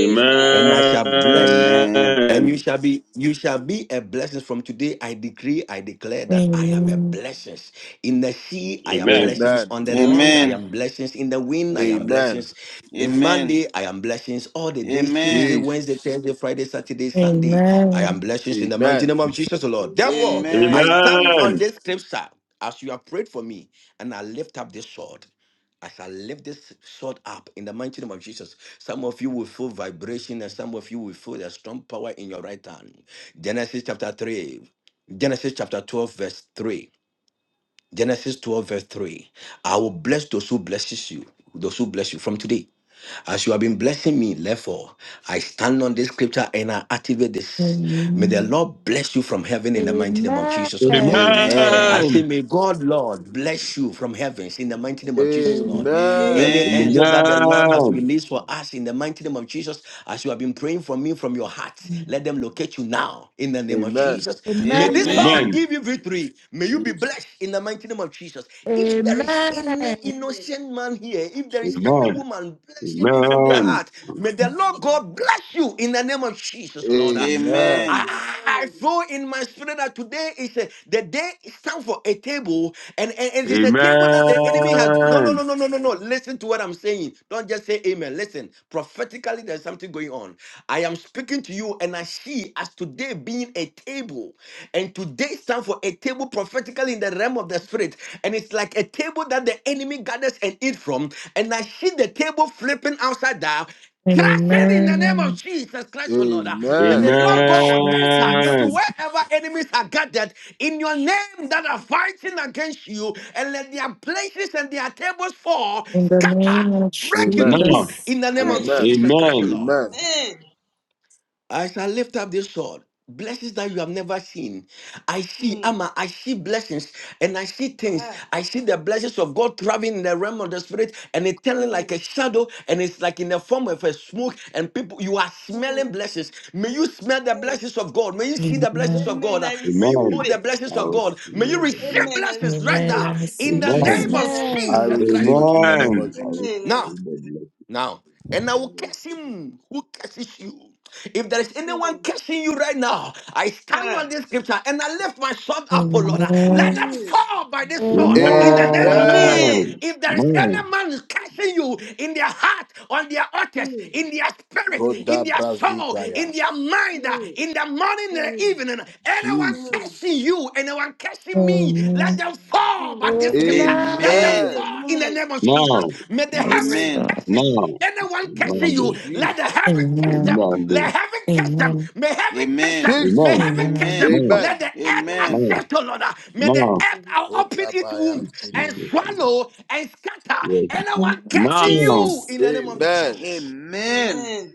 And I shall bless, Amen. and you shall be, you shall be a blessing. From today, I decree, I declare that I am a Amen. blessings In the sea, I am blessings. Amen. On the Amen. land, I am blessings. In the wind, I am Amen. blessings. In Amen. Monday, I am blessings all Amen. Amen. the Amen. days Amen. Tuesday, Wednesday, Jesus. Thursday, Friday, Saturday, Sunday. I am Amen. blessings in the mighty Amen. name of Jesus, the Lord. Therefore, Amen. I Amen. stand on Amen. this scripture as you have prayed for me, and I lift up this sword. As I shall lift this sword up in the mighty name of Jesus, some of you will feel vibration and some of you will feel the strong power in your right hand. Genesis chapter 3, Genesis chapter 12, verse 3. Genesis 12, verse 3. I will bless those who blesses you, those who bless you from today. As you have been blessing me, therefore, I stand on this scripture and I activate this. May the Lord bless you from heaven in the mighty name of Jesus, O Lord. Amen. I Amen. Amen. Amen. say, may God, Lord, bless you from heavens in the mighty name of Jesus, Lord. Amen. Any Amen. angel Amen. that the Lord has Mm. Amen. released for us in the mighty name of Jesus, as you have been praying for me from your heart, let them locate you now in the name of Amen. Jesus. May this Amen. Lord Amen. Amen. give you victory. May you be Jesus. blessed in the mighty name of Jesus. If there is any Amen. innocent man here, if there is any Amen. woman blessing you from their Amen. heart, may the Lord God bless you in the name of Jesus, Lord. I, Amen. I Amen. saw in my spirit that today is a, the day stands for a table, and, and, and it's a table that the enemy has. No, no, Amen. no, no, no, no, no. Listen to what I'm saying. Don't just say amen. Listen, prophetically, there's something going on. I am speaking to you, and I see as today being a table, and today stands for a table prophetically in the realm of the spirit, and it's like a table that the enemy gathers and eat from, and I see the table flipping upside down Amen. Crush it in the name of Amen. Jesus Christ, O Lord. Ah, May the Amen. Lord Amen. God Jesus. enter into Amen. wherever enemies are gathered in your name that are fighting against you, and let their places and their tables fall, In the scatter, name of break Amen. into two Now, Jesus. in the name Hi. of Amen. Jesus Christ, Amen. O Lord. Amen. Amen. As I lift up this sword, blessings that you have never seen. I see, Mm. Ama, I see blessings and I see things. Ah. I see the blessings of God traveling in the realm of the spirit and it's telling like Mm. a shadow and it's like in the form of a smoke. And people, you are smelling Mm. blessings. May you smell the blessings Yes. of God. May you see the blessings Amen. of Amen. God. Uh, I May you Amen. receive hold the it. I blessings of was God. May you Lord the receive bless. Amen. I blessings right receive Amen. I now it. in receive the Amen. name Jesus. of Amen. I blessings. I Jesus receive it. Christ, receive the it in Lord. the Amen. name of I Jesus. was Amen. I Now, the receive it. bless. now, and I Amen. will I curse receive it. him who curses you. If there is anyone Mm. cursing you right now, I stand on Ah. this scripture and I lift my sword up, O Lord. Let Amen. them Mm. Jesus. fall by this Amen. sword in the name of Amen. Jesus. Amen. If there is Now, any man cursing you in their heart, on their altars, Mm. in their spirit, Mm. in Koda their soul, in Mm. their Brazigayas. mind, uh, Mm. in the morning, in the Mm. evening, anyone cursing Jesus. you, anyone cursing me, let Amen. them Mm. fall by Mm. this Amen. scripture. Let them Amen. Amen. fall in the Amen. name of Jesus. now, May the Yes, heavens Amen. Amen. Amen. Lord. curses, now. anyone cursing Amen. Mm. Amen. you, This. let the heaven curse Amen. them. Amen. Let This. heaven curse them. Amen. May heaven curse Amen. them. Jesus. May Amen. heaven curse Amen. them. Amen. Now, Let Amen. the earth Mm. Amen. now, accept, O Lord. May the now. earth i open its I have womb It's seen and him Jesus. swallow and scatter Yes. anyone Amen. cursing Now, you Jesus. in the name of yes, Amen. Amen. Jesus. Amen. Amen.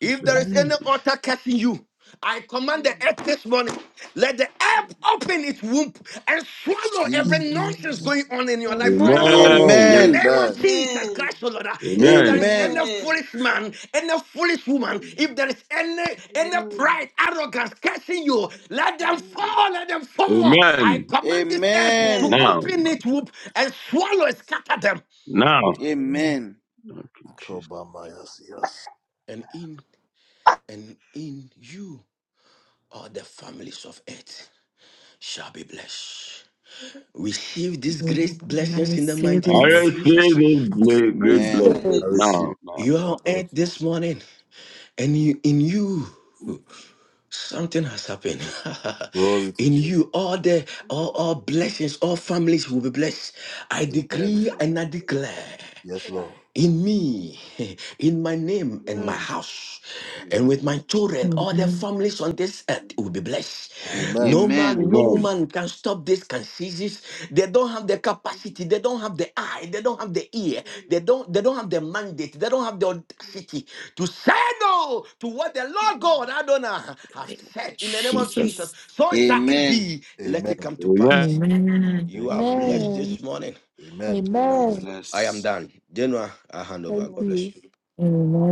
If there is Amen. any altar catching you, I command the Mm. earth this morning. Let the Mm. earth open its womb and swallow Jesus. every nonsense Amen. going on in your Amen. life right now. Amen. In the Amen. name Amen. of Jesus Amen. Christ, O Lord, uh, if there Amen. is any Amen. Amen. foolish man, any foolish woman, Mm. if there is any any Mm. pride, arrogance catching you, let them Mm. fall, let them fall. I Amen. Amen. command this earth Amen. to Amen. Now, open its womb and swallow, and scatter them. now. Thank Jesus. Kobamayas, yes. And in and in you are the families of earth. shall be blessed. Receive these great Amen. I blessings in the receive mighty I name it. of receive Jesus. these ble- I great receive Jesus. blessings it. yes. Give now. it Now, You to the are name on Baba. of earth Jesus. this morning, and you, in you, something has happened. Glory <laughs> to in Jesus. Mm. you, all the all, Amen. all blessings, all families will be blessed. I Amen. decree Amen. and I declare. Yes, Amen. Lord. in me, <laughs> in my name and my Amen. Mm. house, and with Amen. my children, all the Amen. families on this earth will Amen. be blessed. Amen. No Amen. man, no Amen. woman can stop this, can seize this. They don't have the capacity, they don't have the eye, they don't have the ear, they don't, they don't have the mandate, they don't have the audacity to say no to what the Lord God Adonai has said in the name of Jesus. Jesus. So shall it Amen. be. Let it Amen. come to Amen. pass. Amen. You Thank are blessed Amen. Amen. this morning. you. Amen. I Amen. Amen. am Amen. I am blessed. done. Genoa, I hand over. Thank God Amen. bless you. you.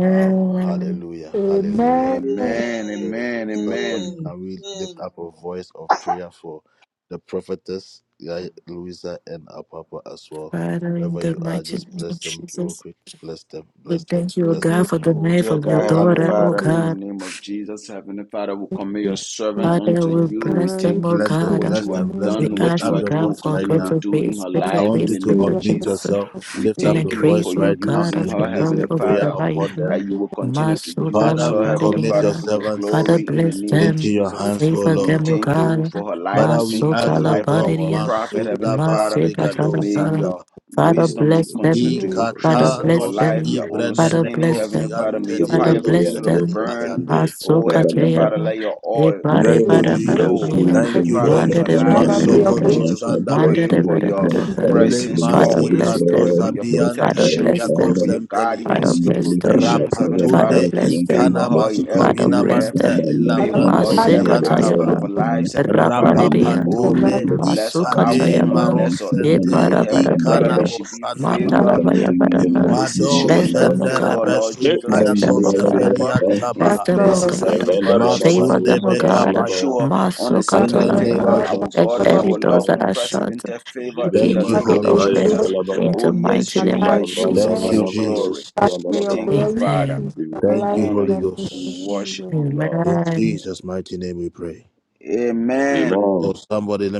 Wow. Hallelujah. Hallelujah. Amen. Amen. So Amen. Amen. somebody Amen. can we lift up a voice of prayer for the prophetess, yeah, Louisa and our Papa as well. Father, in Wherever the you are, mighty just name bless of them real Jesus, quick. Bless them. we Bless them. thank you, O Bless Thank them. you, God, for the Oh, life dear of your God, Lift Lord. up Heavenly your daughter, Thank oh voice. Father, in the you. God. name of Jesus, Heavenly Father, we commit your Thank servant you, Father, unto we Lord. you. We bless Thank you them, thank oh you Bless for them. God. in what Bless you the have them. name Bless We of done, them. Lift what ask, you up O are your doing, God, will voice for right continue to now. greater do in grace, her greater I life, want in you the grace to than name Jesus, the of Lord. Thank unmute grace, Jesus. yourself, We lift and up you for the thank your you grace, voice for you O right now, God, using of and your her, release glory faithfulness. Heavenly a over prayer the Father, life. upon them. that Thank you you will continue to for Maso use Father, Dala her, we Heavenly commit your Father, Padilla. for your Father, servants glory, in the bless name faithfulness. in of them, Jesus. favor We them, O thank you God. for her Father. life. We thank Maso you for the Dala life of our Padilla. prophet, Heavenly Father. Maso Dala May Padilla. Thank your Father, Baba, Wisdom may bless seven E- continue them. you, to doors, Lord. Father, seven increase in doors, her bless life. them. seven Your doors. Father, understanding, bless Heavenly them. Father, may And do, your do, Father, do, fire do, bless continue and to do, them. do, do, burn. do. Maso Baba, Oh, Baba, Heavenly Baba. Father, Kajayama. let your oil Ebare Bless Lord, Bara bless overflow, Bara me Heavenly O my Father, God, in Manda her de life. bere Father, In the may bere abundantly, name your of bere. blessings, Jesus, we financial Manda pray de blessings, for bere your bere bless bere. our presence favor, Father O always. bless We pray them. God, for your bless Father our protection. We bless pray for Father, them. your Father guidance, your we bless listen them. our provisions, prayer, Heavenly we Father Father. say, bless thank Favor them. bless her Likanamas the in every Father country, bless area. become Kobinamanta them. thy name, Father, Favor sin, her Ilabranto in guide become of every the Lord aspect Masekatayaba. of Siantaba her of us God, life, Heavenly in the Father. name Rapanidia. of Oh, and may Rapapatunde last you Jesus. bless her Ram, Ikade Ram, outgoing and and Masukatayaba. we bless her say, Ram, Marosente incoming, bless you, Heavenly and Father. Ram, May Ram. Eparabarabaya. she be Ikanamosandaba and We favored last, can be Mantalavaya in the name in of baraba. places Jesus, she Mado Ram, will Bless Ram, never Ram. them, O favor, God. Lord Yes, Shenderebesun Jesus. Bless May Ram, Ram, Ram, Ram, she them, be O Payakose God. favored Ram. Bless in last, Peliatabaha them, O places, Lord. Ram, God. Heavenly Father, she Ram, Favor wasn't Masunde them, O favored. May Ram, she Ram, God. Ram. Bekapaya show her Maso in Father, unexpected the and name Katalabra. of favor, last, Yandalabada, our Jesus. Let God and Lord. every our doors Lord, that Yandalabaya, are shut unprecedented favor in Jebele begin the Thank you, to name Father, be may Holy of Ghost. Makapa, your open Jesus. glory in Yandalabaya, the Oh, yes, mighty name Jehovah, of alive. use her for Thank Amen. Jesus. you, Stabandamana your Manos, glory. Jesus. Father, We may your Yandalaba, thank you, glory be Father. we seen Amen. give you We Thank honor. alive you, honor Holy and you. We Thank in you, Ghost. worship Jesus. you, Jesus. Lord. In Amen. Amen. Jesus' mighty name we pray. Amen. Amen. Oh, somebody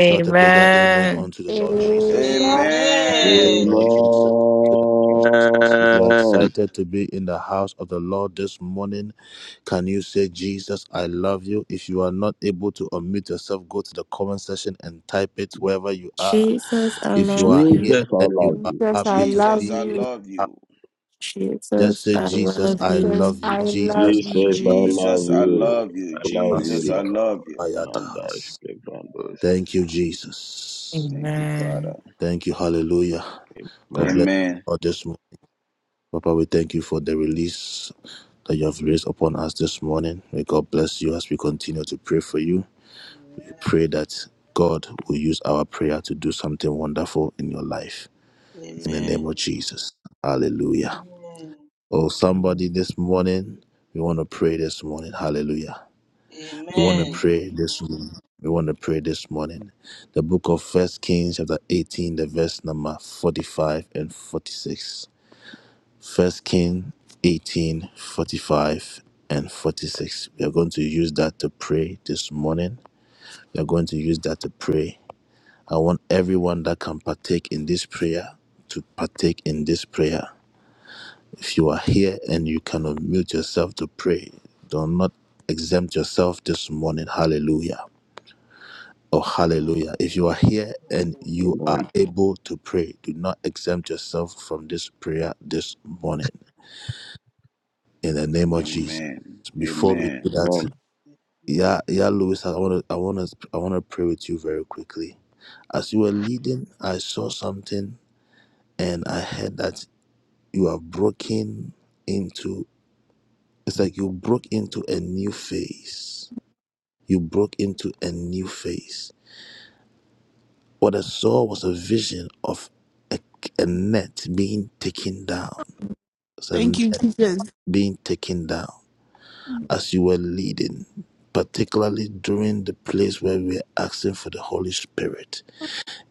shout a bigger amen unto the Lord Amen. Jesus. To the Amen. Lord Jesus. To the- If you are in the Amen. house of the Lord this morning, can you say, Jesus, I love you? If you are not able to unmute yourself, go to the comment section and type it wherever you are. Jesus, I If you love are you. here Jesus, I and you love are you. Jesus, I happy to be love Jesus, I in you. the love house, you. just Jesus, say, I Jesus, love I Jesus, love you. you. I Jesus, love I Jesus, I love you. love Jesus, I you. love you. I you. love you, Jesus, I Lord. Masik love you. bayatahas. Mandash, Kevandos. Thank you, Jesus. Thank you, Father. Amen. Thank you. Hallelujah. God Amen. bless you Amen. all this morning. Papa, we thank you for the release that you have raised upon us this morning. May God bless you as we continue to pray for you. We pray that God will use our prayer to do something wonderful in your life. In the name of Jesus. Hallelujah. Oh, somebody Amen. this morning, we want to pray this morning. Hallelujah. We want to Amen. pray this morning. We want to pray this morning. The book of First Kings, chapter 18, the verse number 45 and 46. First King 18 45 and 46. We are going to use that to pray this morning. We are going to use that to pray. I want everyone that can partake in this prayer to partake in this prayer. If you are here and you cannot mute yourself to pray, do not exempt yourself this morning. Hallelujah. Oh, hallelujah. If you are here and you are Amen. able to pray, do not exempt yourself from this prayer this morning in the name of Jesus. Amen. Before we do Amen. that, Amen. yeah, yeah, Louis, I want to, I want to, I want to pray with you very quickly. As you were leading, I saw something and I heard that you are broken into, it's like you broke into a new phase. You broke into a new phase What I saw was a vision of a, a net being taken down. It's a Thank you, net Jesus. being taken down as you were leading, particularly during the place where we were asking for the Holy Spirit.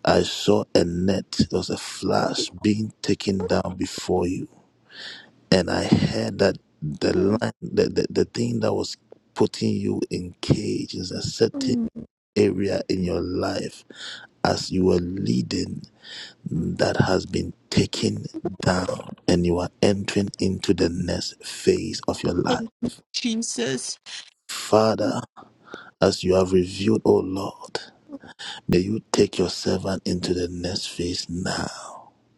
I saw a net, it was a flash being taken down before you. And I heard that the line, the, the, the thing that was putting you in cage is a certain Thank area in your life as you were leading that has been taken. you, Jesus.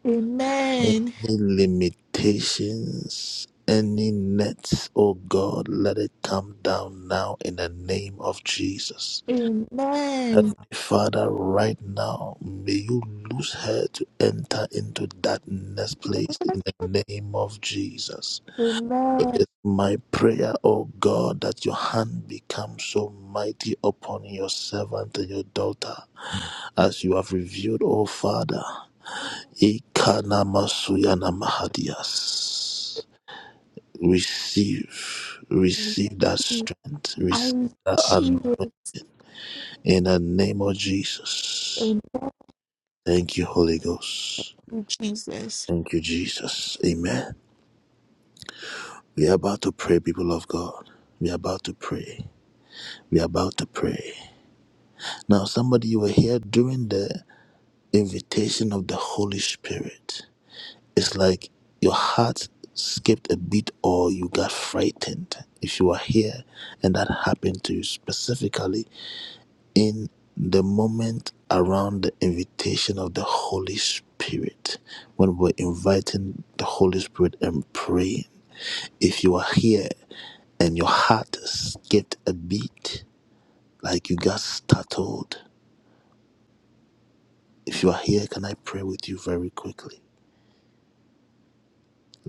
Amen. Let it now in her. Amen. May you lose her to enter into that next place in the name of Jesus. It Amen. is my prayer, O God, that your hand become so mighty upon your servant and your daughter, as you have revealed, O Father. Ikana Masuyana Mahadias. Receive, receive that strength, receive I that Jesus. anointing in the name of Jesus. Amen, Thank you, Holy Ghost. Jesus. Thank you, Jesus. Amen. We are about to pray, people of God. We are about to pray. We are about to pray. Now, somebody, you were here during the invitation of the Holy Spirit. It's like your heart skipped a beat or you got frightened. If you are here and that happened to you specifically in the moment around the invitation of the Holy Spirit, when we're inviting the Holy Spirit and praying, if you are here and your heart s- get a beat, like you got startled. If you are here, can I pray with you very quickly?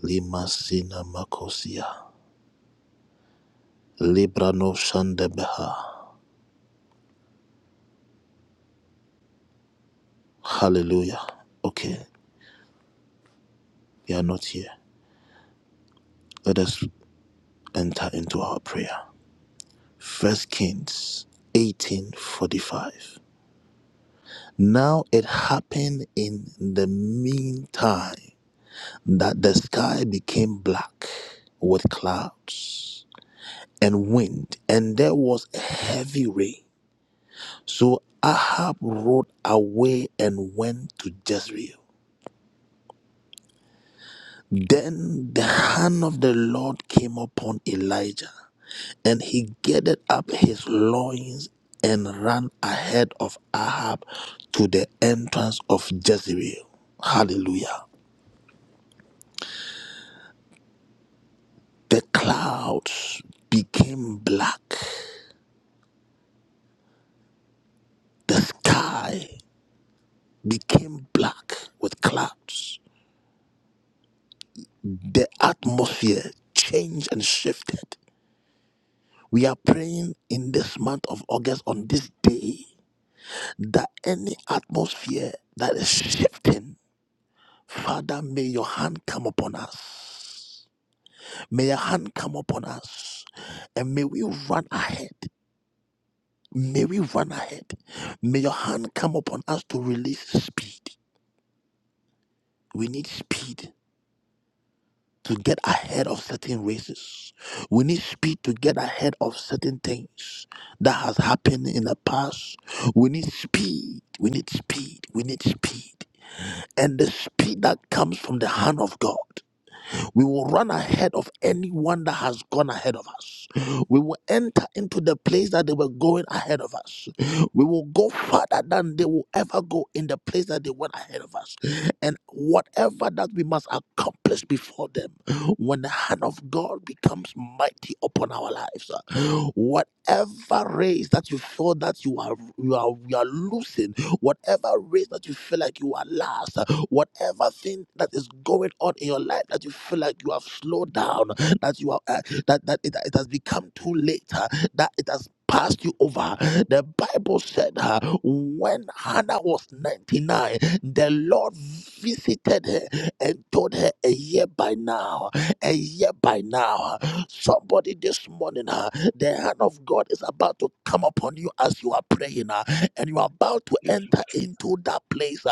Lima Sina Makosia. Libra no Shandebeha. Hallelujah. Okay, we are not here. Let us enter into our prayer. First Kings 1845. Now it happened in the meantime that the sky became black with clouds and wind, and there was a heavy rain. So Ahab rode away and went to Jezreel. Then the hand of the Lord came upon Elijah, and he gathered up his loins and ran ahead of Ahab to the entrance of Jezreel. Hallelujah. The clouds became black, the sky became black with clouds the atmosphere changed and shifted. We are praying in this month of August on this day that any atmosphere that is shifting, Father, may your hand come upon us. May your hand come upon us. And may we run ahead. May we run ahead. May your hand come upon us to release speed. We need speed. to get ahead of certain races. We need speed to get ahead of certain things that has happened in the past. We need speed. We need speed. We need speed. And the speed that comes from the hand of God. We will run ahead of anyone that has gone ahead of us. We will enter into the place that they were going ahead of us. We will go further than they will ever go in the place that they went ahead of us. And whatever that we must accomplish before them, when the hand of God becomes mighty upon our lives, uh, whatever race that you feel that you are you are you are losing, whatever race that you feel like you are last, whatever thing that is going on in your life that you feel like you have slowed down, that you are uh, that that it, it has become too late, uh, that it has passed you over. The Bible said uh, when Hannah was 99, the Lord visited her and told her a year by now, a year by now. Somebody this morning, uh, the hand of God is about to come upon you as you are praying, uh, and you are about to Jesus. enter into that place.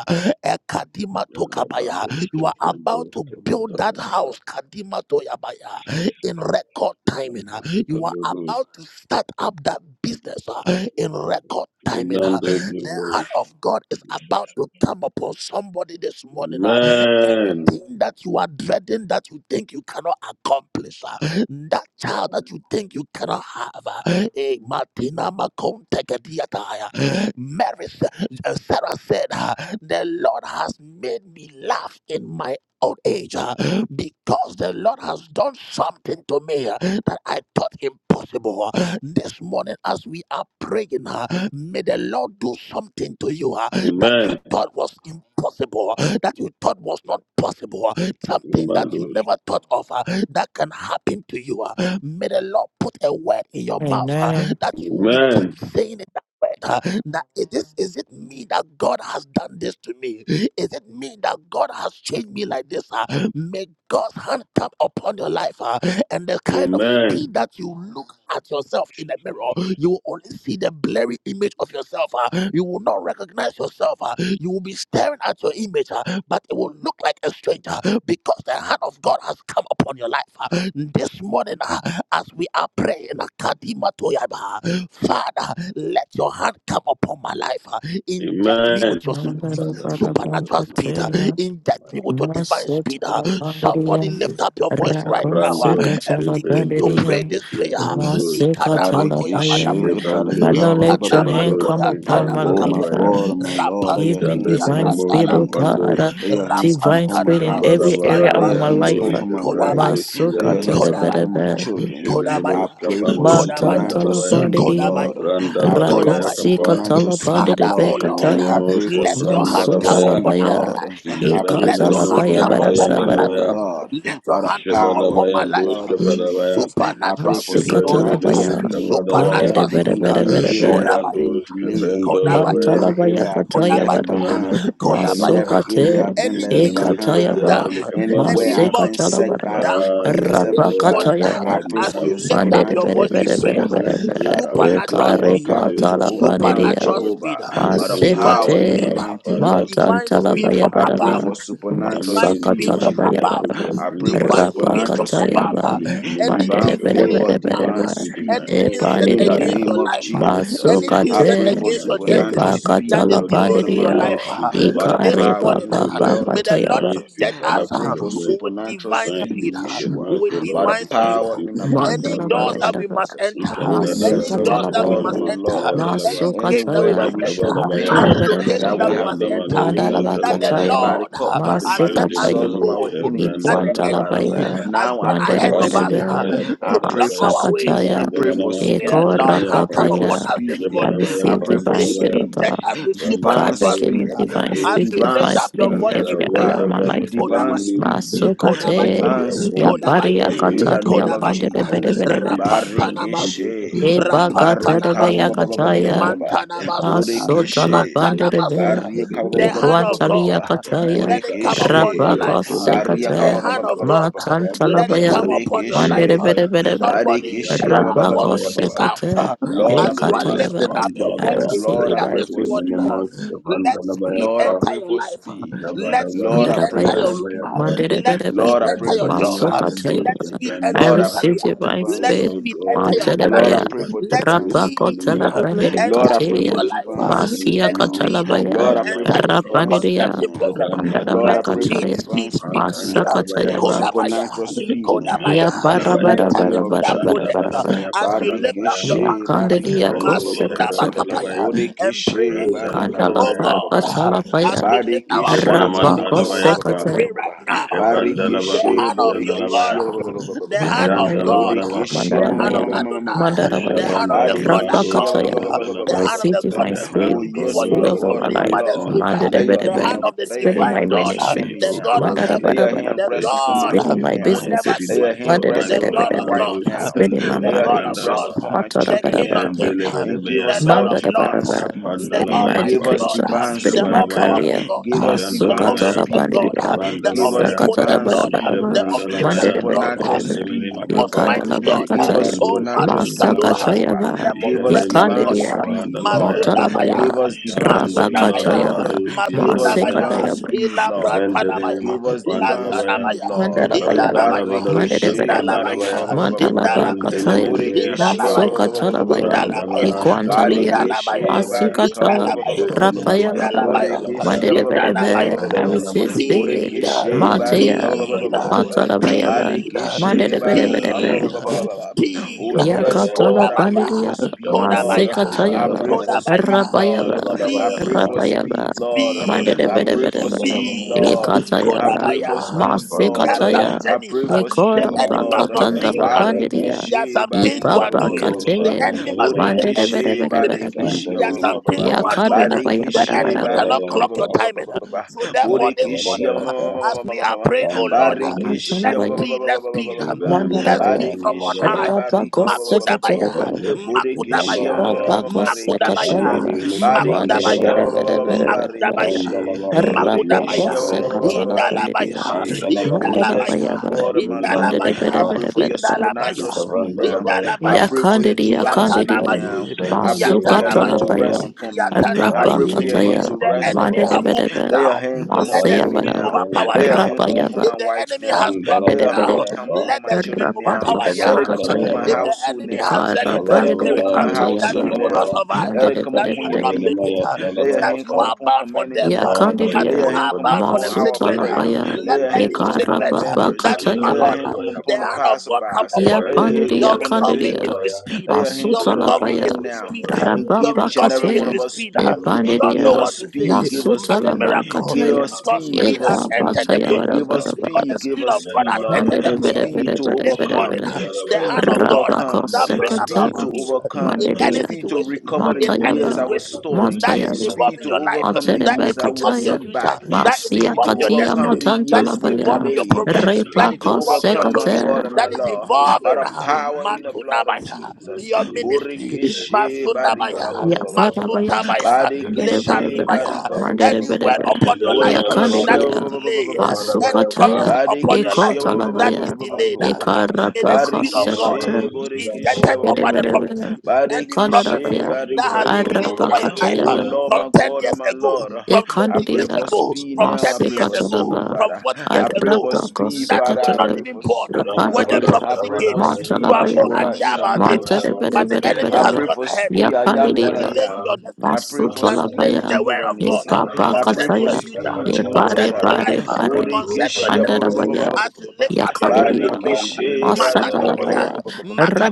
Ekadima Tokabaya. Yandalaba, You are about Kevandos, to build that Kevandalaba. house, Kadima Toyabaya, in record Amen. timing. ah. You are about to start up that business ah, in record timing. Amen. ah. The hand of God is about to come upon somebody this morning. ah. And the thing that you are dreading that you think you cannot accomplish, ah, that child that you think you cannot have, ah, eh, Martina Macon Tegadiata, uh, Mary, Sa- uh, Sarah said, the Lord has made me laugh in my old age uh, because the Lord has done something to me uh, that I thought impossible. uh. This morning, as we are praying, uh, may the Lord do something to you uh, that you Amen. thought was impossible, uh, that you thought was not possible, uh, something that you never thought of uh, that can happen to you. uh. May the Lord put a word in your mouth uh, Amen. that you will be keep saying it. That word that is this is it me that God has done this to me? Is it me that God has changed me like this? ah? may God's hand come upon your life ah, and the kind of Amen. speed that you look at yourself in the Jesus. mirror, you will only see the blurry image of yourself. ah. you will not recognize yourself. ah. you will be staring at your image, ah, but it will look like a stranger because the hand of God has come upon your life. ah. this morning, ah, as we are praying, ah, Kadima Toyaba, Father, let your hand come upon my life. uh, Inject me Amen. with your su- di- Nandaro Father, may you supernatural speed. uh, Barabankateya, Inject me with your divine speed. uh. Masotala Somebody Bandirian, lift up your voice right now uh, Avrandos, Rakoseka and Tala begin to Evendos, pray Bandirian, this prayer. Uh, Evandos, Maseka Tala Ikanamatoya Barikishe, Bayan. badapaya. barika, Egevandos, Father, ba, ba, ba, let ba, ba, your ba, ba, ba, hand Evrandos, ba, come Ikanamantoya upon my Oh my life. tanamakapaya. Evandalabaya, God, oh my Lord, let Give your me hands divine come Jandemenemo speed, upon oh me. Rapantinimiatandalabosa. Capandos, God, uh, Let your hands come divine upon my speed in every house. area Let of your my Shambarabarabaya, Rapantanamasuntalabasi. hands life. come Andos, uh. upon my Gavrandos, Kodabaya. wife. Let Masuka your Yandalaba, hands come upon Kodabaya. my tadabadaba, children. Jemenemos I Kodabaya. pray for Cavandos Kodabaya. supernatural mantantala Yandarabaya, speed, bandidia, Lord. Kodabaya. Branda I pray Badabaya for Kodabaya. rakosi Kapa, supernatural katala speed, Father, oh bandidebe Lord. Lord, I kataya, Jemenemos pray for let your hand supernatural come masutala Cavrandarabaya, upon speed, our baya, Lord. life. I pray Let for your ikatala Javandemenemos hand baya come Kapa bara supernatural upon bara my speed, bara life. my ba, Yandarabaya, God, Let your by the hand come power upon in Jebadabaya my the life. Dos blood of Kapadabaya, Jesus. I pray Supernatural for speed, masika oh tala Lord. supernatural Jebredemenemos baya, speed, my God, Kavadabaya, mandede Supernatural Bede speed. in Bede any Bede area I've Kodabaya. been Jebrandos delayed, in Kodabaya. Cavendarabaya, every Mantalabaya area I've been kataya Kodabaya, left baraba, Jemenema behind, in Kapandalabaya, every Kodabaya. area I've masokate, been left Anything Jemenemos slowing ekataya you behind, ba, down, Yandele any anywhere Capandalus, I've month been masekatala slowing set you baraba, back for down, Father, years, rapa Heavenly this Father. morning, kataya whatever uh, I I ba, may pray as for have you your lift lacked, up mandere oh your supernatural bere God, voice in in the bere bere prayer, past, speed, I bere Heavenly pray bere, Father, for to supernatural divine ekare speed, speed this overcome, to patala morning, oh overcome Bandia, supernatural God. speed, Jehovah, May your by the angels divine that Masekate, power you in the speed, have, mighty name Father, of sent divine for Jesus. this speed Matantalabaya from I pray above, Baraba, morning for supernatural coming divine into speed speed, my from Masakatalabaya life, Jehovah. above, oh Baraba, God. I Bring pray for forth, divine oh speed God, supernatural from divine Rapakatayaba, speed above. in speed, my ministry, divine Bandere Anything oh Bere pulling God, favor, you Bere divine Bere divine down, Bere, speed in my speed. anything health, oh set In Lord the Epandiria, God, against your name of life, divine speed, Jesus, oh anything I set God, pray Masukate, in for against my your supernatural destiny finances, oh that speed, is my God, God and delaying my your Epakatalabandria, divine life Lord, speed, Father, by the from the this Ikare power east, morning, in the Baba oh Lord, blood may of the Lord Bakatayaba. divine Jesus. speed, inject I Father, us pray from the for west, with supernatural divine divine speed speed, speed, from the Yeshua, north, with oh by the Lord, divine speed. divine power speed in the from the mighty Any south, name my doors of God. that Mandarabayabara, we must Jesus. enter, Oh, Ikanda da Any da any yes, da, my doors Yes, that we God and Masukatalabayaba, must my Shevrando, enter, Sianda Lord, Lava, any gate that we anywhere that must Masukataya, we should Ikabada have enter, Baya, been any location that that we we Mantarabarabaraba, have must Jabanda been Manos, enter, Kanta delayed that the Lava Mandarabakataya, by the Lord co- uh, by the, by has Je the set de us to resource of minimo Masikatayaba, our go, enemies, that chevranda the Heavenly Father. enemy labaya, Iguantalabaya, has Now I gone pray ahead for of us kapandole uh, speed. Mandarabaraba, kaya I to panda pray block for labaya, our way. speed. I May Masakataya, banda pray for manama the speed. skandole Lord's mea I hand pa, pray come for upon us Ikorababaya. speed. this je I morning. barabaya I receive pray panda for May divine He spirit labaya, of speed. God. inject us with banda Divine Father, supernatural labayo give me speed. speed. divine kapandos, speed, As you Divine lift divine up speed your in speed, and voice every in Heavenly area prayer, of Father. my whatever the life. Divine Kodabaya, enemy, speed. Father, Kodabaya, thought Masukate, they Divine have won, speed. yapari Kodabaya. whichever In race, the yakatari name Lord, of Kodabaya, yapande I rebe will Jesus. rebe rebe. receive divine spirit Rapantanamas, this Barikeshe. Eba morning of God, Barika. rebe and I will Rapantanamas, take yakataya, them, I enter Mantanamas, into masotala the Borekeshe. pande place Mantanamas. where rebe. before Baria they kaba ba The ba come, O ba hand ba ba God. of ba ba Ikwantali God, ba. For I yakataya, let enter it come into the upon Borekeshe. your holy of rabako life. holies, the Baria The kaba sekate, ba hand ba testimony of ba of ba God. ba ba ba God, ba ba ba ba. Randa matantala let it come baya, Kandosh, upon your Seven mande life. Borekeshe. rebe Dolabaya, rebe rebe. Somebody you Isha Barekeshe cannot ba ba Branda ba ba ba afford Rabako ba to ba Labaya, ba ba Pa, miss ba. out. sekate, Lord, I As you pray Wandelele are for ekataya ba. lifting Makapan speed. up your I voice Dolabaya, in receive Lord, I prayer divine pray this speed for Ijelele morning, speed. Mos, Kavan let Dolabaya, speed Lord, I Pa, enter pray your for life. Isha speed. Let Badabaro, Lord, speed I pray enter for your Madarabaya, room. Kandalabaya, Pa, speed. Let Mandarebedebe, speed Lord, I Isha pray enter for your Debele job. divine Makandosh, speed. Masukataya. Let speed Seven I enter Lord, your I Dolabaya. receive pray for career. divine Oh divine Let speed. Lord speed speed. enter God, your may And I Lord, I Mandarebaya, academics. pray for overtake Let divine those speed speed enemies Rapakotala now. of Pandere my Lord, enter I into pray for Katia, your enemies from divine life. within, speed Masia Let now. enemies speed from Katalabaya, Lord, I pray bloodline enter for of into your divine God. speed Rapanderia, conception now. process. Randa Lord, I Let pray Dado for speed, Mandarabakataya, divine speed, speed, speed speed. now. Makandalabayapa, Masakatayaba, Supernatural Kodabaya, speed now Ya Kodabaya. in Ushitinimeandalabaya, the Parabara Enter name Bara into of Bara that Bara project Bara Jesus. Bara. Brandabadabaya, as you lift Pandalabaya, up your Ya Barikeshe hands. barika Kanderia ba- ba- ba- Mikavendo, ba- ba- ba- ba- Masunda ba- Kosekatala, ba. Shavandalabaya, Bakapaya and Bodekeshe pray. barika ba- Kandala Oh ba- Brandalabadabaya, ba- ba- ba- ba- ba- ba- ba. Pa, God, Pakatala ba. as Paya, we lift our voice, Badekeshe barika ba- ba- Ishabenamandalabaya, ba- as ba- ba- we ba- Pa, ba- Rapakosekatel. pray ba- ba- right ba. now, the Barikeshe hand Ikavandalabadosi, of your God, bodekeshe Andalabaya, ba- ba- ba- ba- ba- ba- the ba- ba- hand of ba. Mandarabaya, God, Jandalabadabaka, Bodekeshe the ma- hand ma- ma- of Mandarabaya, ma- ma- Pandalaba, ma- ma- ma- ma- ma- Adonai, ma. the Mandarabaya, hand of Jabandala the God that Badekeshe Brandos, called you, ba- Rafakataya. ba- ba- ba- ba- ba- I the ba- Kavandalaba. ba- hand ba- of ba- receive the ba- ba. May God divine that the knew hand spirit, Oh you of God, yes, before O you spirit my were Lord over God formed my God, and in your my life. this mother's Lord, morning womb, come let your upon the Mandarabaya, hand hand of me of the let your spirit in and divine my hand God, push rest ministry. upon me, me the O now. God of God, heaven, Lay your into Mandarabaya, my hand the rest upon destiny my God spirit with in home my who now. divine never speed, Lay businesses. my your changes, hand God, my rest the upon God, God my of Mandarabaya, wife Mandos, gods, now. spirit in my Kavando, Lay the your God hand of marriage. rest Shabandalaba, gods, upon my the children King of now. kings, And give the us Lord all Jendelebedebeyandas, Mandala of lords, divine Mandalabaraba, speed. the Spirit my Give Almighty Kapandalabayapa, us God, education, divine Spirit the my all speed. Jabarabaya, powerful career, God, Give us the masuka divine Jandalabaya, Masukatala omniscient speed. God, Bandia, the Give us Ikavandalabaya, Sakatala omnipotent divine God, speed. Barabaraba, the Ah, Mandere Jabrandalabaya, omnipresent Bere God, Supernatural Bere Bere, Mandemini the speed, my most Makapaya, God. mighty Ekandala God, Give us Bakataya, Ikavandu, oh supernatural speed, Sevandalabaya, Madikado, Jehovah. Masakatayava, the most Give us precious Jardemene divine God, Ekandia, makapa speed, Lord. dalabaya. Motalabaya, Give Masundabaya, us divine Shaban speed, dalala Lord. Rapakatayava, Masundabaya, dabarusi Give us dalabaya. divine Masundabaya, Masekatayava, speed, Ila Lord. Jademene Prantanabaya, Give us divine Shabandalabaya, Jabendemene speed, Lansanabaya, Lord. Mandalabaya, Indalabaya, Brandalabadosha Mandere Barikeshe, barika, ba- Bandalabaya, Indalabaya, ba- ba- ba- ba- ba- Mandalaba ba. Indalabaya, Kataya, Bandinemenemea Borekeshe, ba- Kapa, ba- Indalabaya, Masuka ba- ba- ba- Talabaya, Indalabaya, Brandamanasha Equantalia, Pandosha Indalabaya, Vadabaya, barika, Masikata, Indalabaya, Rapaya Jedemenemaya Badaba, Indalabaya, Padalabaya, Borekeshe, Mandedeve, Indalabaya, Arisis Jabedemanamanus, Bid, Speed, Inka Borekeshe, barika, Matea, ba- Bandosha speed, Brandalabaya Pa, Matalabayaban, speed, barika, Jedemenemaya Mandedeve, speed, Kapa, speed. Oh, yes, Jabadabaya Pa, Yakatala God, I pray Bandidia for Kodabaya, speed, Lord. Jabandos Kodabaya, I Masekatayava pray for Kabandalabaya, speed, Kodabaya. Lord. Rabayava I pray Jabadabaya Speed, for Rabayava speed, Lord. speed, I Shabadamanu pray for Mandedebedebedeva speed, Sandalabaya, speed. Lord. I Ekatayava pray for Kodabaya. Shibadamaya speed, There Lord. are Pandalabaya, some Masekataya I journeys. pray for The Ekora speed, Shabrando enemy Lord. must not see you Bakatandala coming. Shivandalabaya, Bandidia There are Barikishe, some things you barika, are ba, ba, Ipapa ba, ba, doing. ba, Yapando ba, The Kate enemy must Shivandalabaya, blink and see Borikishe, you Mandedebedebedeva finish. barikishe, There are ba, ba, ba, some ba, ba, things you Randaminimatapa, are doing. Yakadana The Barikishe, enemy Bayabadabadaba cannot barika, ba, clock ba, ba, your ba, Shandalabaya, ba, ba, ba, timing. So therefore, this Borikishe, morning, ma, ma, Zaskavadabaya, ma, ma, as ma, ma, ma, we ma, are praying, oh Lord, Randalabadus, Barikishe, ba, let's ba, Masalabaya ba, ba, be, ba, ba, let's ba, ba, be, ba, ba, Shivandamaya let's Mandadabaya be from on Barikishe, high. Pandalabaya, barika, ba, ba, ba, ba, ba, ba, ba, Makudabaya, Rabakosekatayava Ikavando Borikishe, ma, ma, Makudabaya, ma, Shivandalabaya, ma, ma, ma, ma, Makudabaya, Rakakosekatrayava, Randimimuka Barikishia Pandalabaya, Makudabaya, maderevereverevereverevere. Makudabaya, Barikishe Randalabadus, Bodikishia Makudabaya, Yadalabaya, Arapakosekatralapandirira, Indalabaya, Barikishe. Oh Mandalabadus, yes, my Indalabaya, mandalabayava, God and my Lord. I Randaminimatapa, pray Indalabaya, for your maderevereverevereve. supernatural speed now. Ikavandalabaya, I Indalabaya, pray for your Indalabaya, Yakandiri divine Man speed yakandiriya, can do now. Yatanamay, I several pray for your Yatanamay, hand to dalabarabaya, masukatralabaya, rest upon me. I can Yatanamay. pray do for your arapakataya, hand If to the minimakapan rest enemy upon dalabaya, enemy have me. hooked you maderevereve, Let your down, hand come let the upon Ikabando me spirit maseyavarava, now. several overpower Let their your hook. hand come dalabarapa, upon arapayava, my If the wife enemy now. has and dropped Let you your down, hand maderevereve, come dalabarabayapa, upon let my the spirit children now. overpower their Let it hands. come upon my arapakosekatrayava, If Ikabadabarabaya, the household enemy has now. said in Let their it come ikarapandireve spirit upon uh, my Shavarabarado, that antayava, household you will not now. Yandalabaya, survive, Let uh, it come that you upon will your madereverevereve. not make it, people. Shivanamaya, uh, Let your that hand you come Dalabayapa. are upon bound for command in the death, uh, morning. Father, we but Let Yakandidia you your pray are hand for come the bound for the upon plans sick our to bed, uh, this prayer. Masutalapaya Let let morning, your hand any come Adonai, sick upon the bed uh, Ekarababa members. that you Let are your Katayaba on, hand uh, come the upon Randalabarabayapa, the hand of God come passerbys. upon Let your you. Ikabando hand come Yapandidia Your upon the several recovery Kandidia is with dalabaya, visitors. speed. Let your hand Your come upon recovery Masutalapaya is them Shivanamado with now speed. and Your give Rababa each and recovery every several is one of Kate with us speed. Thank speed. you. You don't know Give Epandidia us what to say, speed, give us but a speed, Masutalaba miracle give Kataya us because speed, speed give us has Ebaba entered speed, the Tayabara process. give us Because the speed, give speed us of God speed, has Lord. entered the Mandere Bere process. Speed Bere to Bere This Bere morning, overcome, Bere the speed hand to of God Rabako overcome, that bring Sekata about speed to speed in overcome, any Mandidia speed to situation, recover the in any years I Matayaba was situation stolen, that is Matayaba speed involving to your life life, overcome the that Materebe years is I involving was your kataya. set future, back, that is Masia speed to involving your katia overcome destiny, the matanta that years is with divine labaya. involving your delay, speaking progress, and that is speed to Repako manifestation of involving your God, overcome, my sekate. God children, and my that divine is Lord, speaking of by involving God the in uh, power in destiny, the blood of in the Matunabaya, Jesus. mighty your name of ministry, Jesus, Borikishe and barika ba Ya ba Masundabaya, ba ba ba ba ba. Father, farabaya. Masuntabaya, Barikishe Manderebelebe. Randalabaya, Lekadibaya, barika ba ba ba ba ba any ba ba word ba. Manderebelebe. upon your life Ya Borikishe that ba is kandidia. ba ba ba ba ba delayed, ba ba ba ba ba. any Masupataya. prophecy upon your Eko Barikishe life ba ba ba ba ba that ba is ba talabaya. ba ba ba delayed, ba ba ba. May the Ikarabako Spirit of God Barikishe sekate. be borikishe injected ba ba ba over ba the ba ba. prophecy. Yerebelebe. Any Barikishe prophecy Kandarabaya. that barika ba has ba been ba ba ba released ba ba. over your life Oh uh, Arabakataya. Lord, from my 10 God and years my ago, Lord, from 20 I pray years Ekandida for ago, speed from now. I 30 pray years for speed, ago, Masekatanaba from Father. 40 I years pray for ago, Adrabdako speed, that you Father. were I not pray Sekatana even for born speed, when Father. the Rekandia I prophecy pray came. for You speed, have no Montalabayaba Jehovah, idea in the about name it, of uh, but Jesus. the enemy I has Montanabedebedebedeba pray gone for ahead uh, speed. I and am they are that Yakandia I delaying am. your destiny. I pray for You are speed, delaying Masutolabaya, the word Jehovah of ye God Nisi. Epapa I pray concerning for your Kataya, future, speed, ye Jehovah Pare concerning your Jireh. Pare, life, pare, concerning your Borekeshe, ba- ba- ba- destiny. Mandarabaya, As you lift up your voice in Yakadebia, prayer, barika, Makadabaya, Masatalabaya,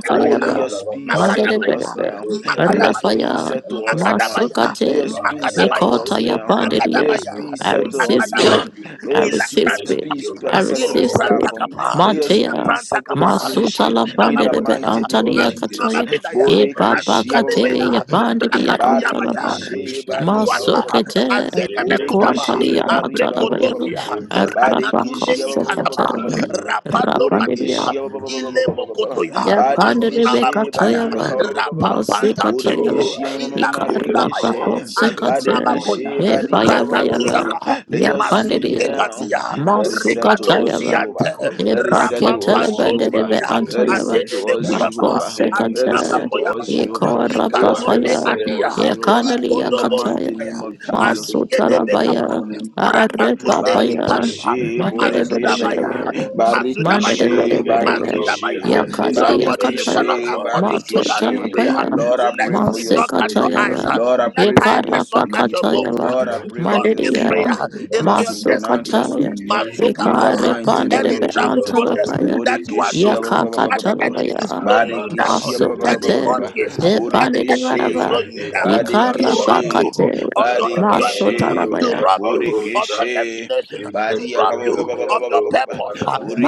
Father, Oh, let your speed I settle us Makadabaya, Mandarabaya, now. Let your speed Makadabaya, Rafaya, settle us now. Let Makadabaya, your Masukate, speed settle Makadabaya, us pray for Nikotaya now. divine Let Pandaria. your spirit Makadabaya, speed I God in settle receive us speed, Makadabaya, now. ministry, Let I your receive see- divine Ilakata speed, spirit peace of my I settle ila receive this God pranta speed. platform. in my kapa Let your ila finances, Matea, peace pranta settle this kapa divine ministry. spirit in azina my In the health, Masutalapandebe makotaya my mighty name God, of my azuna Jesus. Antalia Savior, makedaya Ye divine baba Borekeshe spirit aziga of ba- ba- God ba- kate ba- in nebeya ba- ya my ba- ba- bandidi ba. ya destiny, brakatuya baya and antalabaya. those Barekeshe barika ba- ba- shepherd, ba- ikaduata ba- ba- Masokete. ba. azene mekudaba Ikwantali Jacobus, Borekeshe ya barika ba- ba- ba- matalabaya. any abrekodosia evil Araba rakatunde personality kosa from my ikalaba katarabaya. bloodline, from my rapando Rabandidi mother's kadia ya. family, from ile my father's mokotoya Ya family, oh God, bandidi azina be going makutaya bariaka katayaba. ahead ba- ba- of ba- me. Masi Oh, katayaba. rapampantampeli I receive the Ilakunda Ikaraba power Maya, of kosa God this Azuna kate. morning Makoya, E into barika my baya baya Rakatuya ba. spirit, Maha, let Ya your and may speed bandidi Masunte the now. Kadia, angels Let of it Masuka settle Regado us, divinity Tayaba. Jehovah. Siante, escort Let me it and Eprake settle us, catapult Rapampanto me, telebendebe Jehovah. oh Sidia, God, Let it antayaba. Adene settle us, expedite my Mafo Mekuyama, Jehovah. journey Let it Adina sekante. settle makoya us, spiritually Makoyamaya, Jehovah. and I Ekora Let go your ahead speed Ikatunde of papaya. them, settle us, Adia, for Jehovah. I Ekandali In the enter Ikodobo into mighty yakataya. my name Kapaya, of destiny Jesus. to Masu Azige de this Bekapa, talabaya. morning on the Are Brakatunde presence of papaya. others Ikadua, to Barikishe, be back in the year of Borikishe, our Mazudabaya, Mandebedebedebe. Lord. Mande de Mandosh, bede Barikishe, Mazudabaya, bede bede. Kemandosh, Barikishe, Ya Mazudabaya. Kevendish, kade de ya Somebody, you katay. cannot Barikishe, Kevendabayapa. afford to Ma slow This down this tortala Barikishe. morning prayer. I baya. Lord, I decree Let pray and Ma I for sleep your se not declare catch your speed. kataya eyes. ba. divine uh. Lord, I speed Ye Let pray over for my your tiredness karapa not catch speed. your finances kataya bones. uh, ba. Lord, I Divine pray for speak, Mande Because your O de this ya. prayer God, speed, over is your my for Ma your su destiny. ministry. supernatural kataya. speed, Divine Ye speak in the over kare my Masukapaya. mighty pande name de Any of be prosperity, O travel Lord Jesus. antala process God, baya. that in you the are Ya Borikishia, name ba- doing of ba- ba- ba- that ba- the ba- ba- kakatala Jesus. ba. enemy is baya. slowing you Rambanda Ma down, Barikishia, su ba- ba- ba- ba- Shevendo any ba- ba- ba- kate. court case ba. Ye Stevenaba, that the enemy is Borikishi, garaba. slowing you Nebezeya Ye down to rob karapa Kadalabapa, Barikishi, you of your enjoyment, Barikishi, to Rabadadadamanuska rob you of Padosha, your Borikishi. destination, to Badia rob kaba ba you of your Intetebenamayandoska purpose.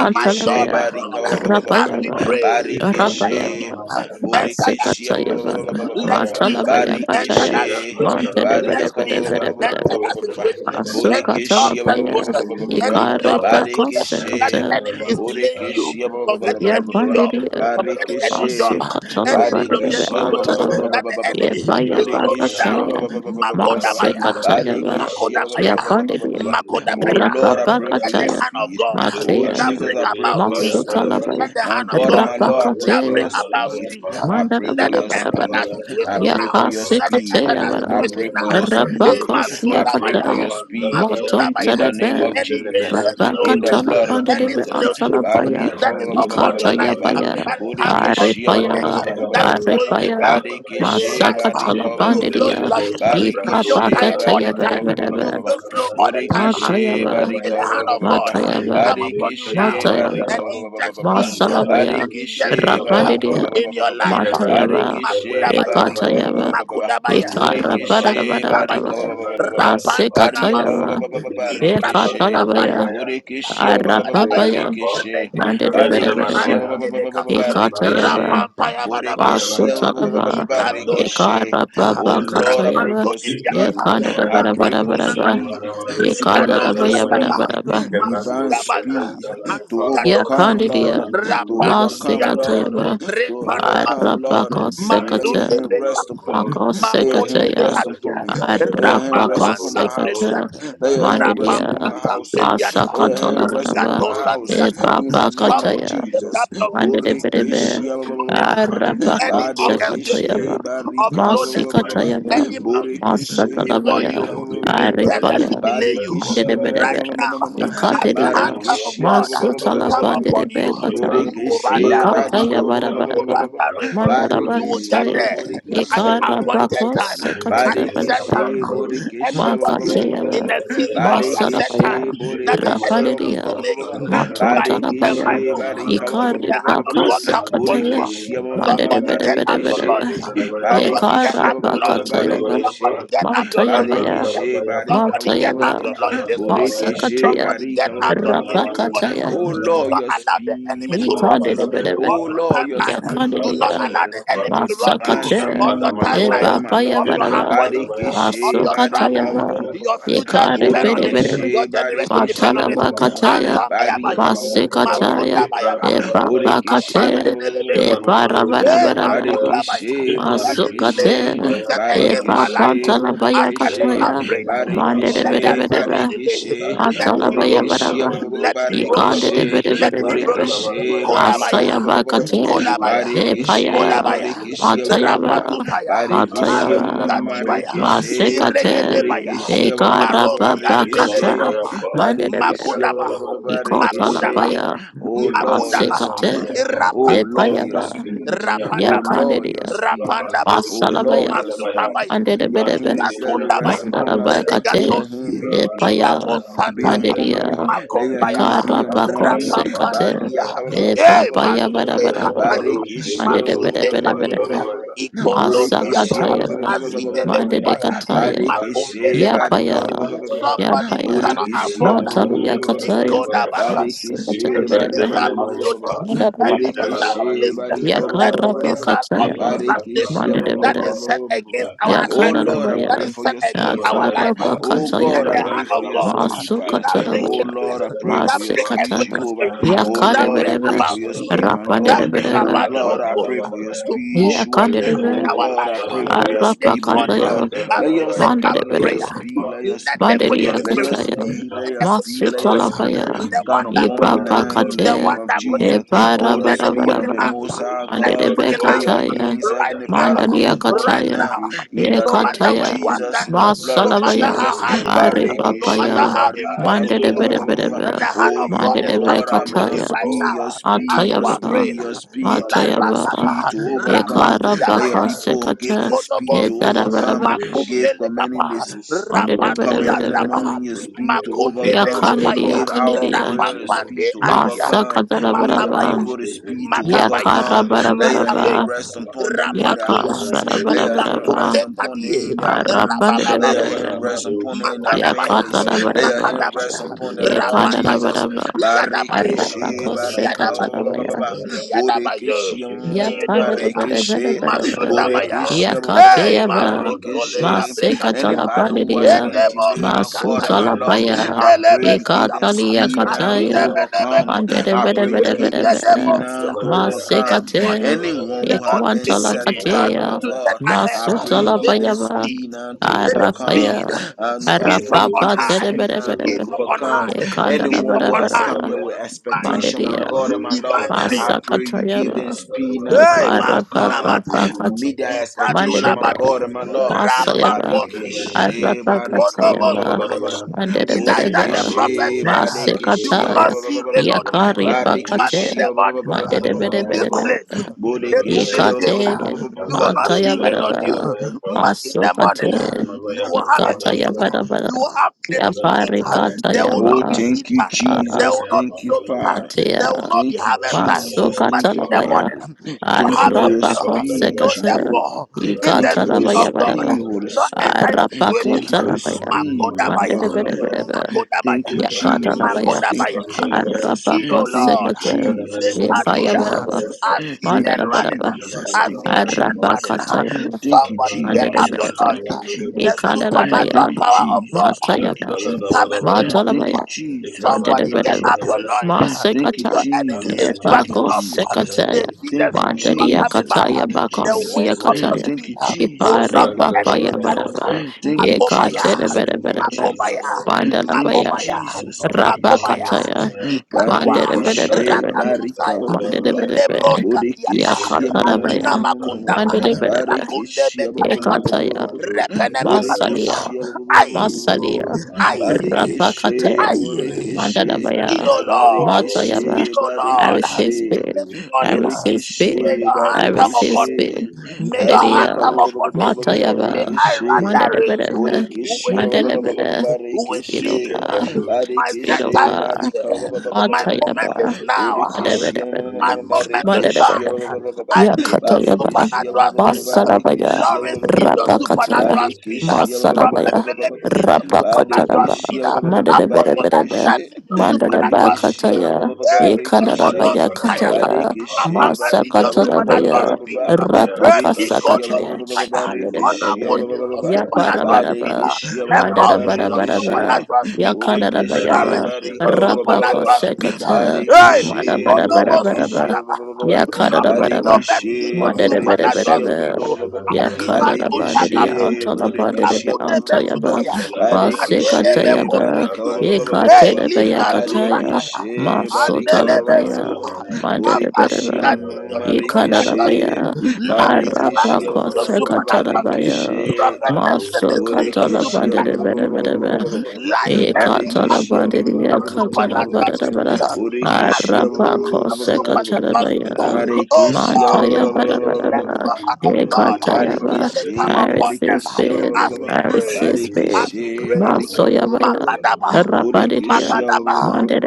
My God, my barika God, ba as Rapaya we pray, let speed enter that Borekeshe ba Masekatayava, situation. Let speed enter Matalabayakataya, that situation. Badabaya, Let baria kaba speed enter Mantelebelebelebelebele, that Kabrando situation situation, Stefanabapa, any job Borekeshe ba search in Masukatalapaya, the process, any Minimi job Atma, search process and that the Ikaripakosekata, enemy is delaying Danavalusha, you Borekeshe ba ba ba from the ba getting a new Bandes, job, Yapandiria, from getting a new Shabrandalavaya, job, any Shebenemaya Masukatalapandebe, relocation process Antalava, Pandalavaya, that the enemy is slowing Shavanavaya Pa, down. Yepayabakataya, Makodabaya, Masekatayava, Kabrandalavalusha, Makodabaya, Yapandiria, in the Oh Minimos Makodabaya. Lord, I pray for Let your Kevanavayapa, the Rapapakataya, hand of speed. God Oh Shekan Matleya, that Jesus, bring I pray Devinimia about for your Paya speed. speed. Dalava, Masutalabaya, Let the My hand of God and God my Lord, I Ikapaya pray that for bring your Rapakataya, about about Pandalavaya speed. speed. Pa, I Mandana pray for Let it your enter speed. that Yabanavaya I situation pray now. for Shavanavaya your Pa, Let it speed. enter Yakasikataya that I Robin Baraba and situation pray the for now. your Master, speed. Eh, Dush, Rabakosya I Masunda Kapandu, pray for Baya. Kataya your speed. Kapandalavaya, Masunda Matom Baya. In the name Tereve of Any Jesus. ancient Rabaka In the slowness, blood of any Talapandive Jesus. snail spirit Ansalavaya Baria ka that is ba ba ba ba upon ba your ba ba Nikataya ba life, ba. Baya that is hanging onto Bodekeshi ba your ba ba leg, ba Arepaya ba ba ba that ba is ba ba. slowing you Arepaya down in Badekeshe life, Masaka barika ba ba you ba ba ba feel ba. Talapandidia sluggish, you feel Barikeshe tired all the Ipapakataya barika ba ba time, ba ba ba you ba Bereberebe ba. feel slow all the time. Borekeshe Matayava May barika the ba hand ba ba of Thank ba ba God ba. Matayava come upon you Barekeshe now barika Matayava and ba ba ba ba inject ba ba ba. speed Masalabaya, and Randalabados, inject Barekeshe speed barika Yadalabayapa, ba Rapandidia, ba ba in ba ba your ba ba. life. ah, Ikevendos, Matayava, Barekeshe Makudabaya, barika ba ba ba Shevendalabayapa, ba Ekatayava, ba ba ba. Makudabaya, Mandalabados, Borekeshe barika Ekaraparabarabara, Kadus, ba Ilakuntabaya, ba ba ba ba ba ba. Shevendalabapa, Barika ba ba Rapantanamasia, Masekatayava, ba ba ba ba. Ikevenemakadash, Rekeshe. Ekatalabaya, Ibrakuntapaya, Shadalabaya, Borekeshe ba ba ba ba ba ba. Rapantanabaya, Arapapaya, Revandirimapa, Rekeshe. Regat Barekeshe Mandedabedabedabed, ba Ikevendamanamaya, ba ba ba ba ba ba ba. Adinebekapa, Shabanamaya, Ekatayava, Rapampayabadaba, Niberebaya, ba ba ba ba ba ba Masutalaba, ba. Ikando. Nabanalabaya, Biata, Oh Ekarapapa Lord, I pray Katayava, Rapanto for speed. Ibiata, Yadalabaya, I pray for Ekandabarabarabara, speed Rapantunamata, Father, Regado supernatural speed, Sandaba, Ekandarabayabarabaraba, divine Mazudabada, speed to Azigadosi, overcome, Yakandidia, Lord, to Rapandibriata, overcome, Lord, Masekatayava, to I overcome, feel Lord. for And divine lay your Arabakosekate, Masunde hand be spirit, Lord rest kapan, upon God, me. Lay your divine makunde hand be spirit on Makosekataya, rest every upon atia, me. side of Lay your my hand rest life, rapampan O upon my Lord God, household. Arabakosekate, tampeliata, Lay your divine hand spirit in rest my upon Mandidia, my rapampan household. ministry, Lay tampeliata, your divine Masakatola hand rest spirit of upon Varaba, my rigato God in my house. sadiata. health, In the name divine of Ebabakataya, Somebody spirit lift of up Jesus. your God voice in my Mandelebelebe, Borikishia this ba- ba- finances, ba- morning. ba- ba- divine ba. spirit Arabako Any of God in orchestra my Sekatayava, Badikishi destiny, of barika in ba- ba- the slowness, ba- ba- ba- mighty Masikatayava, ba. any name of mountain Jesus. Borikishe before Yes, Masatalabaya, you barika intended to Aribaya, delay you, Barikishia Mandelebelebe, right now, as the Ikateria, hand of Barikishia God Masutala come upon Bandelebe you, you Kataya, will run that Borikishe race. Barika Ikataya You will run Barabaraba, that race. You will get Mandarabakataya, Barikishe there at the Borikishia appointed Ikarabako time, at the set Sekatalebelebe, Barikishe time. Borikishia Anybody in Makateva, the season of their set Masarabaya, Barikishe time that the Borikishia enemy is Rapanidia, delaying by hook and by Matrontanabaya, Barikishe crook, Barika when the hand of God Ikaripakose come upon Kataya, you. Borikishia Somebody get up your Mandebedebedebedebe, loins. Marikishe Somebody get up your loins. Barikishia Yekarapakatayava, Barikishe Somebody get up your loins in Matayavaya, prayer. Barikishe barika Somebody get up Matayava, your loins this morning. Borekeshe Masakataya, Somebody get barika up your Thank loins this morning. Rapakataya, Oh Do Lord, not your allow the speed, enemy to rob Jesus. you Ikandebedebe, of Oh your Lord, your timeline. Do speed, not Yakanidia, allow Jesus. the enemy Your to rob divine you Masakataya, of your speed, my timeline, God and my of Lord. your Ebapayavadava, appointment, of Barikeshe your barika travel. Masukatayava, Your future depend on it. Yekarepedebedebe. Your Borekeshe generation barikeshe depend Matana on it. Bakataya, Anta Barika mayabaya. Masikataya, Masunda bayaba. Epa Borekeshe Bakate, Rampantene Epa Hey, Rabarabarabara, Makunda Baya. Barikeshe, Any delay Borikeshe, Masukate, set against Epa my life Barikishe, um, Pantala as I lift Borikishe, up Bayakataya, prayer, Mande de let that Barikishe, chain of Bedebedebe, delay Barikishe, let it Matala be broken. Borikishe, Bayabaraba, ba- ba- ba- ba- Let it be broken. Nikande de Barikishe, Let it be Bedebedebe, broken. Borikishe, you. Barika, ba- Masaya ba- Kodabaya, ba- ba- ba- ba- Thank Bakate, ba- Kodabaya, Barikishe, Epaya, Kodabaya, Borikishe, Matayaba, Rapatusaya, Matayaba, Azuka Dibaya, Masikate, Irregedebaya, Marosi Ekarabakata, Antelebekapa, Mande de Makudaba, Makudaba. Ikotalapaya, Oh Lord, your Makudaba, speed. Masikate, Oh Lord, Irapantosia, your Epayaba, speed. Oh Rapandaba, Lord, your Yakadidia, speed. Rapandaba, Oh Lord, Masalabaya, your speed, Masukabaya, your Andedebedebe, hands that rest Ikatundabaya, upon us, let Mandarabayakate, your hand Regatosi, be Ilamo Epaya, beat Santaya, upon me, Mandidia, let your hands be Makombayaba, upon Ikarapako me. Sekate, Badia ka- you. ba- ba- Rapampandibia, ba- ba- Eh, ba- ba- ba- ba- Epapaya ba- ba- ba. Matunde Badabadaba, Kapaya, Yandalabarush, Barikishia ba- ba- ba- Ibrandush, ba- Masunde ba- ba- ba- ba- ba- ba- Mandedebedebedebe, Kaduya, ba- ba- Kapandalavaya, ba. Ikondo Borikishia ba- Siata, Andalavaya, ba- ba- ba- Masakatayaba, ba- ba- ba- ba- ba- Azinebe ba- ba- ba. Shindalavaya, Kubaya, Mandedekataya, Ismail, Barikishi, Makombele Diminima, Yapaya, barika, Kadi. Kapandalavaya, Somebody you Yapaya, cannot burikishi, afford. Shindalinima, Mantaluyakataya, Shabrandalavaya, Pa, Ikodabasa, Masikate, barikishi, any Iskaber, Bedebe, barika, missile Diminima, of Yapa, slowness, any Mandarabayakate. missile of Iskabalavayu, burikishi, laziness, barika, any Shabrandalavaya, missile of Yakarabakatayaba. Ismail, barikishi. procrastination that Mandedebede. Kapandalavapa, is set against our Oh Shabdiminima, assignment, Lord, I Yapa, Yakanarabaya. that pray is for set your against speed, our Shabalavaya, Father. life. Pa, Oh Let God, I Yakarabakatayabaya. the pray hand for of your God Ikabrandalavaya, speed, Father. that bring Oh Isbrandush, Masukatarabaya. quickness, Lord, I pray that for your bring Shabrandalavaya, a speed, Masikatara. quickening Jehovah. spirit, Shandala Oh that Lord, I brings pray Yakadebedebe. for about your speed, speed, my that God. brings Oh Rapandedebedebe. about the Lord, Holy I Ghost pray for your to speed, move Yeshua. in Oh Yakandedebe. our God, I pray life for your this speed, my morning God. Arabakatayaba. as Let we your lift up speed, let your Mandedebedebe. prayer. speed, let your Let the speed, quickening let your spirit, Mandediyakataya. speed, let let your the speed, quickening let your spirit speed. Father, Masutalapaya, we the give one God you that upon me honor, O quickeneth, now Lord in the the Ipapakate, God, name one of to that you know, Jesus. quickeneth. to Oh, the divine Let him speed divine of quicken the Iparabarabara, us. Most High acceleration, O Let him God. Lord quicken Let us God, your Mandelebekataya, hands, right Father, Heavenly I now, Father, be receive upon me right divine Mandaliakataya, now now. speed, in the No I name matter of where Ekataya, you are decree Jesus, in the standing, and I blood no of matter Masalabaya, declare, how O Jesus. hard Lord it looks, God, no matter Barikishe, Aripapaya, how that I barika. ba- impossible it ba- ba- looks, ba- ba- shall ba- ba- break Mandelebelebelebe, then the ba. hand Oh, there of God yo, is before coming Lord, them, I'm upon O your you Mandelebekataya, right God, speed, your now as every speed, you your are going Atayaba, praying. speed, your from speed, Ila Father, your from Matayaba, speed brasata, the to next week. overcome. I, Let your I, rapatuyamaya people I give Ekarabakasekata, them receive speed to divine ikodobosi overcome. Edarabaraba, acceleration Give makumbele commanding kapa this and rapatu Spirit of God command to in the Mandelebelebelebe, rapatuyandaba go morning your way speed ahead to of them, makundebe O overcome. Lord Yakandiria, God, kapaya Give in our Kandiria, the prayer a name of speed rapampande to adia Jesus. overcome. And Give your that makabaya Masakatarabaraba, those people the children speed to will see the makabaya overcome. fire, Let those your children hand Yakarabarabaraba, makabeya rest Adama, upon them in their rapatuya homes. children the Let your name of hand ikatunde rest Yakasarabarabaraba, Yapa, upon kadie them in their homes. Let your rababababos hand Arapandabarabaraba, Kadamanama, rest those upon them in their Savanda Makadabaya, Yapa, families. Let your Yakatarabaraba, hand rest Makadabaya, children upon the them, name of Lord Jesus. Rapataya, Yakadarabaraba, Adama, Yadabayo, Barikishe, Shabanama, barika, ba- those ba- ba- Yadabayo, ba- Arapakosekatarabaraba, Yapalava, Yadabayo, Bodekeshe, ma- Shipayapa, Yedebeya, Yakadarabarabarabaraba, Yapalavayapa, Masundabaya, Bodekeshe, ba- Hey, Yakateva Shabandalabaya, Masotoleka Brekadia, Masekatala Anybody who has Panidia been Ikabandalabaya, Edebo delayed, my God and my Sikataya, Masutala Lord, Paya I pray Indelebe Zenelema, you give them Suyaba, Ikatalia speed now to Kataya Randalavaya, Adinemeneme overcome. Mandede I Kotaya, Bede pray you Bede Shivalavaya, give Bede them speed Bede now Rigedemosia. to Shivalavaya, This overcome. Masekate morning, Anyone Shivalavaya, the who have only been thing Equantala you set need uh, back, Katea my to Randalavaya, get God, ahead I uh, pray you Masutala it give them Randalavaya, is Randalavaya, Payava speed. speed now to Let it Shivalavaya, overcome. Arapaya speed, And I speed from pray you Shivalavaya, on give Arapapa them Bede high, speed Bede Shivalavaya, now Bede to speed Bede from on high, overcome. Randalavaya, Shivalavaya, Ekandala speed Anyone from Bede who on has high. come here Bede Bede Shivalavaya, with Divine expectation, my Mandedia God speed, and my Lord, divine speed, I Randalavaya, pray you give them Masakatayava speed now to Hey, Masuna overcome. Ikarapapa Mataya. Meet their expectation, Ikadula Mandede my God and Mate. my Randalavaya, Shivalavaya, Lord. Masayaba, Rapaposi. Barikishe barika ba Ikonomo ba ba Arapakatayaba, ba ba Sukaya. ba ba. Shivalavaya, Elijah the Mandedebedebe, prophet Ekhandorimo, Borikishe said, You barikishe will Shivandosh, ba ba not Masekataya, ba see ba ba rain ba ba. or dew, Yakari Randalavaya, but Pakate, in Barikishe the ba ba ba ba morning, ba ba ba ba Randalavaya, this ba Mandedebedebedebe, ba place, ba. it will be Borikishe Shivalavaya, ba ba filled. ba Ikate, ba ba ba ba ba. You will ba. Ekhandorimo, not see rain or dew, Mantayabadaba, Shivandalavaya, but in the morning, Masopate, you Shibanabaya will have a feast. Kapandalabaya, You Ikatayabadabada, will have plenty to eat. Yapari Shibanabanabaya There Kapa, will Oh, not be Katayaba, seed thank you, time. There Jesus. will Shabanabaya not be Thank you, sowing Pandalabaya, time. Father. There will Atea, not be Thank you, harvest time. Jesus. Shabanabaya But Thank you, in Kapa, the Masokatalabaya, Father. morning, you will Thank have you for your Shibanabaya your fill. speed, So Kapandalabaya, Arapakasekate, Jehovah. therefore, if the Thank you Rabandu for Spirit the of Ikatalabayabadaba, speed, God Holy Shibanabaya not Kapa, enter Spirit. your situation, Thank you for the Arapakotalabaya. speed, my Iskapandalinimaya God and Makodabaya, my Pandalabaya, Lord. Mandebebebebe. Thank you, Makodabaya, Jesus. Yakatalabaya. Iskandalinimas Thank you, Makodabaya Kapandalabaya, Jesus. need, oh Thank you, Arapakosekate. Lord. Make Jesus. Zandanamanimak her Thank you, do ya. Ifayabaraba. Kapandalabaya Jesus. Kapa, I see Thank men you, Mandarabaraba. running. Jesus. I see Thank you, Shabanabanabaya women Kapa, running. Jesus. Arapakatayama. Thank you, Somebody get up your Shabandabanaman Jesus. Mandebebebe. lungs. Thank you, Shabandulimas The Jesus. Yanabaya, Ikadalabaya. supernatural Thank you, power of God Jesus. Thank you, Matayaba. is coming Jesus. Shabdalabaya, upon you. Thank Matalabaya. you, Jesus. Thank you, Jesus. Thank Somebody you, get Mandadabadaba. up your Ikabandalabaya Jesus. lungs. Kapa, Thank you, Masekata. Your Yan enemy Jesus. is Thank you, backing mecmadur Ebako off. Jesus. şükreden They sekataya. dur see the Thank you, speed silahlara you are Mandaria coming Jesus. by. kataya Thank bako The Zübeyir'in weight siya of emoş your kataya. speed will Ipare knock your Efren enemies papaya dörelere down. yapra baraba. you, Yekatere Makobaya, Jesus. Randemin bere Thank you, bere emoş bere. Jesus. dörelere Makobaya, Mandala Thank you, baya. yapra Yapra Makobaya, Jesus. Thank you, Rapa dörelere Makobaya Jesus. kataya. yapra Mandere ikadwa bere Randemin bere Barikishe, bere. emoş barika, rakatusaya ba- ba- ba- Mandere dörelere ba. bere yapra ilebros bere. katiata Bodikishia, ma- Yakatara ma- ma- Yıkendemin ma- adina emoş ma- baya. ma- ma- dörelere makundaba Mandere yapra bere bere. rakunde Barikishia, ba- ba- ba- ba- ba- ba- mekaduate ba- Randemin Yekataya. ba- ba- ba- emoş ba. repene dörelere Masalia. yapra mekadusa ba- ba- ba- ba- ba- ba- ai ba- ba- Oh, ba- ba- Masalia. divine ai speed, Barikishe, Rapakate. ai divine bodikishe. speed in my speed Mandadabaya, o life, O Lord lord God, Matayaba. speed Barikishe, o divine I lord speed receive in my barikishe. speed. this I ministry, morning receive speed. may Divine Borikishi, your I hand finger come receive grow upon me Barikishi, speed. from my may your destiny hand Barika, come Mandadia, and upon me see may divine Matayaba, i Barikishi, run acceleration that of race God. Now Mandadabadaba, be Borikishi, with speed shepherdos, Mandadaba, with Speed of speed. Barikishi, God, ikebrandos. My Speed set Barikishi, of time I is God, here. Barika, decree My and I moment Matayaba, is declare, the Lord now. God, Borikishi, Mandadabadaba, only My in the moment blood to of Marikishi, Barikishi, shine. Jesus, I Barikishi, need your divine Yakataya ba speed Barikishi, over my supernatural head, speed. Masalabaya, Barikishi, divine Lawrence need speed your over my Rapakataya, supernatural speed. finances, Barikishi, divine Prophet Masalabaya, Philip need your acceleration of God supernatural Rapakataraba, over speed. every area of Apostle my Mandadabedabedebe, Larissa life. need your In the supernatural name of speed. Mandadabakataya, Borikishi, Jesus, Hey, and da Barikishi, Lekodo da Yekandarabaya ba da ba Sikaya. da ba Kataya, Our Barikishe, papa need barika, your ba- ba- ba- ba- Gebrendos ba- ba- supernatural Masakatarabaya, ba- can ba- speed. ba. Giminemaya Hey, Sadalaba, Burikishia, ba- Lekodo ba- Rapakasakataya, ba- ba- ba- ba- Sikaya. barikishia, Bishinemaya ba- Honorable Mandadabedebe, ba- need ba- ba- your ba- ba. Sandela Kapa, supernatural speed. Yaparabaraba, Badikishia, ba- ba- ba- ba- Echo mandada Gebrande ba- needs your Manamaya barikishe. Pa, barabaraba supernatural speed. yakanarabaya Nikevendo ba Burikishe, Lawrence needs Yakandarabayaba, barika, your ba- ba- ba- ba- ba- Shevendelabaya, ba- supernatural ba. speed. Rapakasekata, Hey, Iman Barikishe, Giminimia Likonomo Pa, Mandabarabaraba, burikishia, ba- ba- Suyadaba. ba- ba- ba- ba. Nikevendo Prophet Yakadarabaraba, Gilbert needs Barikishe, your Mandere Shevendelabaya, bere bere supernatural burikishia, ba- ba- be. speed. ba- ba- oh. ba- ba- ba. Ya Shevendelabaya, Adima kanara Tunda bandere ya Nikevendo Kabe. Barikishe, antala bandere Shevendelaba, be burikishia, ba- Ragude ba- ba- ba- antaya ba- ba. ba. Besukaya. Andalalabaya Masse Pa, Barikishe, Adele kataya ba. barika, ba- Mekotosi. ba- Kaban ba- Ye ba- ba- ba- ba- Giminimo Hey, ba. katere be ya Lika Sidandalaba, kataya. Dusataya. Barikishe, Maso Shibinia tala Andele ba ya. barika, Besia. Sadalabaya, Mandere Abba, bere Borekeshia Sika, be. need your Shevendelabaya Ye kanara ba supernatural Pandalaba, Marekeshe speed. ya. Labi Araba Selassie Barekeshia need your Nikevendalabaya kose Pa, katara supernatural ba speed. Barekeshe ya. Prophet Shabando Maso Angeles need your katala Shabadabaya, Borekeshia bandere supernatural bere bere be. Shibimaya, Lioness Shabadabaya, marching in Ekatalabadiya the Abandabando, supernatural Barekeshia katalabadabada. speed. Shibandus. Hallelujah in Oh, Arabako the Father, Borekeshia supernatural speak on speed. sekatalabaya. every Oh side. Barikishi, ba- God, ba- Mantaya ba- ba- With ba- ba- the ba- ba- ba- wind ba- let of ba- badabadaba. your ba. speed hand of blow me, God, O God, Ekatayaba. let from the it come Barikishi, I east. upon them resist Borikishi, With ba- ba- the it. ba- ba- wind ba- as of ba. we I speed blow pray, resist me as from it. the we Barikishi, west, O pray. Barika, God. ba- ba- ba- ba- ba- Masoyabaya. ba- With ba. the Makadaba, wind of speed blow Rabadiya. Borikishi, me ba- ba- from the ba- ba- Makadaba, ba- ba- ba- north.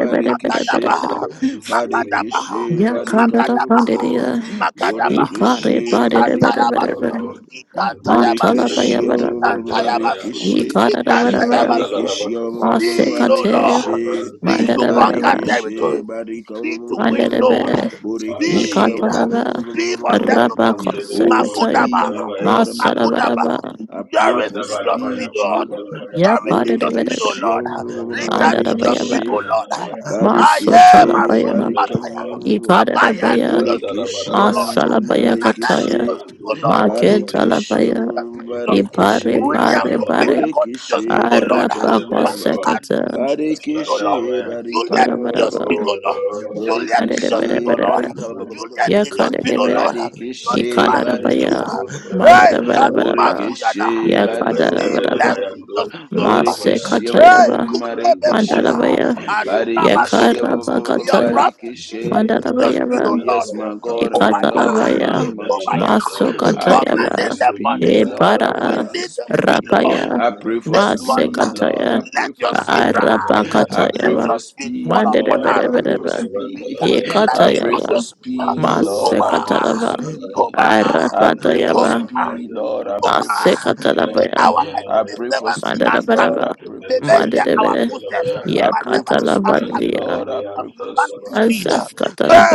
With the Barikishi. wind Makadaba, of speed blow me from the Barikishi, south, O Barika, ba- ba- ba- ba- Makadaba, ba- ba- ba- God. Yakandalabadiya. ba. Why I Makadaba, have made Makadaba, my Borikishi, efforts to Barika, ba- you, ba- ba- Lord ba- ba- ba- Ikarebadebedebedebede. God. ba- And Ikantayabasu, Ikantayabasu, Borikishi, ba- Matalabayabadaba. ba- ba- Those ba- shepherd, ba- those Ikantayabasu, Barikishi. Ikadabadabadaba. Ikantayabasu. Jepandala Barikishi, Bakapa, Speed, oh Masekateya. Lord. Barikishi, Interbrandi Speed to Mandala conquer Mandedebedebe. Manucha, Barikishi, territories. Barika, Speed to win souls. Jilemaya, Mandelebe, Baya Burikishi. Speed. Danabaya, Ikatanaba, Speed for settlement. Imam Rabako Oh, Develemos Secretary, and speed, Makudaba. my Dalabaya, God and my Lord. Makudaba. Masarabaraba, I pray Doris for need your Jadabadabaya, speed, speed, Lord. Jehovah. Pandalabaya, Doris need your speed, oh Yapadebedebe, Burikishi, Lord. Pandaranda, Rita need your Serando, speed, Andarabayaba, oh Barikishi, Lord. Savanabaya, Aye, and Barikishi, Masula Masotalabayana, Develebaya, Bataya. Barika, Abaya need Ikadebaya, your speed, Burikishi, oh Randalabadabaya, Lord. Masalabaya Nana need Kataya, your Marikishi, speed, Raskandu, oh Lord. Savanabaya, Lizzie Barikishi, need Maketalabaya, your speed, oh Lord. Ipare Barikishi. Interdevelemos, William Pare Kobe, Pare, Vadalabaya, God need your Borekeshe speed, O Lord. barika Arabako Jivelebaya, Patty Adam Secretary, need your speed, O Barekeshe Lord. Shandalabaya, barika Juliet need your Marabaraba, speed, O Oh Lord. Lord, Juliet need your I speed, O Borekeshe Lord. Adebedebedebe, barika receive divine. Juliet need your peace. speed, O Lord. Your Barikishe, divine barika, speed. ba- Ikadarabaya, Randos, Hey, Kanima Kavandos, Madarabarabara, Suyana. barika, ba- ba- ba- Zin, ba- Ependevere Yakadarabaraba, bless need your Mayandos, speed, O Lord. Kadalavaya, Hey, Masekatayaba, mm, Kunde Randevere Bekuya. Mandarabaya, Mayandos, Aduna Matuya. Kavalavaya, Your Yakarabakataya, prophet listen, need your Isevere speed, Oh, O Mandarabayaba, Lord. yes, my Kadalavaya, God and my Lord, in the Kobaya. Ikadarabaya, name of Mandavana Jesus, Kobaya. Shandos, I pray for Masokatayaba, Commanding the Kavandos, money. speed, Lord. I We pray Epara, Vandalavaya, for need the speed, speed. Lord. Rapaya, Yevene I pray for This morning, speed, Mayandalavaya, Lord. I Masekataya, let pray your for speed speed. rise. I Let pray Kadalavaya, Arabakatayaba, for your speed fall speed, upon Lord. I us. pray Shabrandos, for Mandarabarabaraba, May we speed. catch Kavandalavaya, the I lightning pray of for your Ikatayaba, speed. speed, Lord. I Mandalinamaya, pray for Koma, Masekataraba, Sadalavaya, speed. Koma, I pray for Arapatayaba, Randivinima, Koma, speed, Lord. I Mandalavaya, pray for Koma. Yat May speed. Basekatalabaya, our I enemies pray Sadalavaya, for never see us speed, coming. Lord. I Mandalabalaba, pray May for they hear our speed. Mandalabele, footsteps, I but pray never for see us speed, coming. Yakatalabandia, Lord. I Because pray we for run with speed. speed.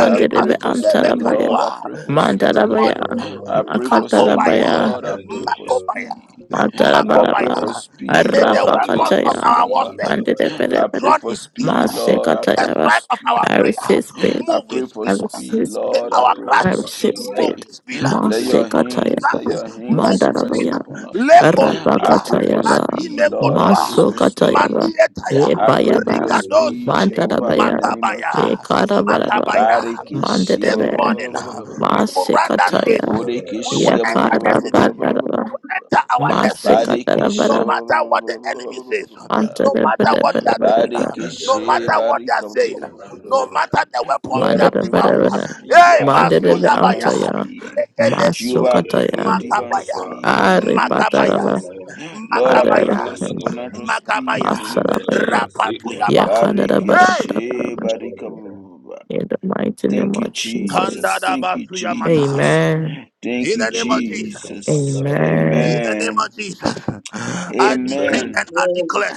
I pray for Masunde speed, Antalabaya, Lord. I Bekadua. pray for This speed. morning. Mandalabaya, I pray for speed, Makatalabaya, Makobaya, Lord. I pray for Makobaya, speed. I pray Matalabalaba, for Makobaya. speed, May the Lord. I pray weapons for of Arapakataya, our warfare speed. be I pray Mandelebelebele, drawn for in speed. speed, Lord. I May pray the Masekatayaba. for strength of our I speed. prayer resist speed, I move with pray for I speed. speed, resist speed, May Lord. I our pray for I crashing resist speed. move speed, with speed. <laughs> Let May your Thank our hands, Masekatayaba, let instructions your move hands with speed. rest Mandalabaya. upon us. Leko I suya, pray for Rabakatayaba, adime speed, Lord. I kodua, pray for Masokatayaba, speed. mandietaya, I pray for your Rebayaba, speed, rigadosi. Jehovah, in Mandadabaya, the name of Makabaya. Jesus. Rekarabaraba, Makabaya. Barikishia. This Mandadabe, morning, we will run that race. Masekataya, We will Amen. Bodikishia. enter the city. We Yakarabaraba, will enter our destiny. No Barikishia. Masekatarabara, matter what the enemy says, no matter what they are doing, Antadabarabarabara, no Barikishia. matter what they are saying, Barika. no matter the weapons Lord, they I have pray for devised. your Mandadabarabaraba, speed. Hey, I pray for your Mandadabe divine Masuyabaya, Antaya, speed. <gasps> Jehovah, Rekedesi, I pray for your Masokataya, divine you. Makabaya, speed in the name of Makabaya, Aripataraba, Jesus. Shabalabaya, <gasps> Lord, I pray for Makabaya, your Madarabaya, Shabandalabaya, supernatural speed in the Makabaya, name of Masarabaya, Shibalabaya, Jesus. <gasps> Rapatuyaba, Ikavandalabaya, Yakadabarabarabara. Barikishe, Amen. Yandalabaya, barikababa. In the mighty name Thank you, of Ikavus, Kanda Jesus. Jesus. da Thank you, basu ya mata. Jesus. Amen. Thank In you, and the the name of Bidibus Jesus. Jesus. Kapandalabaya. In Amen. the name Amen. of Jesus, I decree Amen. Amen. and I declare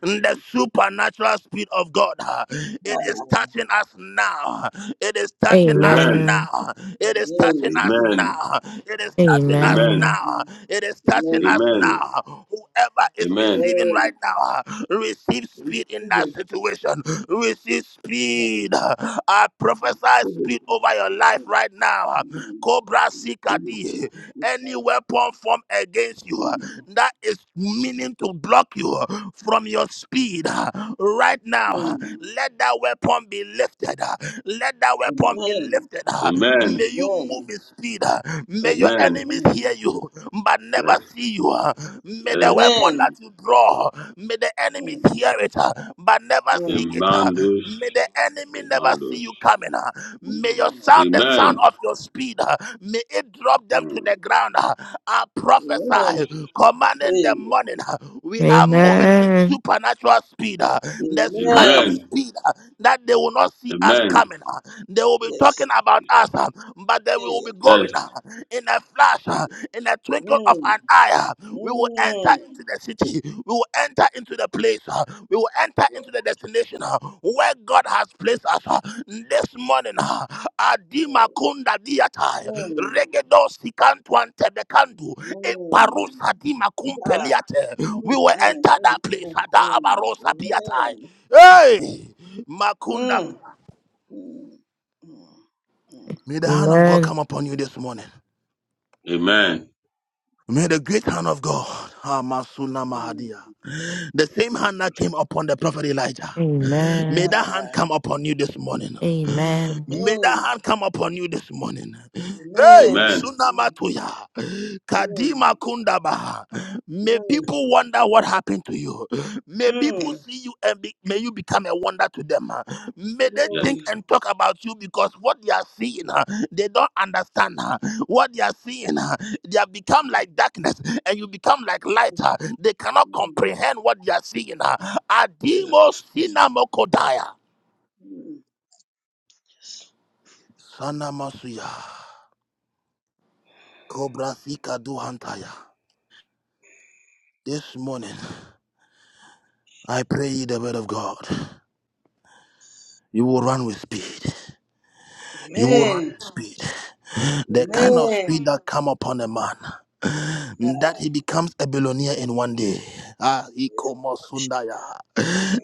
the supernatural speed of God. It is touching us now. It is touching us Amen. Amen. now. It is touching us Amen. now. It is touching us Amen. Amen. now. It is touching us Amen. now. Whoever is Amen. receiving right now, receive speed in that situation. Receive speed. I prophesy speed over your life right now. Cobra Sikadi any weapon formed against you uh, that is meaning to block you uh, from your speed uh, right now. uh, Let that weapon be lifted. uh, Let that weapon be lifted. uh, Amen. May you move in speed. uh, May your Amen. enemies hear you but never Yes. see you. uh, May the Yes. weapon that you draw, may the enemies hear it hear it, uh, but never see it. uh. Imandus. May the enemy never see Imandus. you coming. uh. May your sound, the sound Amen. of your speed, uh, may it drop them to Mm, the ground. uh. I prophesy, Jesus. commanding the morning. uh, We are Amen. moving in Amen. supernatural speed. uh, The kind of Amen. speed uh, that they will not see us Amen. coming. uh. They will be Yes. talking about us, uh, but they will Yeah. be Yes. going uh, in a flash, uh, in a twinkle of Mm. an eye. uh, We will enter into the city. We will enter into the place. uh. We will enter Mm. into the destination uh, where God has placed us uh, this morning. uh, Adima Amen. kunda diatai, Amen. regedo sikantwante bekandu, eparusa Amen. dima kumpeliate. We will enter that place. ada abarosa biatai. Hey, makunda. May the hand of God Amen. come upon you this morning. Amen. May the great hand of God, Hamasuna Mahadia, the same hand that came upon the prophet Elijah, may Amen. that hand come upon you this morning. May that hand come upon you this morning. Hey, Amen. Amen. Sunamatuya, Kadima Kundaba. May people wonder what happened to you. May people see you and be, may you become a wonder to them. May they Yes. think and talk about you because what they are seeing, uh, they don't understand. uh, What they are seeing, uh, they have become like darkness and you become like light. uh, They cannot comprehend what they are seeing. uh. Adimo Yes. Sinamokodaya. Sanamasuya. Cobra Sika Duhantaya. This morning, I pray ye the word of God. You will run with speed. You will run with speed. The kind of speed that come upon a man, that he becomes a billionaire in one day. Ah, Iko Mosundaya.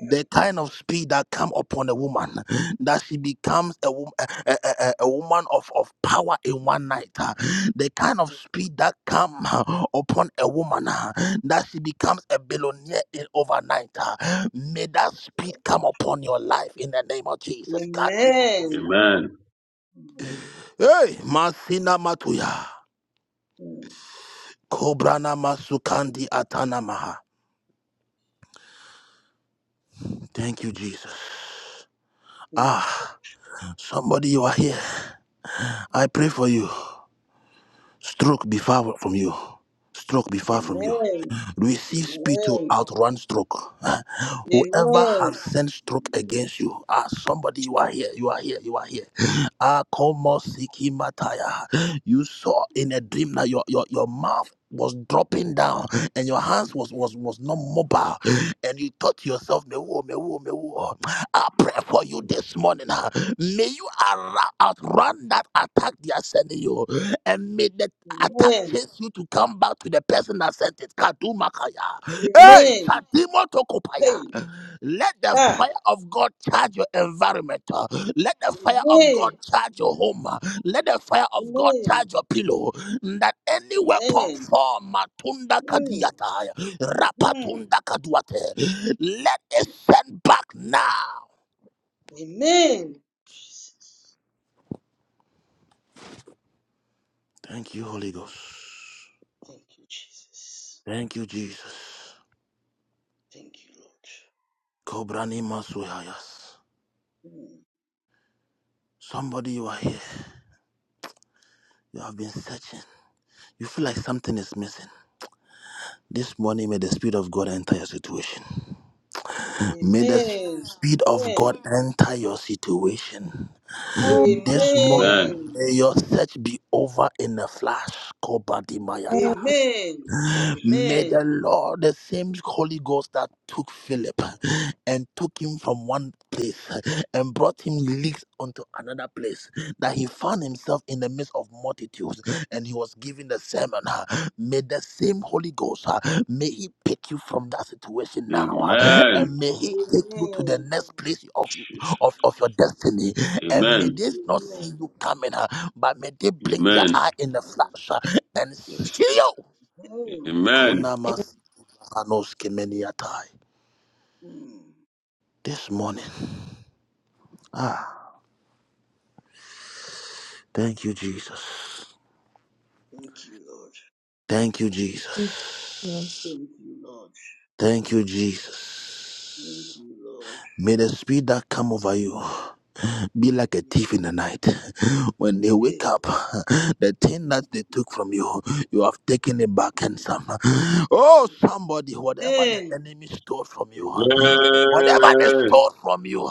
the kind of speed that come upon a woman that she becomes a, wo- a, a, a- a woman of, of power in one night ah. the kind of speed that come ah, upon a woman ah, that she becomes a billionaire in overnight ah. may that speed come upon your life in the name of jesus god did what was- Amen. hey masina matuya kobrana masukandi atanamaha thank you jesus Thank you. ah somebody you are here i pray for you stroke be far from you Stroke be far from you. Amen. Receive speed to Amen. outrun stroke. Whoever Amen. has sent stroke against you, ah, somebody, you are here, you are here, you are here. Akomosikimataya. You saw in a dream that your, your, your mouth was dropping down and your hands was was was not mobile and you thought to yourself mewo, mewo, mewo. I pray for you this morning ah. may you outra- outrun that attack they are sending you and may the attack Amen. chase you to come back to the person that sent it Kadumakaya. hey Amen. Sadimo Tokopaya. Hey. Let the Ah. fire of God charge your environment. uh. Let the fire of God Amen. charge your home. uh. Let the fire of God Amen. charge your pillow. That any weapon Amen. form matunda Hmm. kadiata Hmm. rapatunda kaduate. Let it send back now. Amen. Jesus. Thank you, Holy Ghost. Thank you, Jesus. Thank you, Jesus. Thank you, Lord. Kobrani masuyayas. Hmm. Somebody you are here. You have been searching. You feel like something is missing. This morning may the Spirit of God enter your situation. May the Amen. speed of God Amen. enter your situation. This morning, Amen. Amen. may your search be over in a flash. Oh. Kobadimayata. Amen. Jesus May the name. Amen. Lord, the same Holy Ghost that took Philip and took him from one place and brought him leagues onto another place, that he found himself in the midst of multitudes and he was giving the sermon. May the same Holy Ghost, uh, may he pick you from that situation now Mm. uh, Amen. and may he take you to the Amen. next place of, Jesus. of, of your destiny. And may Amen. they not see Amen. you coming, uh, but may they blink their Amen. eye in the flash uh, and Yes. see you. Amen. Amen. Mm. Panos Kemeniatai. Hmm. This morning. Ah, thank you, Jesus. Thank you, Lord. Mm. Yes. Thank you, Lord. Thank you, Lord. Hey. Amen. What Amen.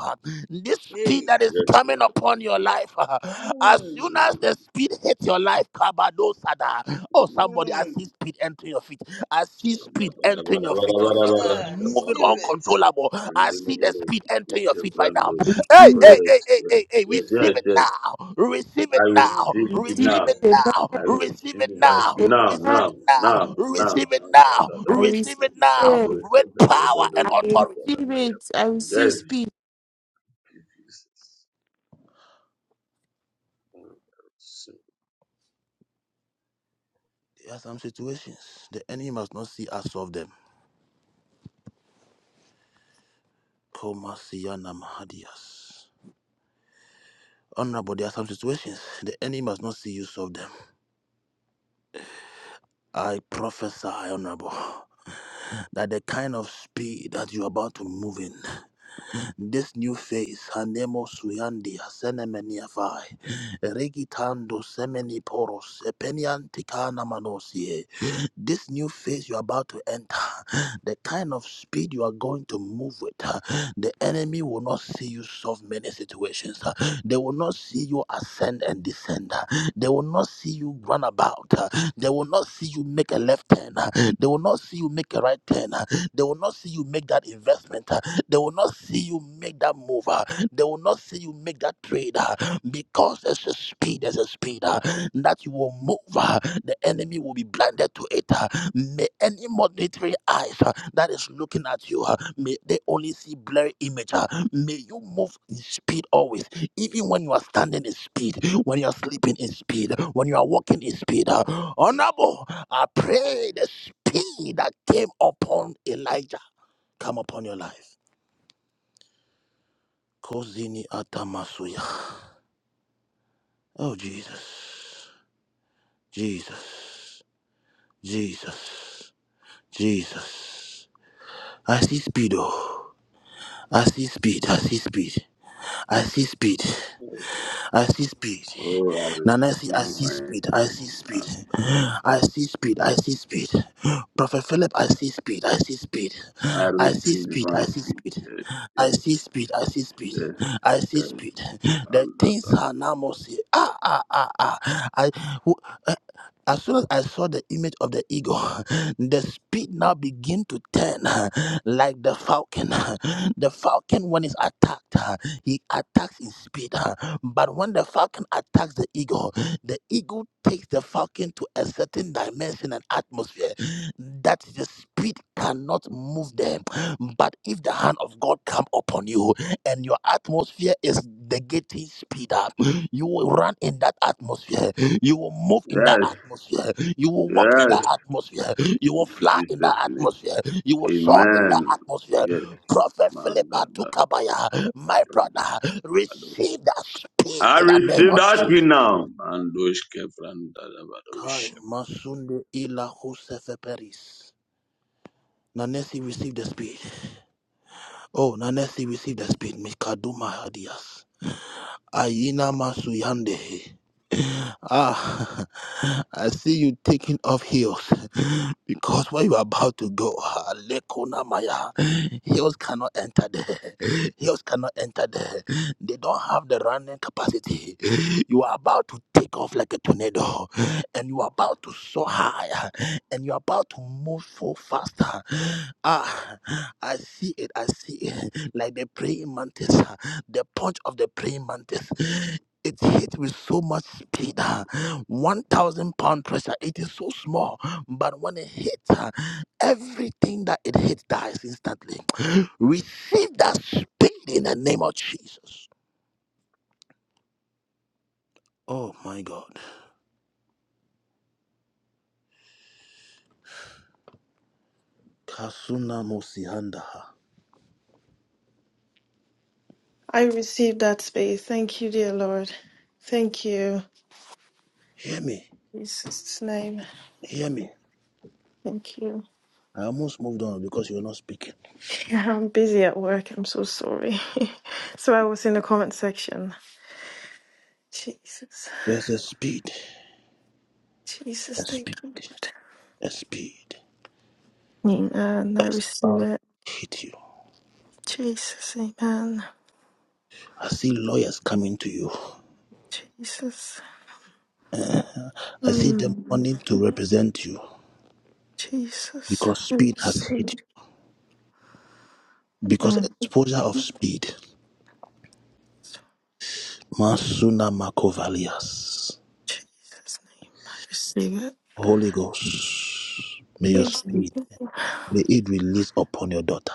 uh, this speed Hey. that is Yes, coming Lord. upon your life, uh, as Mm. soon as the speed hits your life, kabadosada. oh, somebody, I Mm. see speed entering your feet. I see speed entering your feet. Your feet is Ah, moving receive it. uncontrollable. I see the speed entering your feet right now. I Hey, Oh receive hey, hey, yes, hey, yes, hey, hey, yes, receive yes, it yes. now. Receive I it receive Amen. now. speed receive Receive now. it Receive it. it. I now. Amen. Receive receive it divine Receive it. speed now. now, Receive Amen. now, it now. now, now. Receive it now. I receive Receive it Receive now. it. With power and I it. authority. receive it. I receive Yes, Amen. speed. Jesus. So, There are some situations the enemy must not see us solve them. Komasiyana Mahadias. Honorable, there are some situations the enemy must not see you solve them. I prophesy, Honorable, that the kind of speed that you are about to move in. This new face, Hanemo Suyandi, Hasenemeniafai, Regitando Semeni Poros, Epeniantikana Manosie. This new phase you're about to enter, the kind of speed you are going to move with, uh, the enemy will not see you solve many situations. uh, They will not see you ascend and descend. uh, They will not see you run about. uh, They will not see you make a left turn. uh, They will not see you make a right turn. uh, They will not see you make that investment. They will not see you make that move. ah. They will not see you make that trade ah, because there's a speed, there's a speed ah, that you will move. ah. The enemy will be blinded to it. ah. May any monetary eyes ah, that is looking at you, ah, may they only see blurry image. ah. May you move in speed always, even when you are standing in speed, when you are sleeping in speed, when you are walking in speed. ah. Honorable, I pray the speed that came upon Elijah come upon your life. Kozini Atamasuya. Oh, Jesus. Jesus. Jesus. Jesus. I see speed, oh. I see speed. I see speed. I see speed. I see speed. oh, I Nana, see, I receive see divine speed. I speed, see speed. man. I see speed. I see speed. Prophet Philip, I see speed. I see speed. I I see receive speed. I divine see speed. speed. Yes, I see yes, speed. I see speed. yes, I see yes. speed. And The that, things are now more see. Ah ah ah ah. I as soon as I saw the image of the eagle, <laughs> the speed now begin to turn <laughs> like the falcon. <laughs> The falcon, when it's attacked, <laughs> he attacks in speed. <laughs> But when the falcon attacks the eagle, <laughs> the eagle takes the falcon to a certain dimension and atmosphere <sighs> that the speed cannot move them. <sighs> But if the hand of God come upon you and your atmosphere is the getting speed <laughs> up, you will run in that atmosphere you will move in that Yes, atmosphere. You will walk in that yes, atmosphere. You will in fly in that Jesus' name. atmosphere. You will soar in that Amen. atmosphere. Yes, Prophet man, Philip that, that, Atukabaya, that, my Brandosh, brother, Brandosh. receive that speed I in the name receive of that speed Jesus. now. Mandosh, Kefran, Kai Brandosh. Masunde Ila Josefe Peris. Nanesi received the speed. Oh, Nanesi received the speed. Mikaduma Hadias. Aina Masuyandehe. Ah, <laughs> I see you taking off heels. <laughs> because where you are about to go, ah, Lekuna Maya, hills cannot enter there. Hills cannot enter there. They don't have the running capacity. You are about to take off like a tornado, and you are about to soar high, and you are about to move so faster. Ah, I see it. I see it. Like the praying mantis, ah, the punch of the praying mantis. It hit with so much speed, ah, 1,000 pound pressure. It is so small but when it hits, uh, everything that it hits dies instantly. Receive that speed in the name of Jesus. Oh my God. Kasuna Mosihandaha. I receive that space. Thank you, dear Lord. Thank you. Hear me. In Jesus' name. Hear me. Thank you. I almost moved on because you were not speaking. Yeah, I'm busy at work. I'm so sorry. So I was in the comment section. Jesus. There's a speed. Jesus, A thank speed. you, Lord. A speed. Amen. I It's receive about it. to hit you. Jesus, amen. I see lawyers coming to you. Jesus. I see them Mm. wanting to represent you Jesus. because I speed has receive hit it. you. Because Mm. exposure of speed. Masuna Makovalias. Jesus' name. I receive it. Holy Ghost, may your Jesus. spirit, may it release upon your daughter.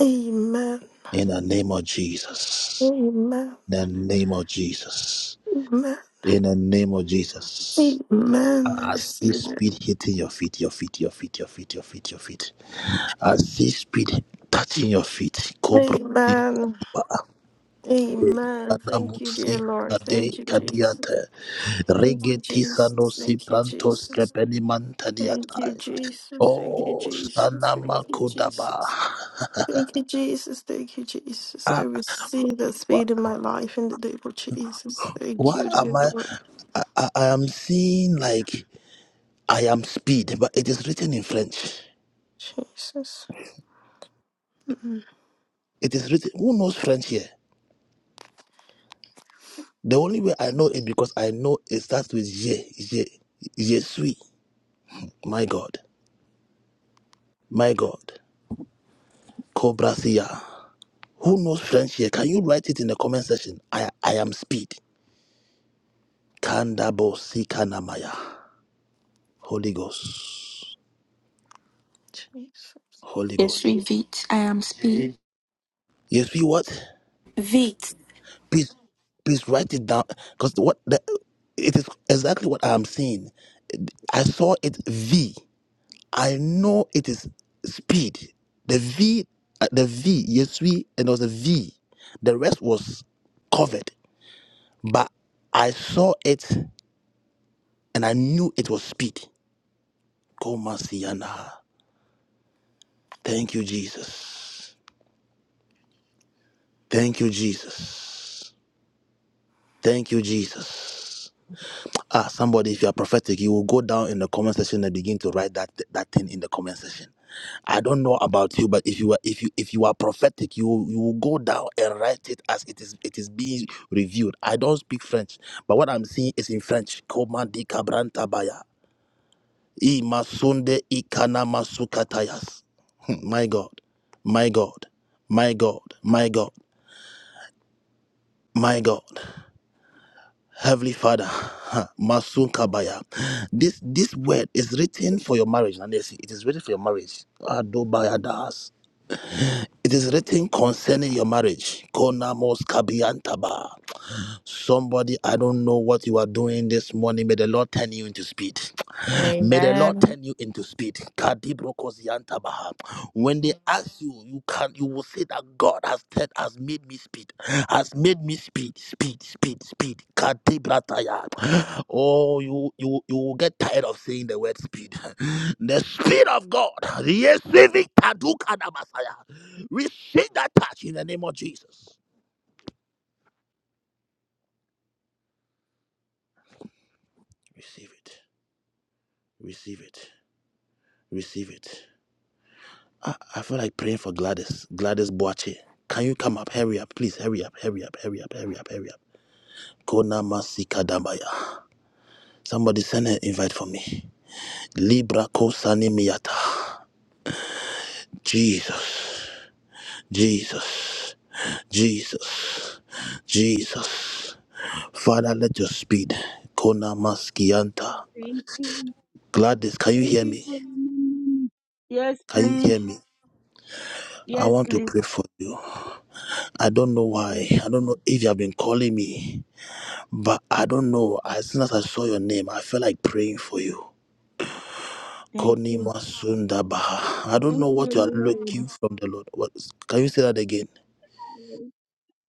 Amen. In the name of Jesus. Amen. In the name of Jesus. Amen. In the name of Jesus. Amen. I I see receive it. speed hitting your feet, your feet, your feet, your feet, your feet, your feet. I see speed touching your feet. Cobra. Amen. Amen. Thank you, dear Kanamusi. Lord. Thank Kade you, Jesus. kadiata Thank you, Jesus. regisanosi Thank you, prantos Jesus. kepeni Thank you, mantadiata. Jesus. Thank you, Oh, Jesus. Thank sanama you, Jesus. kodaba. Thank you, Jesus. Thank you, Jesus. I receive that speed in my life in the name of Jesus. Thank Why you, dear am I? Lord. I, I, I am seeing like I am speed, but it is written in French. Jesus. Mm, It is written. Who knows French here? The only way I know it because I know it starts with je, je, je suis. My God, my God, Cobra Who knows French here? Can you write it in the comment section? I I am speed. Kandabo Sikanamaya. Holy Ghost, Jesus. Holy Ghost. Tishri Vit. I am speed. You see what? Vit. please please write it down because what the, it is exactly what i'm saying i saw it v i know it is speed the v uh, the v yes we and there was a v the rest was covered but i saw it and i knew it was speed Komasiana. thank you jesus thank you jesus thank you jesus Ah, somebody, if you are prophetic, you will go down in the comment section and begin to write that that thing in the comment section. I don't know about you, but if you are if you if you are prophetic, you will- you will go down and write it as it is it is being reviewed. I don't speak French, but what I'm seeing is in French. Komandi kabrantabaya. I masunde ikana masukatayas. Hmm, My God, my God, my God, my God, my God. Heavenly Father, <laughs> huh, Masun Kabaya. This this word is written for your marriage, Nanesi. It is written for your marriage. Adobaya das. It is written concerning your marriage. Konamos Kabiantaba. Somebody, I don't know what you are doing this morning. May the Lord turn you into speed. May the Lord Amen. turn you into speed. Kadibro Kosiantabaha. When they ask you, you can you will say that God has said has made me speed, has made me speed, speed, speed, speed. Kadibrataya. Oh, you you you will get tired of saying the word speed. <laughs> The speed of God. Yes, Receive it. Kadukadabasaya. Receive that touch in the name of Jesus. Receive it. Receive it. Receive it. I, I feel like praying for Gladys. Gladys Boache. Can you come up? Hurry up, please. Hurry up, hurry up, hurry up, hurry up, hurry up. Kona Masika Dambaya. Somebody send an invite for me. Libra Kosani Miyata. Jesus, Jesus, Jesus, Jesus. Father, let your speed. Kona Maskianta. Thank you. Gladys, can you Thank hear you me? for remembering me. Yes, Can you please. hear me? I Yes, want to please. pray for you. I don't know why. Okay. I don't know if you have been calling me. But I don't know. As soon as I saw your name, I felt like praying for you. Thank Koni you. Masunda Baha. I don't Thank know you, what you are Lord. looking from the Lord. What can you say that again?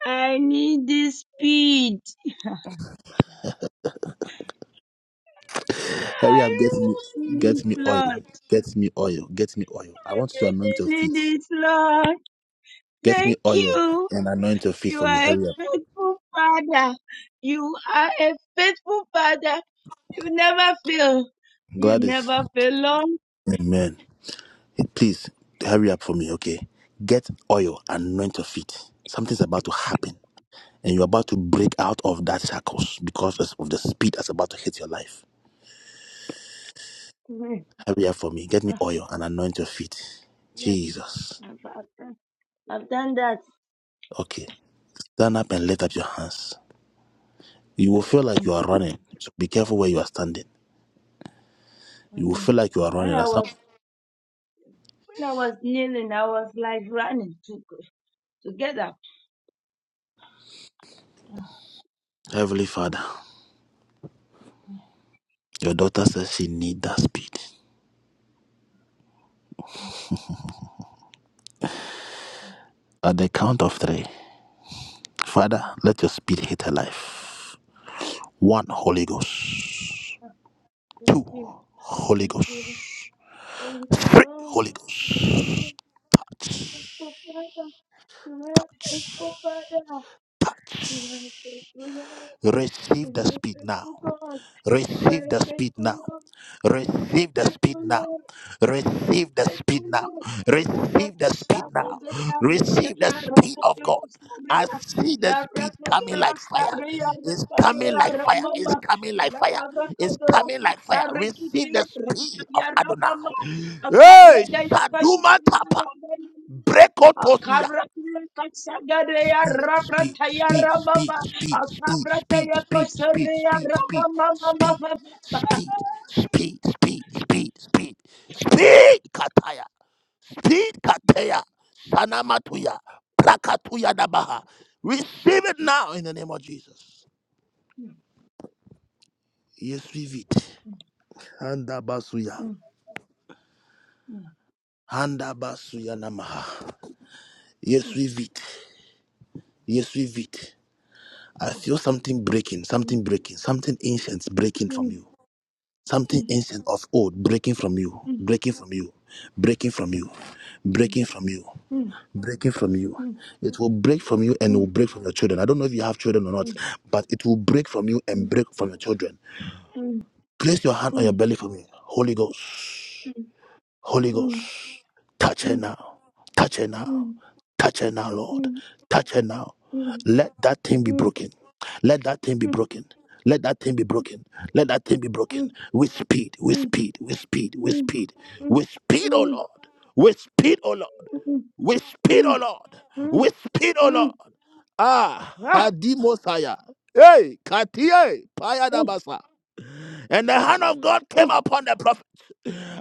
I need this speed. Hurry up, get me I really need it, get me oil. Lord. Get me oil. Get me oil. I I want you to anoint your really feet. need it, Lord. Get me Thank oil you. and anoint your feet You for me. are a Hurry up. faithful father. You are a faithful father. You never fail. You Gladys. never fail, Amen. Please hurry up for me, okay? Get oil, anoint your feet. Something's about to happen. And you're about to break out of that shackles because of the speed that's about to hit your life. Lord. area for me. Get me <laughs> oil and anoint your feet. Yes, Jesus. I've, I've done I've done that. Okay. Stand up and lift up your hands. You will feel like you are running. So be careful where you are standing. You will Mm-mm. feel like you are When running. I As some- was when I was kneeling, I was like running to to get up. Ah, Heavenly Father, your daughter says she needs that speed. At the count of three, Father, let your speed hit her life. One, Holy Ghost. Two, Thank you, Holy thank Ghost. you, Lord. thank you, Three, Lord. Holy Thank you, Lord. Ghost. Thank you, Touch, Father. You are faithful, touch, Father. You are touch. faithful, Lord. Receive the You are speed now. faithful God. You are a Receive the speed faithful now. Lord. You are a Receive the speed faithful now. Lord. You are a Receive the faithful speed now. Lord. La Receive braca the speed shaki now. de la brata Receive the ya speed roca of de God. I rastaria. see the La speed braca de coming like fire. rastaria It's roca de coming la like fire. It's ramama. coming like La fire. braca It's de coming roca like fire. sarriki Receive de the speed of la rata ya ramama. Adonai. A Hey, cabreta ya Shaduma pasaria Tapa. ramama. A Brekotosia cabra de la casagare ya speed, Rabra speed, ya speed, speed, ramama. speed, speed, Akabrata speed, speed, speed, yakosheria speed, speed, rama mama mama. speed, speed, mama. speed, speed, speed, speed, speed, kataya, speed, kataya, sanamatuya, plakatuya dabaha. Receive it now in the name of Jesus. Yes, we it. Handa basuya. Mm, mm, Handa basuya namaha. Yes, mm, we it. Yes, we it. I feel something breaking, something mm, breaking, something ancient mm, breaking from mm, you. Something ancient of old breaking from you, mm, breaking from you, breaking from you, mm, breaking from you, mm, mm, breaking from you. mm, It will break from you and it will mm, break from your children. I don't know if you have children or not, mm, but it will break from you and mm, break mm, from your children. Place your hand on your belly for me. Holy Ghost, mm, mm, Holy Ghost, touch her mm, mm, mm, mm, mm, mm, mm, mm, mm, now, touch her now. Touch her now, Lord. Touch her now. Let that thing be broken. Let that thing be broken. Let that thing be broken. Let that thing be broken. With speed, with speed, with speed, with speed. With speed, oh mm, Lord. With speed, oh Lord. mm. With speed, oh Lord. mm, With speed, oh mm. Lord. Ah, Ah! Hadimosaya. Hey, Katie, Oh, Payadabasa. And the hand of God came oh, upon the prophet.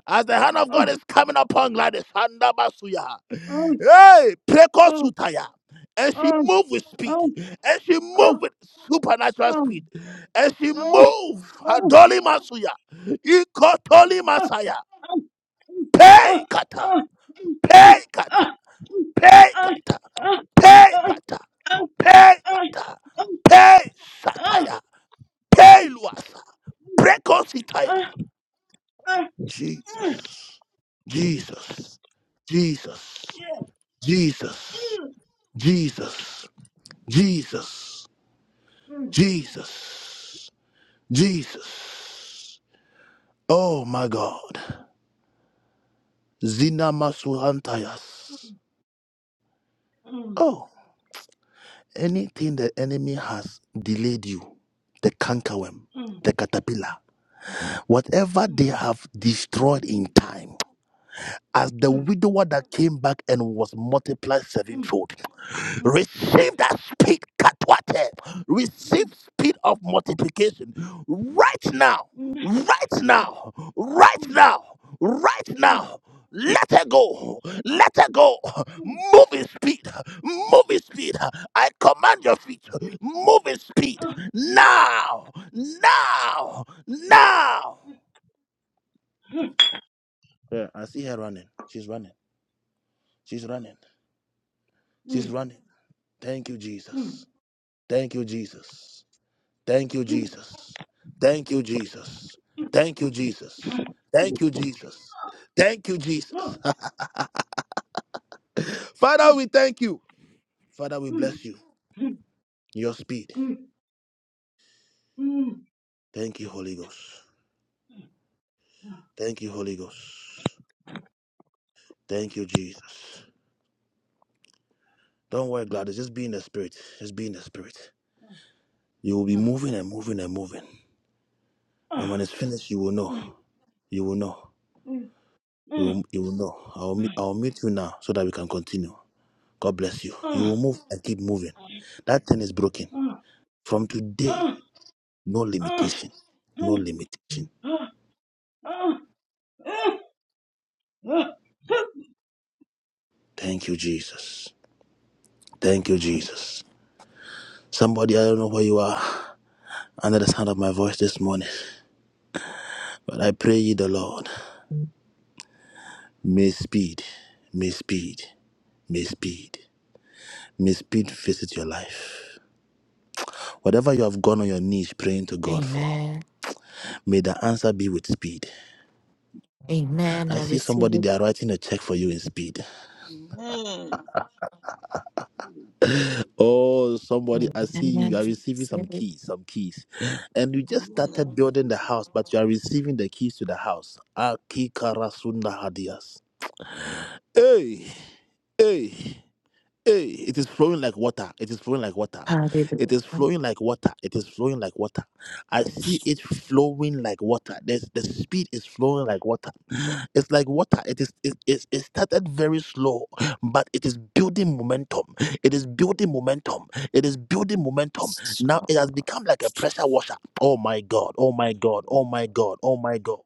As the hand of God oh, is coming upon Gladys, Handabasuya. Hey, oh, prekosutaya. And she oh, moved with oh, speed. oh, And she moved oh, with supernatural no, speed. And she no, moved. no, Adoli masuya. Ikotoli no. masaya. Pay kata. Pay kata. Pay kata. Pay kata. Pay kata. Pay saya. saya. Jesus. Oh my God. Zina masuhantayas. Oh, anything the enemy has delayed you. The cankerworm. The caterpillar Whatever they have destroyed in time, as the widower that came back and was multiplied sevenfold, receive that speed katwate receive speed of multiplication right now right now right now right now let her go let her go move in speed move in speed i command your feet move in speed now now now Yeah, I see her running. She's running. She's running. She's running. Thank you, Jesus. Thank you, Jesus. Thank you, Jesus. Thank you, Jesus. Thank you, Jesus. Thank you, Jesus. Thank you, Jesus. <laughs> Father, we thank you. Father, we bless you. Your speed. Thank you, Holy Ghost. Thank you, Holy Ghost. Thank you, Jesus. Don't worry, Gladys. Just be in the spirit. Just be in the spirit. You will be moving and moving and moving. And when it's finished, you will know. You will know. You will, you will know. I will, meet, I will meet you now so that we can continue. God bless you. You will move and keep moving. That thing is broken. From today, no limitation. No limitation. Oh, <laughs> Thank you, Jesus. Thank you, Jesus. Somebody, I don't know where you are under the sound of my voice this morning, but I pray ye the Lord. May speed, may speed, may speed, may speed visit your life. Whatever you have gone on your knees praying to God for, Amen. may the answer be with speed. Amen. I I see receive somebody it. they are writing a check for you in speed. Amen. <laughs> oh, somebody, I see you. You Amen. are I receiving some receive it. keys, some keys, and you just started Amen. building the house, but you are receiving the keys to the house. Akikarasunda hadias. Hey, hey. Hey, it is flowing like water. It is flowing like water. It is Hallelujah. flowing like water. It is flowing like water. I see it flowing like water. There's, the speed is flowing like water. It's like water. It is it, it, it started very slow, but it is building momentum. It is building momentum. It is building momentum. Now Save it has become like a pressure washer. Oh my God. Oh my God. Oh my God. Oh my God.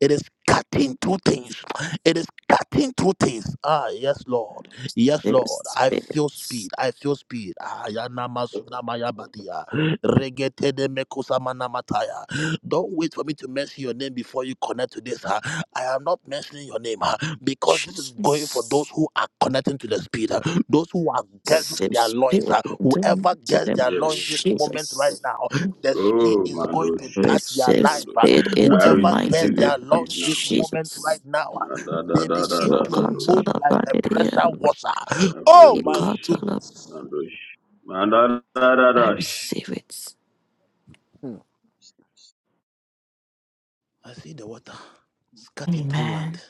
It is cutting through things. It is cutting through things. Ah, yes, Lord. Yes, Lord. I feel spirits. speed. I feel speed. Ah, yana masuna maya badia. Regete de mekusa mana mataya. Don't wait for me to mention your name before you connect to this. huh? I am not mentioning your name ah, because this is going for those Jesus. who are connecting to the Spirit, ah, those who are Yes, girding Save their loins. spirit. ah. in Whoever the gets name their of yes. loins this moment right Jesus. now, the Spirit Oh, is going Mandosh, to touch their receive life. ah. Brandosh. speed in I the Whoever mighty gets receive name their this of speed loins now. this moment Jesus. right now, ah, they begin to Adadadadadadadosh, move like a pressure Slokotalabadia, washer. Oh my Gavrindosh, ikotala- goodness. Mandosh, I Mandadadadash. receive it. Hmm. I see the water scattering through land, Amen.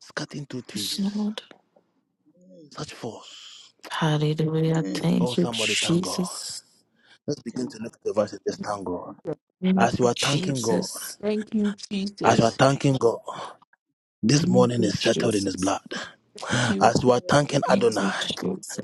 scattering through Yes, trees. Lord. Such force. Hallelujah. Amen. Oh, Thank you, somebody thank God. Jesus. Let's begin Thank to look at the verse and just thank God. you. Thank As you you, are Instruction. thanking God, Jesus. Thank you, as you are Jesus. thanking God, this Thank morning you, is settled in His Jesus. blood. Thank you. As you are Amen. thanking Thank Adonai, you,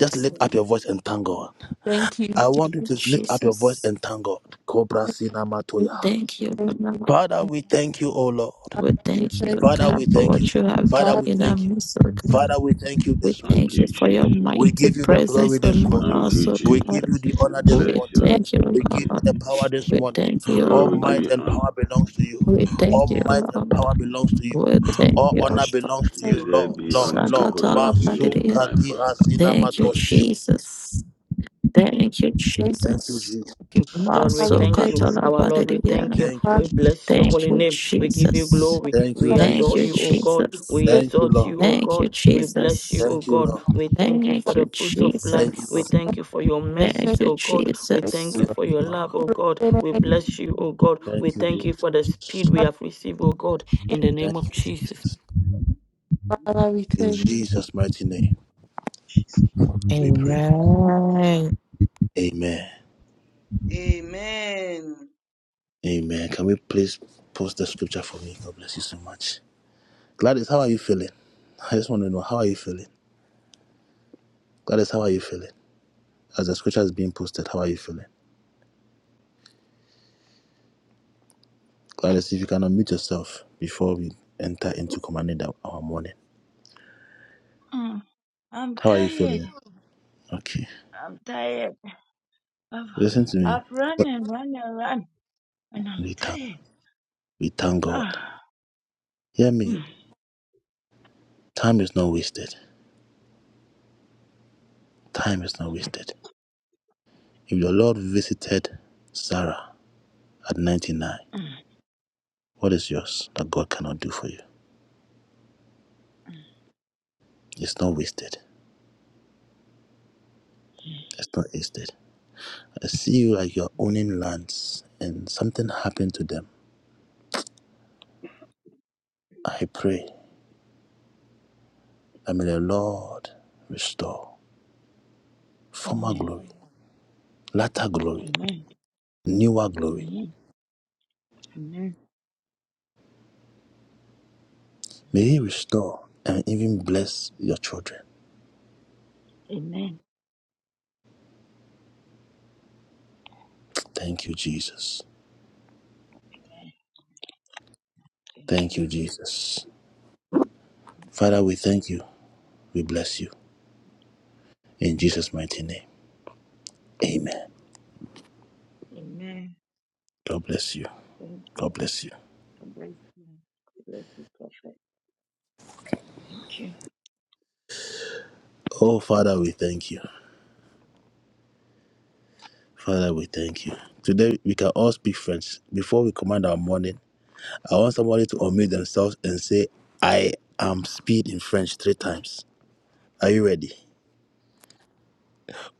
just lift up your voice and thank God. Thank you, I Jesus. want you Thank you, to lift up your voice Jesus. and thank God. Cobra Sina We Matoya. thank you, Thank Lord. Father, we thank you, O Lord. We you, thank thank you, you, Father, we God, for thank you. what you have Father, Father. done we in our thank you. midst, oh God. Bless you. Father, we thank you We this morning. Thank thank you you, for your Jesus. We mighty give you the presence glory this among morning. Thank us, you, O We give God. Jesus. you the We honor Thank you. this bless We morning. your Thank thank you, We give name. you Lord. the power this We morning. thank you, Lord, All we give Lord. might you and honor. power belongs to you. We All thank Thank you, might and Lord. power belongs to We you. you, thank thank All you, honor Lord. belongs to you, you, Blessed Lord, be Lord, unto your Lord. holy Masakatala Masum name, padidiya. my kadi Father. azina. Thank you, Mandosh, Jesus. Thank you, thank you, Thank you, Jesus. Jesus. you. Lord, we Father. We thank thank you, you. Masukatala Our Lord, we padidiya. thank you. We Father. bless your Thank holy you. you, name. We give you Jesus. glory. Thank you, We Thank Thank adore Jesus. you, you, O God. Jesus. We you, Thank you, exalt Lord. you, O Thank you, God. We bless you, Jesus. O Thank you, God. Lord. We Thank thank you Thank for Father. you, the fruits of life. Thank you, We Lord. Jesus. thank you for your mercies, Thank Thank you, O God. We you, Jesus. thank you Thank for you, your Lord. love, O Lord. you. God. Thank We Thank bless you, O God. We Thank you, thank Jesus. you for the you. speed we you, have received, O God, Thank in the you. Thank- name of Thank you. Jesus. Father. We In thank you. Jesus' mighty name, we pray. Amen. Amen. Amen. <laughs> Amen. Can we please post the scripture for me? God bless you so much. Gladys, how are you feeling? I just want to know how are you feeling? Gladys, how are you feeling? As the scripture is being posted, how are you feeling? Gladys, if you can unmute yourself before we enter into commanding the- our morning. Mm. I'm How are you tired. feeling? Okay. I'm tired. I've, Listen to me. I've run and run and run, and I'm We thank, tired. <sighs> we thank God. Ah. Hear Mm, me. Time is not wasted. Time is not wasted. If your Lord visited Sarah at 99, mm, what is yours that God cannot do for you? mm. It's not wasted. It's not wasted. I see you like you're owning lands and something happened to them. I pray that may the Lord restore. former glory, latter glory, Amen. newer glory. Amen. Amen. May He restore and even bless your children. Amen. Amen. Thank you, Jesus. Thank you, Jesus. Thank you. Father, we Lord. thank you. We bless you. In Jesus' mighty name. Amen. Amen. God bless you. Thank you. God bless you. God bless you. God bless you, Prophet. Thank you. Oh, Father, we thank you. Father, we thank you. Today, we can all speak French. Before we command our morning, I want somebody to unmute themselves and say, I am speed in French three times. Are you ready?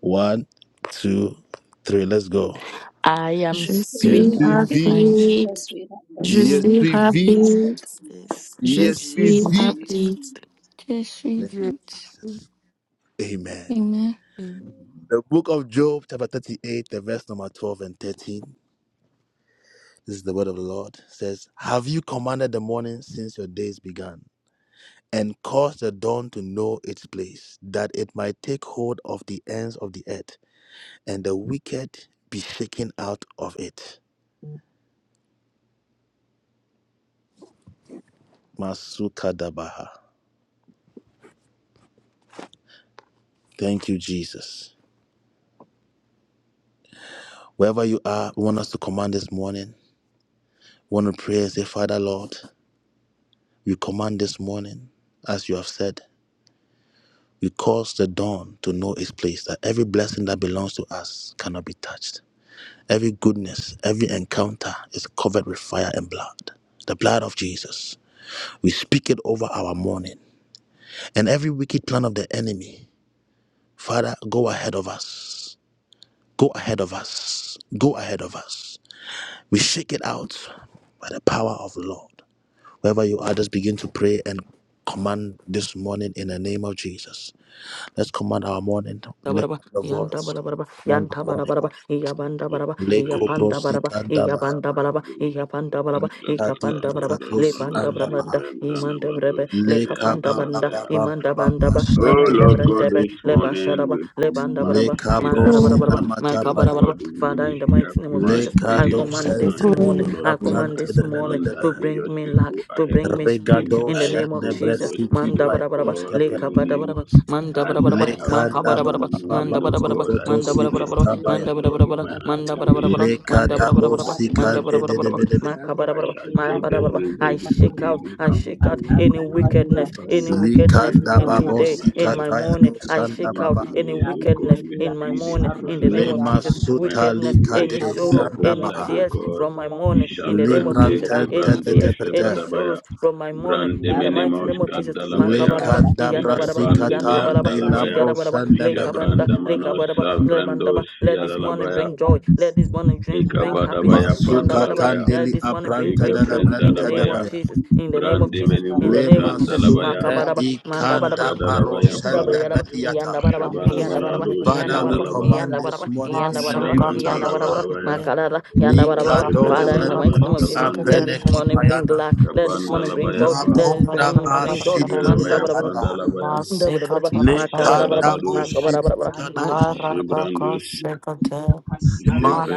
One, two, three. Let's go. I am Je Just read suis speed up in and French. rapide. just read up and Je Sing, suis just read up Yes, and rapide. Je suis just receive rapide. it. Tishri Thank Jesus, you, Vit. Jesus. Amen. Amen. The book of Job, chapter 38, the verse number 12 and 13. This is the word of the Lord. says, Have you commanded the morning since your days began, and caused the dawn to know its place, that it might take hold of the ends of the earth, and the wicked be shaken out of it? Masukadabaha. Thank you, Jesus. Wherever you are, we want us to command this morning. We want to pray and say, Father, Lord. We command this morning, as you have said, we cause the dawn to know its place, that every blessing that belongs to us cannot be touched. Every goodness, every encounter is covered with fire and blood, the blood of Jesus. We speak it over our morning. And every wicked plan of the enemy, Father, go ahead of us. Go ahead of us. Go ahead of us. We shake it out by the power of the Lord. Wherever you are, just begin to pray and command this morning in the name of Jesus. Let's command our morning. Lift Tabaraba, up the Yanta voice. Barabaraba, Command the Yanta morning. Barabaraba, Yabanda Baraba, Leko English. Yapanda brosik Baraba, andabaha. Yabanda Baraba, Yapanda Baraba, Lekati Ikapanda Baraba, brakatosi Lepanda Bramanda, andabaha. Imanda Brebe, Leka Lekapanda ba ba Banda, ba ba ba Imanda ba ba Bandaba, Oh shande. Lemende be- Lord be- God, be- be. Brentebe, this morning Lebasharaba, we Lebanda command Baraba, Leka speed. I who brosina Magarabaraba, command speed of matapaya. God Makabarabaraba. in Father, in the ministry. I mighty name of command Jesus, Leka speed I in is command the this docente finances. So glory morning, Lord minika I of God, command plante I this de morning command that to lebedebaha. may your bring me speed luck, go to ahead bring of me speed, me. May Regado in the I name of shende go with Jesus. your brefsiki speed Manda of Barabaraba, payanos God, kepe. even Lekabada manda as bara bara I bara have Leka maka da bara ba commanded bara in the bara ba ba ba morning manda O bara bara Labra bara God, I manda go sokotosi with bara the bara bara speed of katabaya. the Lord divine manda bara bara bara acceleration Leka manda ahead da bara of bo bara bara manda bara bara my bara manda enemies O bara sikande bara de bara God. de maka For bara I bara shall man get bara their bara way way I before they shake out even I come. shake out I any command wickedness favor with any speed wickedness this Likanda in morning babo into today my in life. my sikataya morning do I I sanda shake command out baba. any goodness O God wickedness with in my speed morning into my in the name life. of Lema Jesus Divine suta wickedness likade any acceleration on sorrow every sanda any side O baha. tears God. from my morning in the name of Jambrande Jesus, Libranten any tete Kevrando tears, any tepete. Shevadabaya. sorrows from my morning Brande in the mighty menemosh name of Jesus. kadalabaya, Makabaraba, Lekanda Iyandabaraba, ikapande brasikata Iyantabaraba, beandalabaya, elabro Zigarabaraba, sanda baha. Lekabanda, jabranda manos Lekabaraba, savrando Lebandaba. The Let love this morning siadalabaya, bring joy. Let of this morning bring, bring happiness. Um, ikavadabaya Masuka Yandabarabara. pandalabaya, Let this morning bring apranta da la breakthrough ikebrenda in the branta da name of labaya, baya. Jesus. In the name of brande Jesus. In the menemos name of Lema Jesus. kandalabaya, sunte Makabaraba, Mandabaraba, ikanda baro jadalabaya pa, Double sanda Dabaraba, yanda badiata. baraba, yanda baraba, jabarabarado yanda Father, we baraba, siadalaba, command yanda this baraba, morning in yanda the baraba, name of yanda Jesus. baraba, jabandalabarabaya, makarara, yanda baraba. Likado Father, in the mighty sanda jevedemanamas name of Jesus, let kavrandos, aprene this morning bring kipayana. luck, let this morning bring kapandalabaya joy, pa, let this Makonda morning ba bring joy. Man, double ishibedabaya baraba, sididiatanda. pandalabaya, double, dabaraba, dabaraba, makabarabaraba, Lekanda bo Jabadabados, makabarabaraba, sinimika do man. shandabaya. Jebrandush,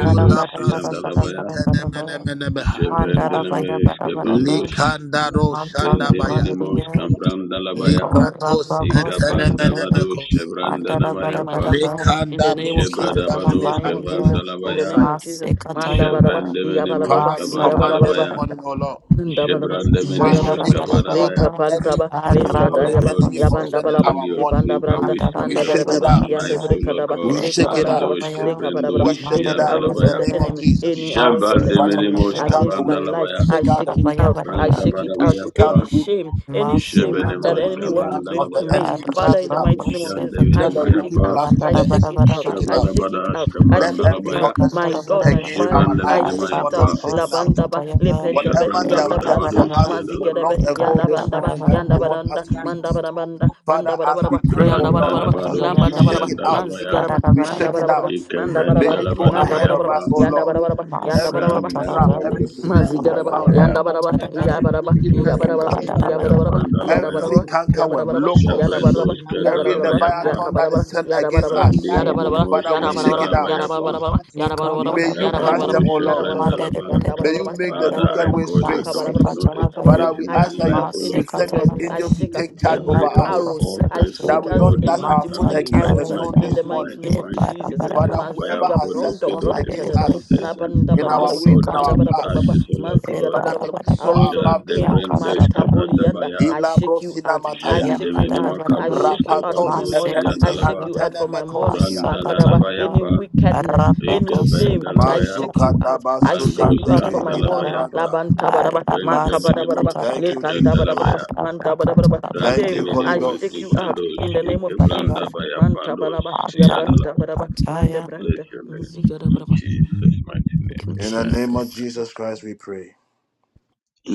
Mm. brasi Yandalabaya, kintene mene mene meha. Jevendelemes, Mandara Kevandush, Likanda ro shanda Antala baya. Endeminimos, Bharatiya Camprandalabaya, Eko Libratos Rabba etene mene Kosekabhe Ekabandabadush, mekosi. Bandara To bring Chevrandanamaya, my husband home Barabarabha in Lekanda the name of brosi Jesus, Ekatala in katu the Jebradabanos, name of adini Jesus, Bharatiya in the Kavandalabaya, name mikosaya. of Jesus, man double dabaraba, Masekatayabha Jevendeminimos, Father, we Masara command this yabarababa, Kavandalabaya, morning, Barabarabha O Lord. Ndabalaba, We Jebrandeminimos, Mandala speak, shadabaraba, O Lord, that Kavadabaya. leka Barabarabha any pantaba, Oh wickedness leska of Lord the Arabha dayaba, God, enemy we Kosekabhe concerning yabandabalaba, command our your morning, favor, ibandabranta, we Mandala we speed shake upon it mandabereba, our out. lives, Barabarabha oh Lord yandebrekadaba, We God. leka shake it badabaraba, Bandosh, out. Ekatarabhaya leka Kevendosh, We badabaraba, shake it any Mandala out in arrows Yandalabaya. the of the name of Barabarabha enemy, any Jesus. arrows of the Jambande Father, we enemy menemos shake Masekatayabha out the against kavanda my wicked. life, We labaya, I shake out the shake it wicked. out, I Tarabhaya branda shake it We out, badabaya shake out pa, any the wicked. shame, any shame Let the that jebenemos the enemy wicked want Masikataya, to plans kavanda bring of the to labaya, me, enemy be Father, in shaken the out. mighty name of jande Jesus, I Let Arabakosekate, the shake menemaya it wicked pa. out, plans of I the shake enemy it be out, Mandarabarabara, shaken Jabandemenimus labaya. Brandabadabayapa, I out. shake it Jebenemus Kavrandalabaya, Jandevenemayapa, Shabanabadas out, I Let shake it every out, Kavrandalabaya, my orchestration God, my Ekandarabarabara, against Father, our life I this shake it out morning Jebandemenimayapa, be shaken out. labandaba Arabakosekataya, lepentebe Whatever they have yanda planned branta for Jabrandabadabadus Ekarabarabara, us from Yandalaba, long mazigerebe ago yanda this bandaba morning that yanda they Ekandarabarabara, want us baranda to meet. manda barabanda Father, manda as we barabaraba pray, O yanda Lord. barabaraba Brandalabadus We lambanda Ekandarabayaba, shake baraba it out. Yandalabaya, manzigereba We manda shake it out. barabaraba Ekandarabarabara, manda May barabaraba you go manda ahead of barabaraba Mandarabarabara, Ikavendalabadabayapa, us, O yanda Lord. barabaraba yanda Every barabaraba trap, Masikataraba, every Brandalabadus snare of the Mazigaraba, fowler, Yandalabaya, Yandabaraba, Arabakosekataya, every Yabaraba, wicked pestilence, Yabarabaraba, Ikavendalabayapa, Yabarabaraba, Ekandarabayabara, Dalabaya, every Yadabarabaraba, cankerworm, Yabarabaraba, locust, Yadabarabaraba, Shavrendos every Yabarabaraba, pa. leviathan that is Yakabarabara, sent against Yadabarabaraba, us, Arabayabara, Yadabarabaraba, Mandiminimos Father, we shake Yadabarabaraba, it out. Gandalabayapa, Yadabarabaraba, Yadabarabaraba, May you Ekandarabarabara, crush Gavando them, Yadabarabaraba, O Lord. Yadabarabaraba, Mandere Shebrandalaba. bere May bere you Yandabarabaraba, bere make the bere. Father, crooked I Mandabarabaraba, way call that straight. don't Masika Makabarabarabaraba, know its çalabaya. place Father, Makabaraba. we in I my ask that shake life, you, out O any Lord you Masika send your sickness. God. I çalabaya. angels to shake out take charge any over Every Rabba evil us, arrows. I altar, masika so that shake çalabaya. we out God, don't in dash any my our foot Maçan demonic family against a arrows fighting uh, çalabaya stone in da. the this against my morning. mighty name E of divine para speed, Jesus. uh, may para the Father, para. fire whoever of Maziga has God set brondo E locate stones those para bronta against evil da da da, bere altars bere. us and nabanda ba in burn da ba da it our ba, ways all Masika and down manda our ba to çalabaya. da ba da ba ba, ashes, paths, O Lord E God. Father, para may Mazigadabarabara, we para para. soar arrows of above the pain, stones. Jadevrendes Yakadara para para. mantabolianda. Kevadabaya, I shake you Ilabrosina out. I mataya. Ya shake you out. badara I Jendemenimakados baraba, shake you out for my Rapatos Kevandos masse morning. I epelimi kataya Yandalaba, shake ba, you out for my morning. massa antenemekosia. Makadaba, katara ba, any Brandalabayapa, wickedness, araba Adarabara any shame, I Ekavendalavaya, Masekatayaba shake you Masukanda out. I shake Randos you out for basukandebe my Masakataraba morning. Candalavayapa, ilabranta. Labantabadaba, Arabako Vendeminimo, makabadabaraba, Thank Sekatayaba you, Masakataraba Jesus. lepandabadabadaba, Shekalavaya, mandabadabadaba. Thank you, Shame, Holy I Dandiminimo, Arabasakataraba Arabakataraba shake you Ghost. out Nikandos, in the name of Matarabaraba Jesus. Shekavrandavaya, Pandos, Mantabalaba, Siandalava. yabantabaraba, Matarabakataya. Bless mandabranda, your name. In mazigadabaraba. Amen. Jesus' mighty Thank name. you, In the Amen name and of Jesus. Jesus Christ, we pray.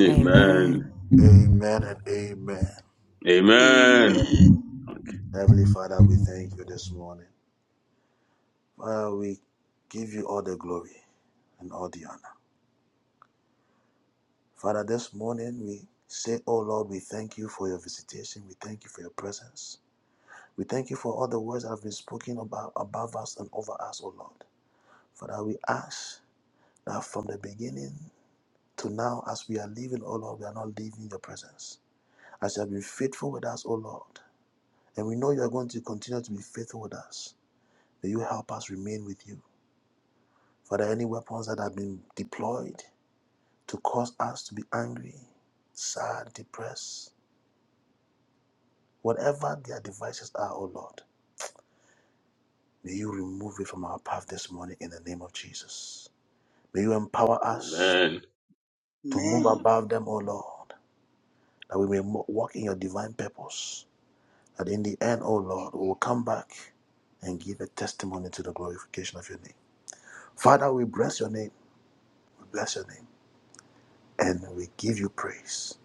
amen. Amen. Amen. Amen and amen. Amen. Amen. Amen. Heavenly Father, we thank you this morning. Father, we give you all the glory and all the honor. Father, this morning we say, Oh Lord, we thank you for your visitation. We thank you for your presence. We thank you for all the words that have been spoken about above us and over us, oh Lord. Father, we ask that from the beginning to now, as we are leaving, oh Lord, we are not leaving your presence. As you have been faithful with us, oh Lord, and we know you are going to continue to be faithful with us, may you help us remain with you. Father, any weapons that have been deployed to cause us to be angry, sad, depressed, Whatever their devices are, O Lord, may you remove it from our path this morning in the name of Jesus. May you empower us to move above them, O Lord, that we may mo- walk in your divine purpose. That in the end, O Lord, we will come back and give a testimony to the glorification of your name. Father, we bless your name. We bless your name. And we give you praise.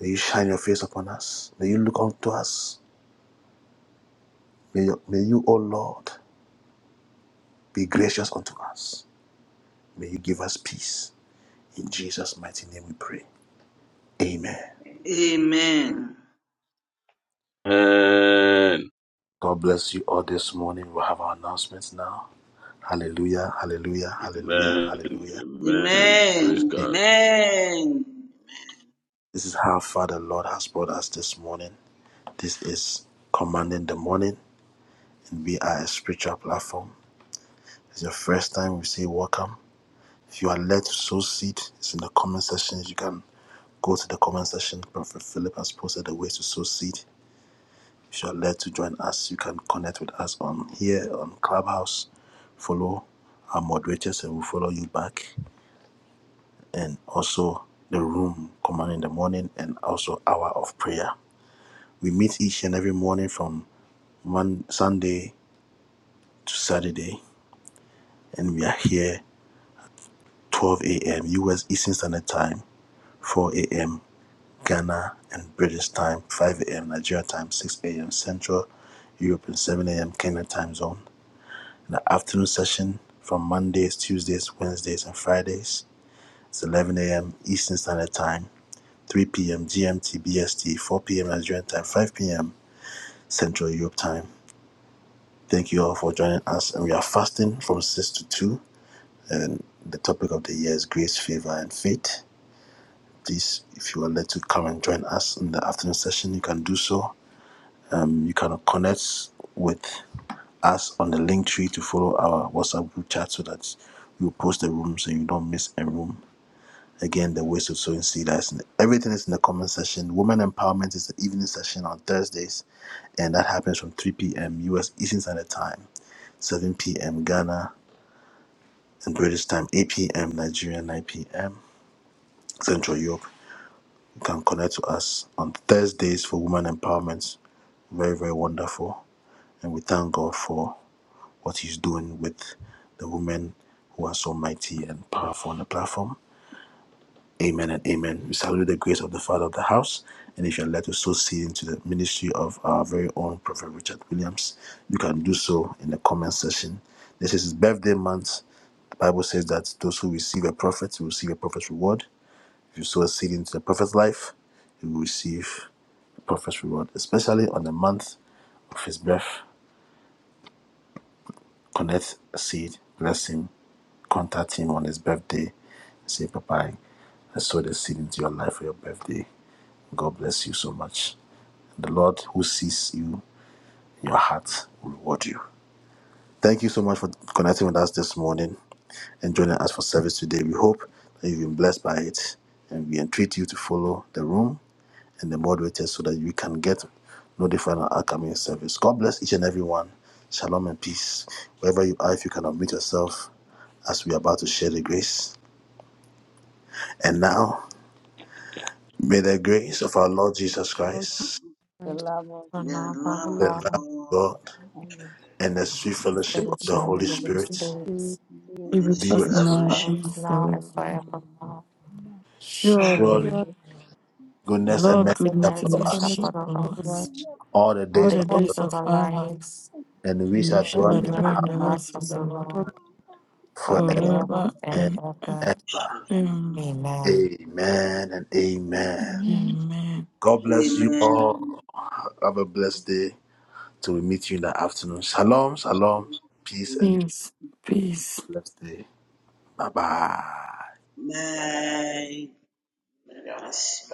May you shine your face upon us. May you look unto us. May you, may you O Lord, be gracious unto us. May you give us peace. In Jesus' mighty name we pray. Amen. Amen. Amen. Amen. God bless you all this morning. We'll have our announcements now. Hallelujah, hallelujah, hallelujah, Amen. hallelujah. Amen. Amen. Amen. Praise Hey, God. Amen. This is how far the Lord has brought us this morning. This is Commanding the Morning, and we are a spiritual platform. If it's your first time, we say welcome. If you are led to sow seed, it's in the comment section. You can go to the comment section. Prophet Philip has posted the ways to sow seed. If you're led to join us, you can connect with us on here on Clubhouse. Follow our moderators and we'll follow you back. And also the room, command in the morning, and also hour of prayer. We meet each and every morning from one Sunday to Saturday, and we are here 12 a.m. US Eastern Standard Time, 4 a.m. Ghana and British time, 5 a.m. Nigeria time, 6 a.m. Central Europe, and 7 a.m. Kenya time zone. the afternoon session from Mondays, Tuesdays, Wednesdays, and Fridays. It's 11 a.m. Eastern Standard Time, 3 p.m. GMT BST, 4 p.m. Nigerian Time, 5 p.m. Central Europe Time. Thank you all for joining us. And we are fasting from 6 to 2. And the topic of the year is grace, favor, and faith. Please, if you are led to come and join us in the afternoon session, you can do so. Um, you can connect with us on the link tree to follow our WhatsApp group chat so that you post the room so you don't miss a room. Again, the ways of sowing seed that's in everything is in the comment section. Women empowerment is the evening session on Thursdays, and that happens from 3 p.m. US Eastern Standard Time, 7 p.m. Ghana and British time, 8 p.m. Nigeria, 9 p.m. Central Europe. You can connect to us on Thursdays for women empowerment. Very, very wonderful. And we thank God for what he's doing with the women who are so mighty and powerful on the platform. Amen and amen. We salute the grace of the Father of the house. And if you're led to sow seed into the ministry of our very own Prophet Richard Williams, you can do so in the comment section. This is his birthday month. The Bible says that those who receive a prophet will receive a prophet's reward. If you sow a seed into the prophet's life, you will receive a prophet's reward, especially on the month of his birth. connect seed, bless him, contact him on his birthday, say, Papa, I sow the seed into your life for your birthday. God bless you so much. The Lord who sees you in your heart will reward you. Thank you so much for connecting with us this morning and joining us for service today. We hope that you've been blessed by it and we entreat you to follow the room and the moderators so that we can get notified on upcoming service. God bless each and everyone. Shalom and peace. Wherever you are, if you can unmute yourself as we are about to share the grace. And now, may the grace of our Lord Jesus Lord Christ, Christ, The The love of the life the love love of God, of God God, and and the sweet the fellowship of of the fellowship with Holy the Holy Spirit the Spirit, Be and the with be us with sweet in us the now now. fellowship hours and of now God. and forever. forevermore. the Surely Surely Surely, pure the goodness and Lord mercy Goodness and shall goodness and follow mercy and mercy shall us shall follow the follow us us followers sweet all the all all the days of the our of days life, days of of our our life, lives, and we and we shall and dwell shall in it dwell dwell in in the the house house of of the the Lord the Lord forever Amen. forever forever and and and ever. ever. ever. Amen. Amen and amen. Amen. Amen. God bless you Amen. all. Have a blessed day till we meet you in the afternoon. Shalom, shalom. Peace and joy. Peace, peace. blessed day. Bye bye. Bye.